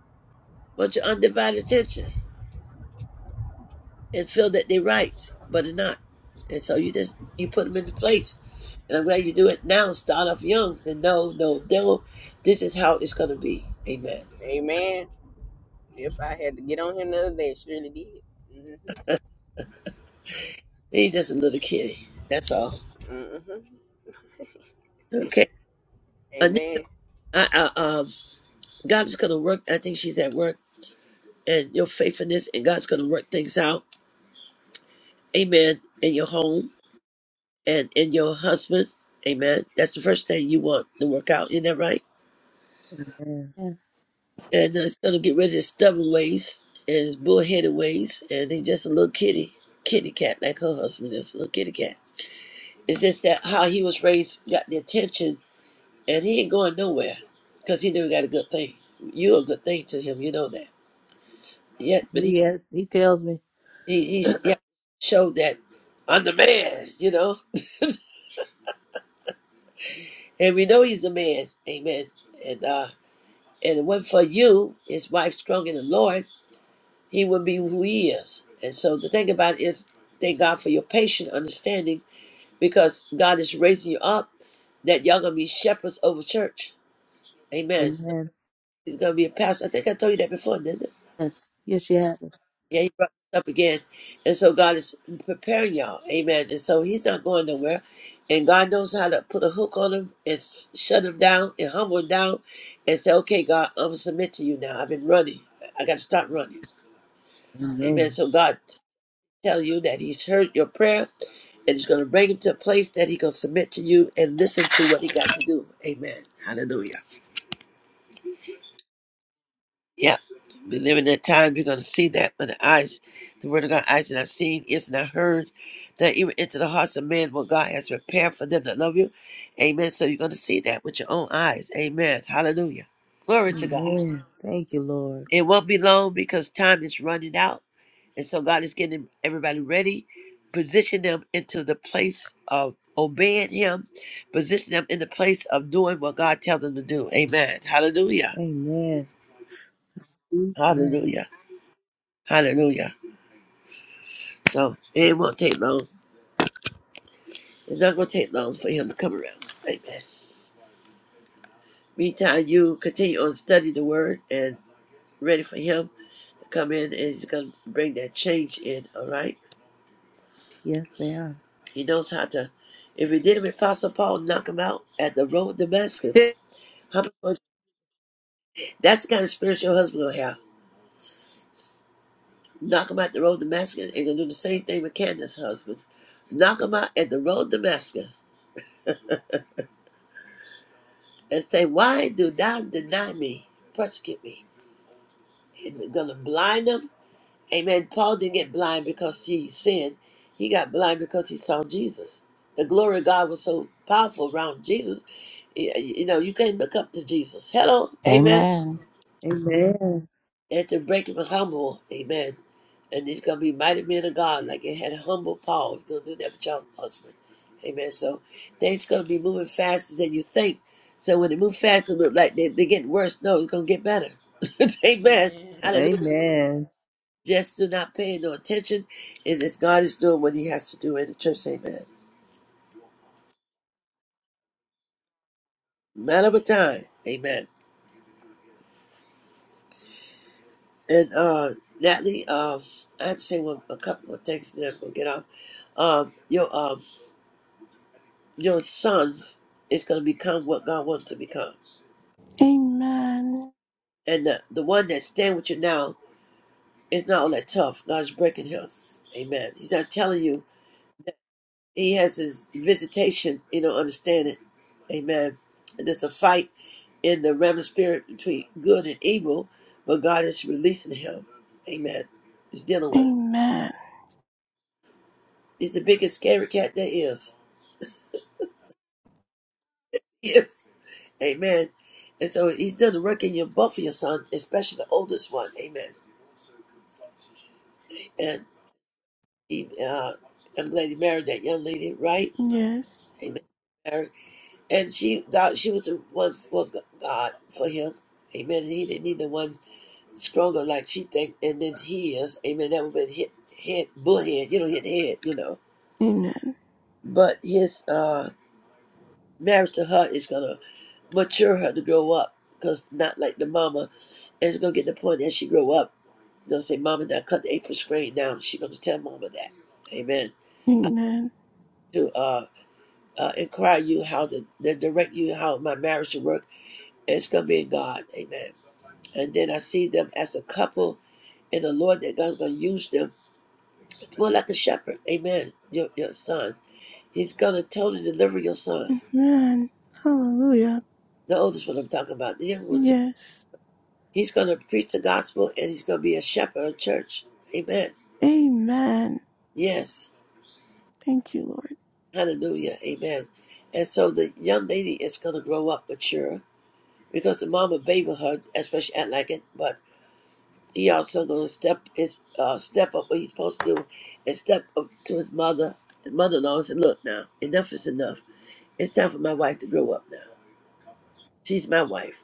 S3: Want your undivided attention and feel that they're right, but they're not. And so you just you put them into place. And I'm glad you do it now. Start off young and no, no, no. This is how it's gonna be. Amen.
S6: Amen. If I had to get on him the other day. Surely did. Mm-hmm.
S3: He's just a little kid. That's all.
S6: Mm-hmm.
S3: Okay.
S6: Amen.
S3: I, I, um, God is going to work. I think she's at work, and your faithfulness, and God's going to work things out. Amen. In your home and in your husband. Amen. That's the first thing you want to work out. Isn't that right?
S7: Amen. Amen.
S3: And then it's going to get rid of his stubborn ways and his bullheaded ways. And he's just a little kitty, kitty cat, like her husband is a little kitty cat. It's just that how he was raised got the attention, and he ain't going nowhere because he never got a good thing. You're a good thing to him. You know that. Yet,
S7: So
S3: but he
S7: yes, he tells me.
S3: He, he sh- yeah, showed that I'm the man, you know. And we know he's the man. Amen. And uh and it wasn't for you, his wife strong in the Lord, he would be who he is. And so the thing about it is thank God for your patient understanding because God is raising you up that y'all gonna be shepherds over church. Amen. So
S7: Amen.
S3: he's gonna be a pastor. I think I told you that before, didn't I?
S7: Yes. Yes, you have it.
S3: Yeah, he brought this up again. And so God is preparing y'all. Amen. And so he's not going nowhere. And God knows how to put a hook on him and s- shut him down and humble him down and say, okay, God, I'm going to submit to you now. I've been running. I got to stop running. Amen.
S7: Amen.
S3: So God tell you that he's heard your prayer and he's going to bring him to a place that he going to submit to you and listen to what he got to do. Amen. Hallelujah. Yeah. We live in that time, you're going to see that with the eyes, the word of God, eyes that I've seen, ears that I've heard, that even into the hearts of men, what God has prepared for them that love you. Amen. So you're going to see that with your own eyes. Amen. Hallelujah. Glory to God.
S7: Amen. Thank you, Lord.
S3: It won't be long because time is running out. And so God is getting everybody ready, position them into the place of obeying Him, position them in the place of doing what God tells them to do. Amen. Hallelujah.
S7: Amen. Amen.
S3: Hallelujah. Hallelujah. So it won't take long. It's not going to take long for him to come around. Amen. Meantime, you continue on study the word and ready for him to come in and he's going to bring that change in, all right?
S7: Yes, ma'am.
S3: He knows how to. If he did it with Apostle Paul, knock him out at the road of Damascus. How much That's the kind of spiritual husband we'll have. Knock him out the road of Damascus and going to do the same thing with Candace's husband. Knock him out at the road of Damascus and say, Why do thou deny me? Persecute me. And we're going to blind them Amen. Paul didn't get blind because he sinned. He got blind because he saw Jesus. The glory of God was so powerful around Jesus. You you know, you can't look up to Jesus. Hello. Amen.
S4: Amen.
S7: Amen.
S3: You have to break him humble. Amen. And he's going to be mighty men of God like it had humble Paul. He's going to do that with your husband. Amen. So things going to be moving faster than you think. So when they move faster, it look like they, they're getting worse. No, it's going to get better. Amen. Hallelujah.
S7: Amen.
S3: Just do not pay no attention. And as God is doing what he has to do in the church, amen. Matter of time, amen. And uh Natalie, uh, I have to say one a couple more things and then I'm gonna get off. Um, your um your sons is gonna become what God wants to become.
S1: Amen.
S3: And the, the one that stand with you now is not all that tough. God's breaking him. Amen. He's not telling you He has his visitation. You don't understand it. Amen. And there's a fight in the realm of spirit between good and evil, but God is releasing him. Amen. He's dealing with him.
S1: Amen.
S3: He's the biggest scary cat there is. Yes. Amen. And so he's done the work in your both of your son, especially the oldest one. Amen. And he, uh, I'm glad he married that young lady, right?
S1: Yes.
S3: Amen. Married. And she God, she was the one for God for him. Amen. And he didn't need the one stronger like she think and then he is. Amen. That would have been hit head bullhead, you know, hit head, you know.
S1: Amen.
S3: But his uh marriage to her is gonna mature her to grow up because not like the mama and it's gonna get to the point as she grow up, gonna say, Mama now cut the apron string down. She gonna tell mama that. Amen.
S1: Amen.
S3: To uh, uh inquire you how to, to direct you how my marriage should work. And It's gonna be in God, amen. And then I see them as a couple and the Lord that God's gonna use them Well, like a shepherd, amen. Your, your son. He's going to totally deliver your son.
S1: Amen. Hallelujah.
S3: The oldest one I'm talking about, the young one too.
S1: Yes.
S3: He's going to preach the gospel and he's going to be a shepherd of church. Amen.
S1: Amen.
S3: Yes.
S1: Thank you, Lord.
S3: Hallelujah. Amen. And so the young lady is going to grow up mature because the mama baby her, especially at like it, but he also going to step his, uh, step up what he's supposed to do and step up to his mother and mother-in-law and say, look now, enough is enough. It's time for my wife to grow up now. She's my wife.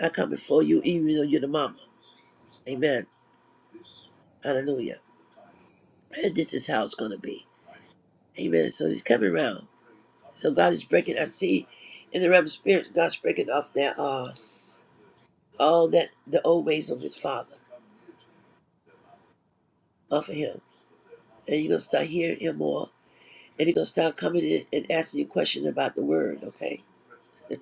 S3: I come before you, even though you're the mama. Amen. Hallelujah. And this is how it's going to be. Amen. So he's coming around. So God is breaking. I see in the realm of spirit, God's breaking off that uh all that the old ways of his father off of him, and you're gonna start hearing him more, and he's gonna start coming in and asking you questions about the word. Okay, you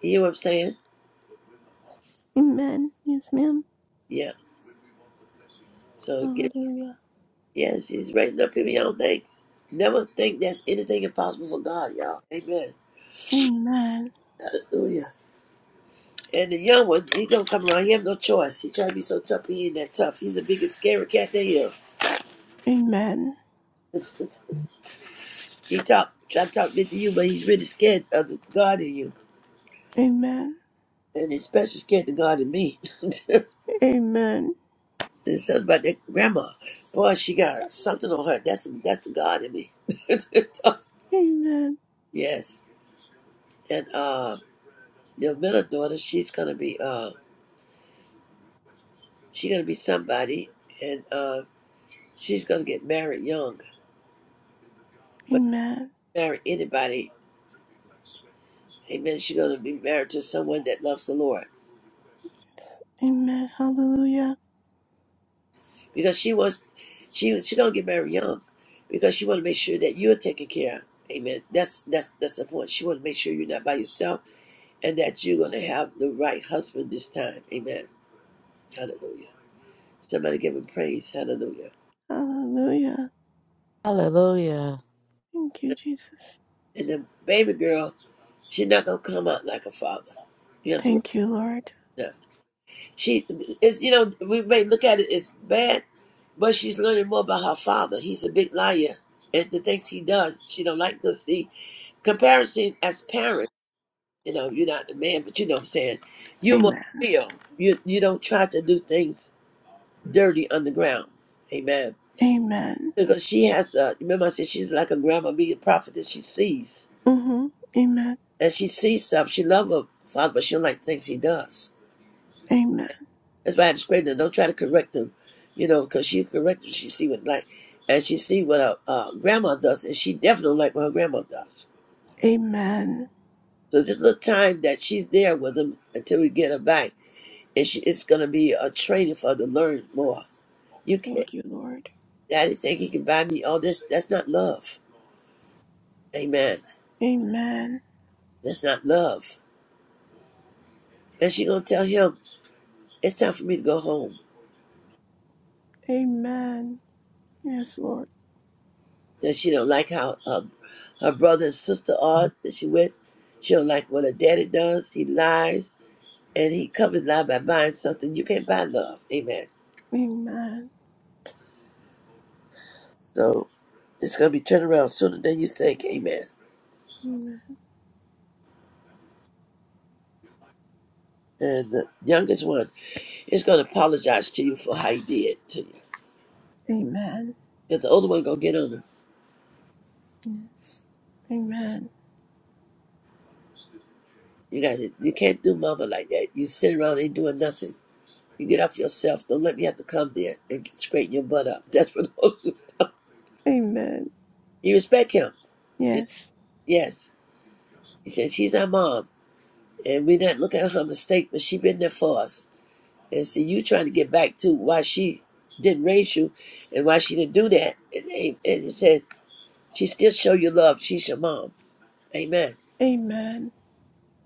S3: hear what I'm saying?
S1: Amen. Yes, ma'am.
S3: Yeah. So get
S1: Hallelujah.
S3: yes, he's raising up people. Y'all don't think. Never think that's anything impossible for God, y'all. Amen.
S1: Amen.
S3: Hallelujah. And the young one, he gonna come around. He have no choice. He try to be so tough, he ain't that tough. He's the biggest scary cat they have.
S1: Amen.
S3: he talk, try to talk big to you, but he's really scared of the God in you,
S1: Amen.
S3: and he's especially scared of God in me.
S1: Amen.
S3: There's something about that grandma. Boy, she got something on her. That's that's the God in me.
S1: Amen.
S3: yes, and uh, your middle daughter, she's gonna be uh, she's gonna be somebody, and uh, she's gonna get married young, but
S1: Amen.
S3: marry anybody Amen. She's gonna be married to someone that loves the Lord
S1: Amen. Hallelujah.
S3: because she was, she she gonna get married young because she want to make sure that you're taken care. of. Amen. That's that's that's the point. She want to make sure you're not by yourself and that you're gonna have the right husband this time. Amen. Hallelujah. Somebody give him praise. Hallelujah.
S1: Hallelujah.
S4: Hallelujah.
S1: Thank you, Jesus.
S3: And the baby girl, she's not gonna come out like a father. You have to.
S1: Thank you, Lord.
S3: recognize She is, you know, we may look at it as bad, but she's learning more about her father. He's a big liar, and the things he does, she don't like. Cause see, comparison as parents, you know, you're not the man, but you know what I'm saying. You're more
S1: Amen.
S3: real. You you don't try to do things dirty underground. Amen.
S1: Amen.
S3: Because she has a remember I said she's like a grandma being a prophet that she sees,
S1: Mm-hmm. Amen.
S3: and she sees stuff. She love her father, but she don't like things he does.
S1: Amen.
S3: That's why I discredit her. Don't try to correct them, you know, because she correct them. She see what like, and she see what her uh, grandma does, and she definitely don't like what her grandma does.
S1: Amen.
S3: So this little time that she's there with them until we get her back, and she, it's gonna be a training for her to learn more. You, can,
S1: Thank you, Lord.
S3: Daddy, think he can buy me all this? That's not love. Amen.
S1: Amen.
S3: That's not love. And she gonna tell him it's time for me to go home.
S1: Amen. Yes, Lord.
S3: that she don't like how her, her brother and sister are that she with. She don't like what her daddy does. He lies, and he covers lie by buying something. You can't buy love. Amen.
S1: Amen.
S3: So it's gonna be turned around sooner than you think. Amen.
S1: Amen.
S3: And the youngest one is gonna apologize to you for how he did to you.
S1: Amen.
S3: Cause the older one gonna get on him.
S1: Yes. Amen.
S3: You guys, you can't do mama like that. You sit around ain't doing nothing. You get off yourself. Don't let me have to come there and straighten your butt up. That's what.
S1: Amen.
S3: You respect him. You- know?
S1: Yes.
S3: Yes. He said, She's our mom. And we're not look at her mistake, but she been there for us. And see you trying to get back to why she didn't raise you and why she didn't do that. And, and it says, She still show you love. She's your mom. Amen.
S1: Amen.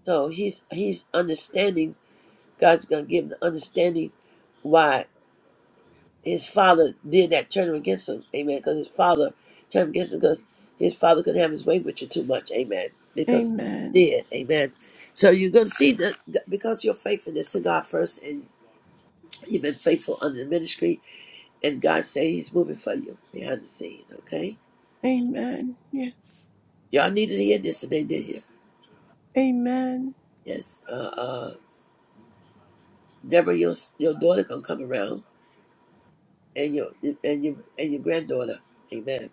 S3: So he's he's understanding, God's gonna give him the understanding why. his father did that, turn him against him, amen. Because his father turned him against him because his father couldn't have his way with you too much, amen. Because
S1: Amen.
S3: he did, amen. So you're going to see that because you're faithfulness to God first and you've been faithful under the ministry, and God say he's moving for you behind the scene, okay?
S1: Amen. Yes.
S3: Y'all needed to hear this today, did not you?
S1: Amen.
S3: Yes. Uh, uh, Deborah, your, your daughter going to come around and your, and, your, and your granddaughter, amen.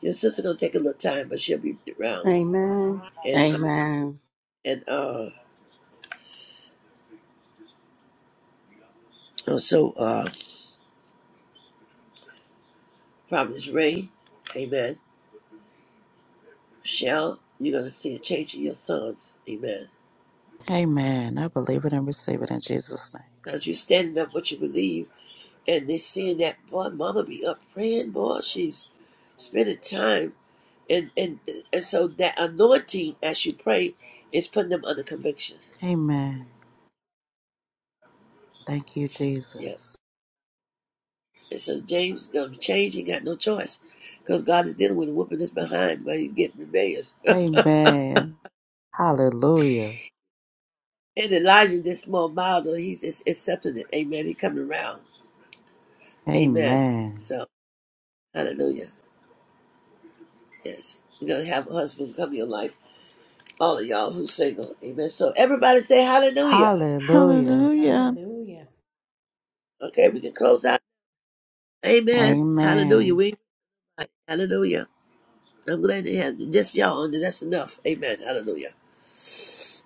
S3: Your sister going to take a little time, but she'll be around
S2: Amen. Amen.
S3: and uh, also uh, Providence Ray, amen. Michelle, you're going to see a change in your sons, amen.
S4: Amen. I believe it and receive it in Jesus'
S3: Because you're standing up what you believe, and they're seeing that, boy, mama be up praying, boy, she's spending time. And, and and so that anointing as you pray is putting them under conviction.
S4: name. Amen. Thank you,
S3: Yeah.
S4: Jesus.
S3: And so James going to change. He got no choice because God is dealing with a whooping that's behind, but he's getting rebellious.
S4: Amen. Hallelujah.
S3: And Elijah this small model, he's just accepting it. Amen. He coming around. Amen.
S4: Amen.
S3: So hallelujah. Yes. You're gonna have a husband come in your life. All of y'all who's single. Amen. So everybody say hallelujah.
S4: Hallelujah.
S1: Hallelujah.
S6: Hallelujah.
S3: Okay, we can close out. Amen. Hallelujah.
S4: Amen.
S3: We hallelujah. I'm glad to have just y'all on there. That's enough. Amen. Hallelujah.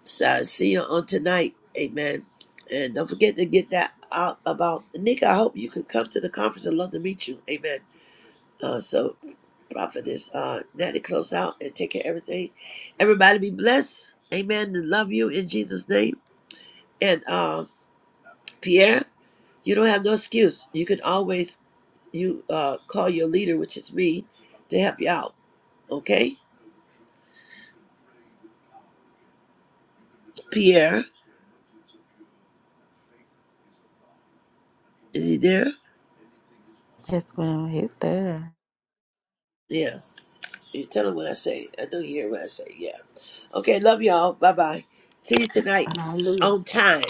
S3: So I see you on tonight. Amen. And don't forget to get that out about Nick. I hope you could come to the conference. I'd love to meet you. Amen. Uh, so prophetess uh Daddy, close out and take care of everything. Everybody be blessed. Amen. And love you in Jesus' name. And uh Pierre, you don't have no excuse. You can always you uh call your leader, which is me, to help you out. Okay? Pierre, is he there?
S4: Yes, ma'am. He's there.
S3: Yeah. You tell him what I say. I know you hear what I say. Yeah. Okay, love y'all. Bye bye. See you tonight
S2: Hallelujah.
S3: on time.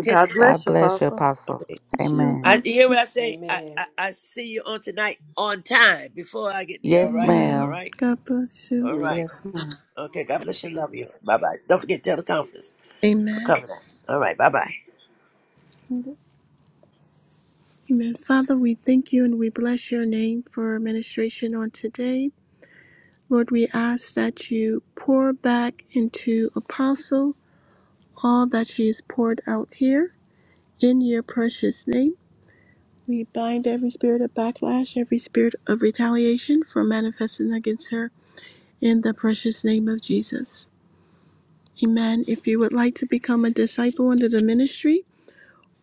S3: Ten-
S2: God bless
S4: God
S2: you,
S4: bless you,
S2: Apostle.
S4: Apostle.
S1: Bless you,
S4: Amen.
S3: I you hear
S1: Apostle.
S3: what I say. I,
S6: Amen.
S3: I I see you on tonight on time before I get there. All
S4: Yes,
S3: right, all
S1: Amen.
S4: ma'am.
S3: right.
S1: God bless you.
S3: All right.
S2: Yes, ma'am.
S3: Okay. God bless you. Love you. Bye bye. Don't forget teleconference. I'll
S1: Amen.
S3: cover that. All right. Bye bye.
S1: Amen. Father, we thank you and we bless your name for administration on today. Lord, we ask that you pour back into Apostle all that she has poured out here. In your precious name, we bind every spirit of backlash, every spirit of retaliation from manifesting against her in the precious name of Jesus. Amen. If you would like to become a disciple under the ministry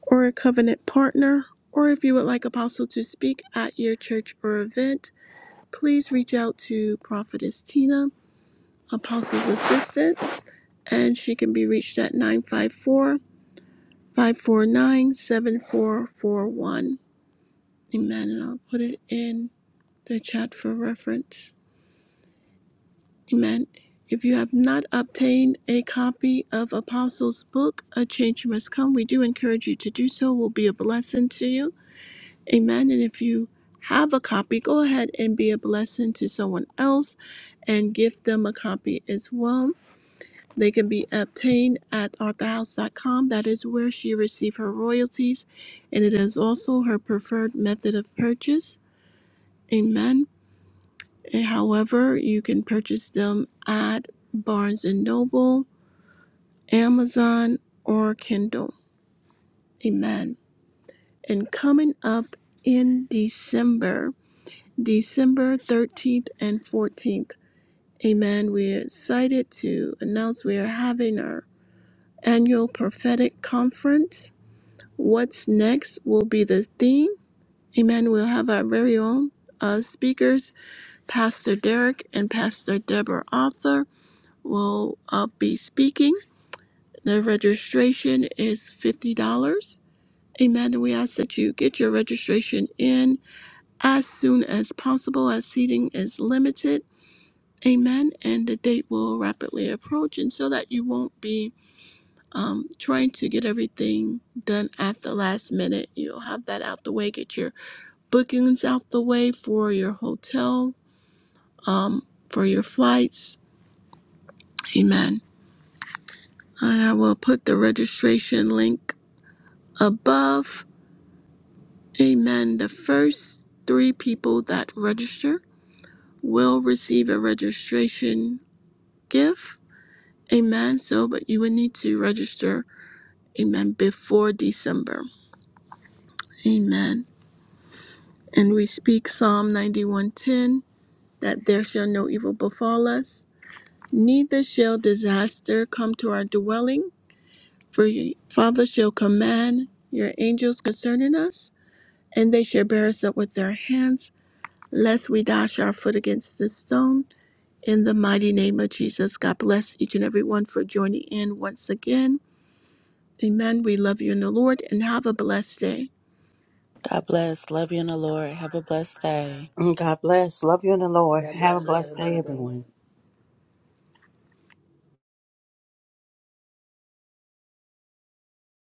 S1: or a covenant partner, or if you would like Apostle to speak at your church or event, please reach out to Prophetess Tina, Apostle's assistant, and she can be reached at 954 549 7441. Amen. And I'll put it in the chat for reference. Amen. If you have not obtained a copy of Apostles' book, A Change Must Come, we do encourage you to do so. It Will be a blessing to you. Amen. And if you have a copy, go ahead and be a blessing to someone else and give them a copy as well. They can be obtained at arthurhouse.com. That is where she received her royalties, and it is also her preferred method of purchase. Amen. And however, you can purchase them at Barnes& and Noble, Amazon, or Kindle. Amen. And coming up in December, December 13th and 14th, amen, we're excited to announce we are having our annual prophetic conference. What's next will be the theme. Amen. We'll have our very own uh, speakers, Pastor Derek and Pastor Deborah Arthur will uh, be speaking. The registration is $50. Amen. And we ask that you get your registration in as soon as possible, as seating is limited. Amen. And the date will rapidly approach, and so that you won't be um, trying to get everything done at the last minute, you'll have that out the way. Get your bookings out the way for your hotel, um, for your flights. Amen. And I will put the registration link above. Amen. The first three people that register will receive a registration gift. Amen. So, but you will need to register. Amen. Before December. Amen. And we speak Psalm 91:10 that there shall no evil befall us, neither shall disaster come to our dwelling. For your Father shall command your angels concerning us, and they shall bear us up with their hands lest we dash our foot against the stone. In the mighty name of Jesus, God bless each and every one for joining in once again. Amen. We love you in the Lord and have a blessed day.
S4: God bless. Love you in the Lord. Have a blessed day.
S2: Mm, God bless. Love you in the Lord.
S6: God
S2: Have
S6: bless
S2: a
S6: you. Have a
S2: blessed day,
S6: good day.
S2: everyone.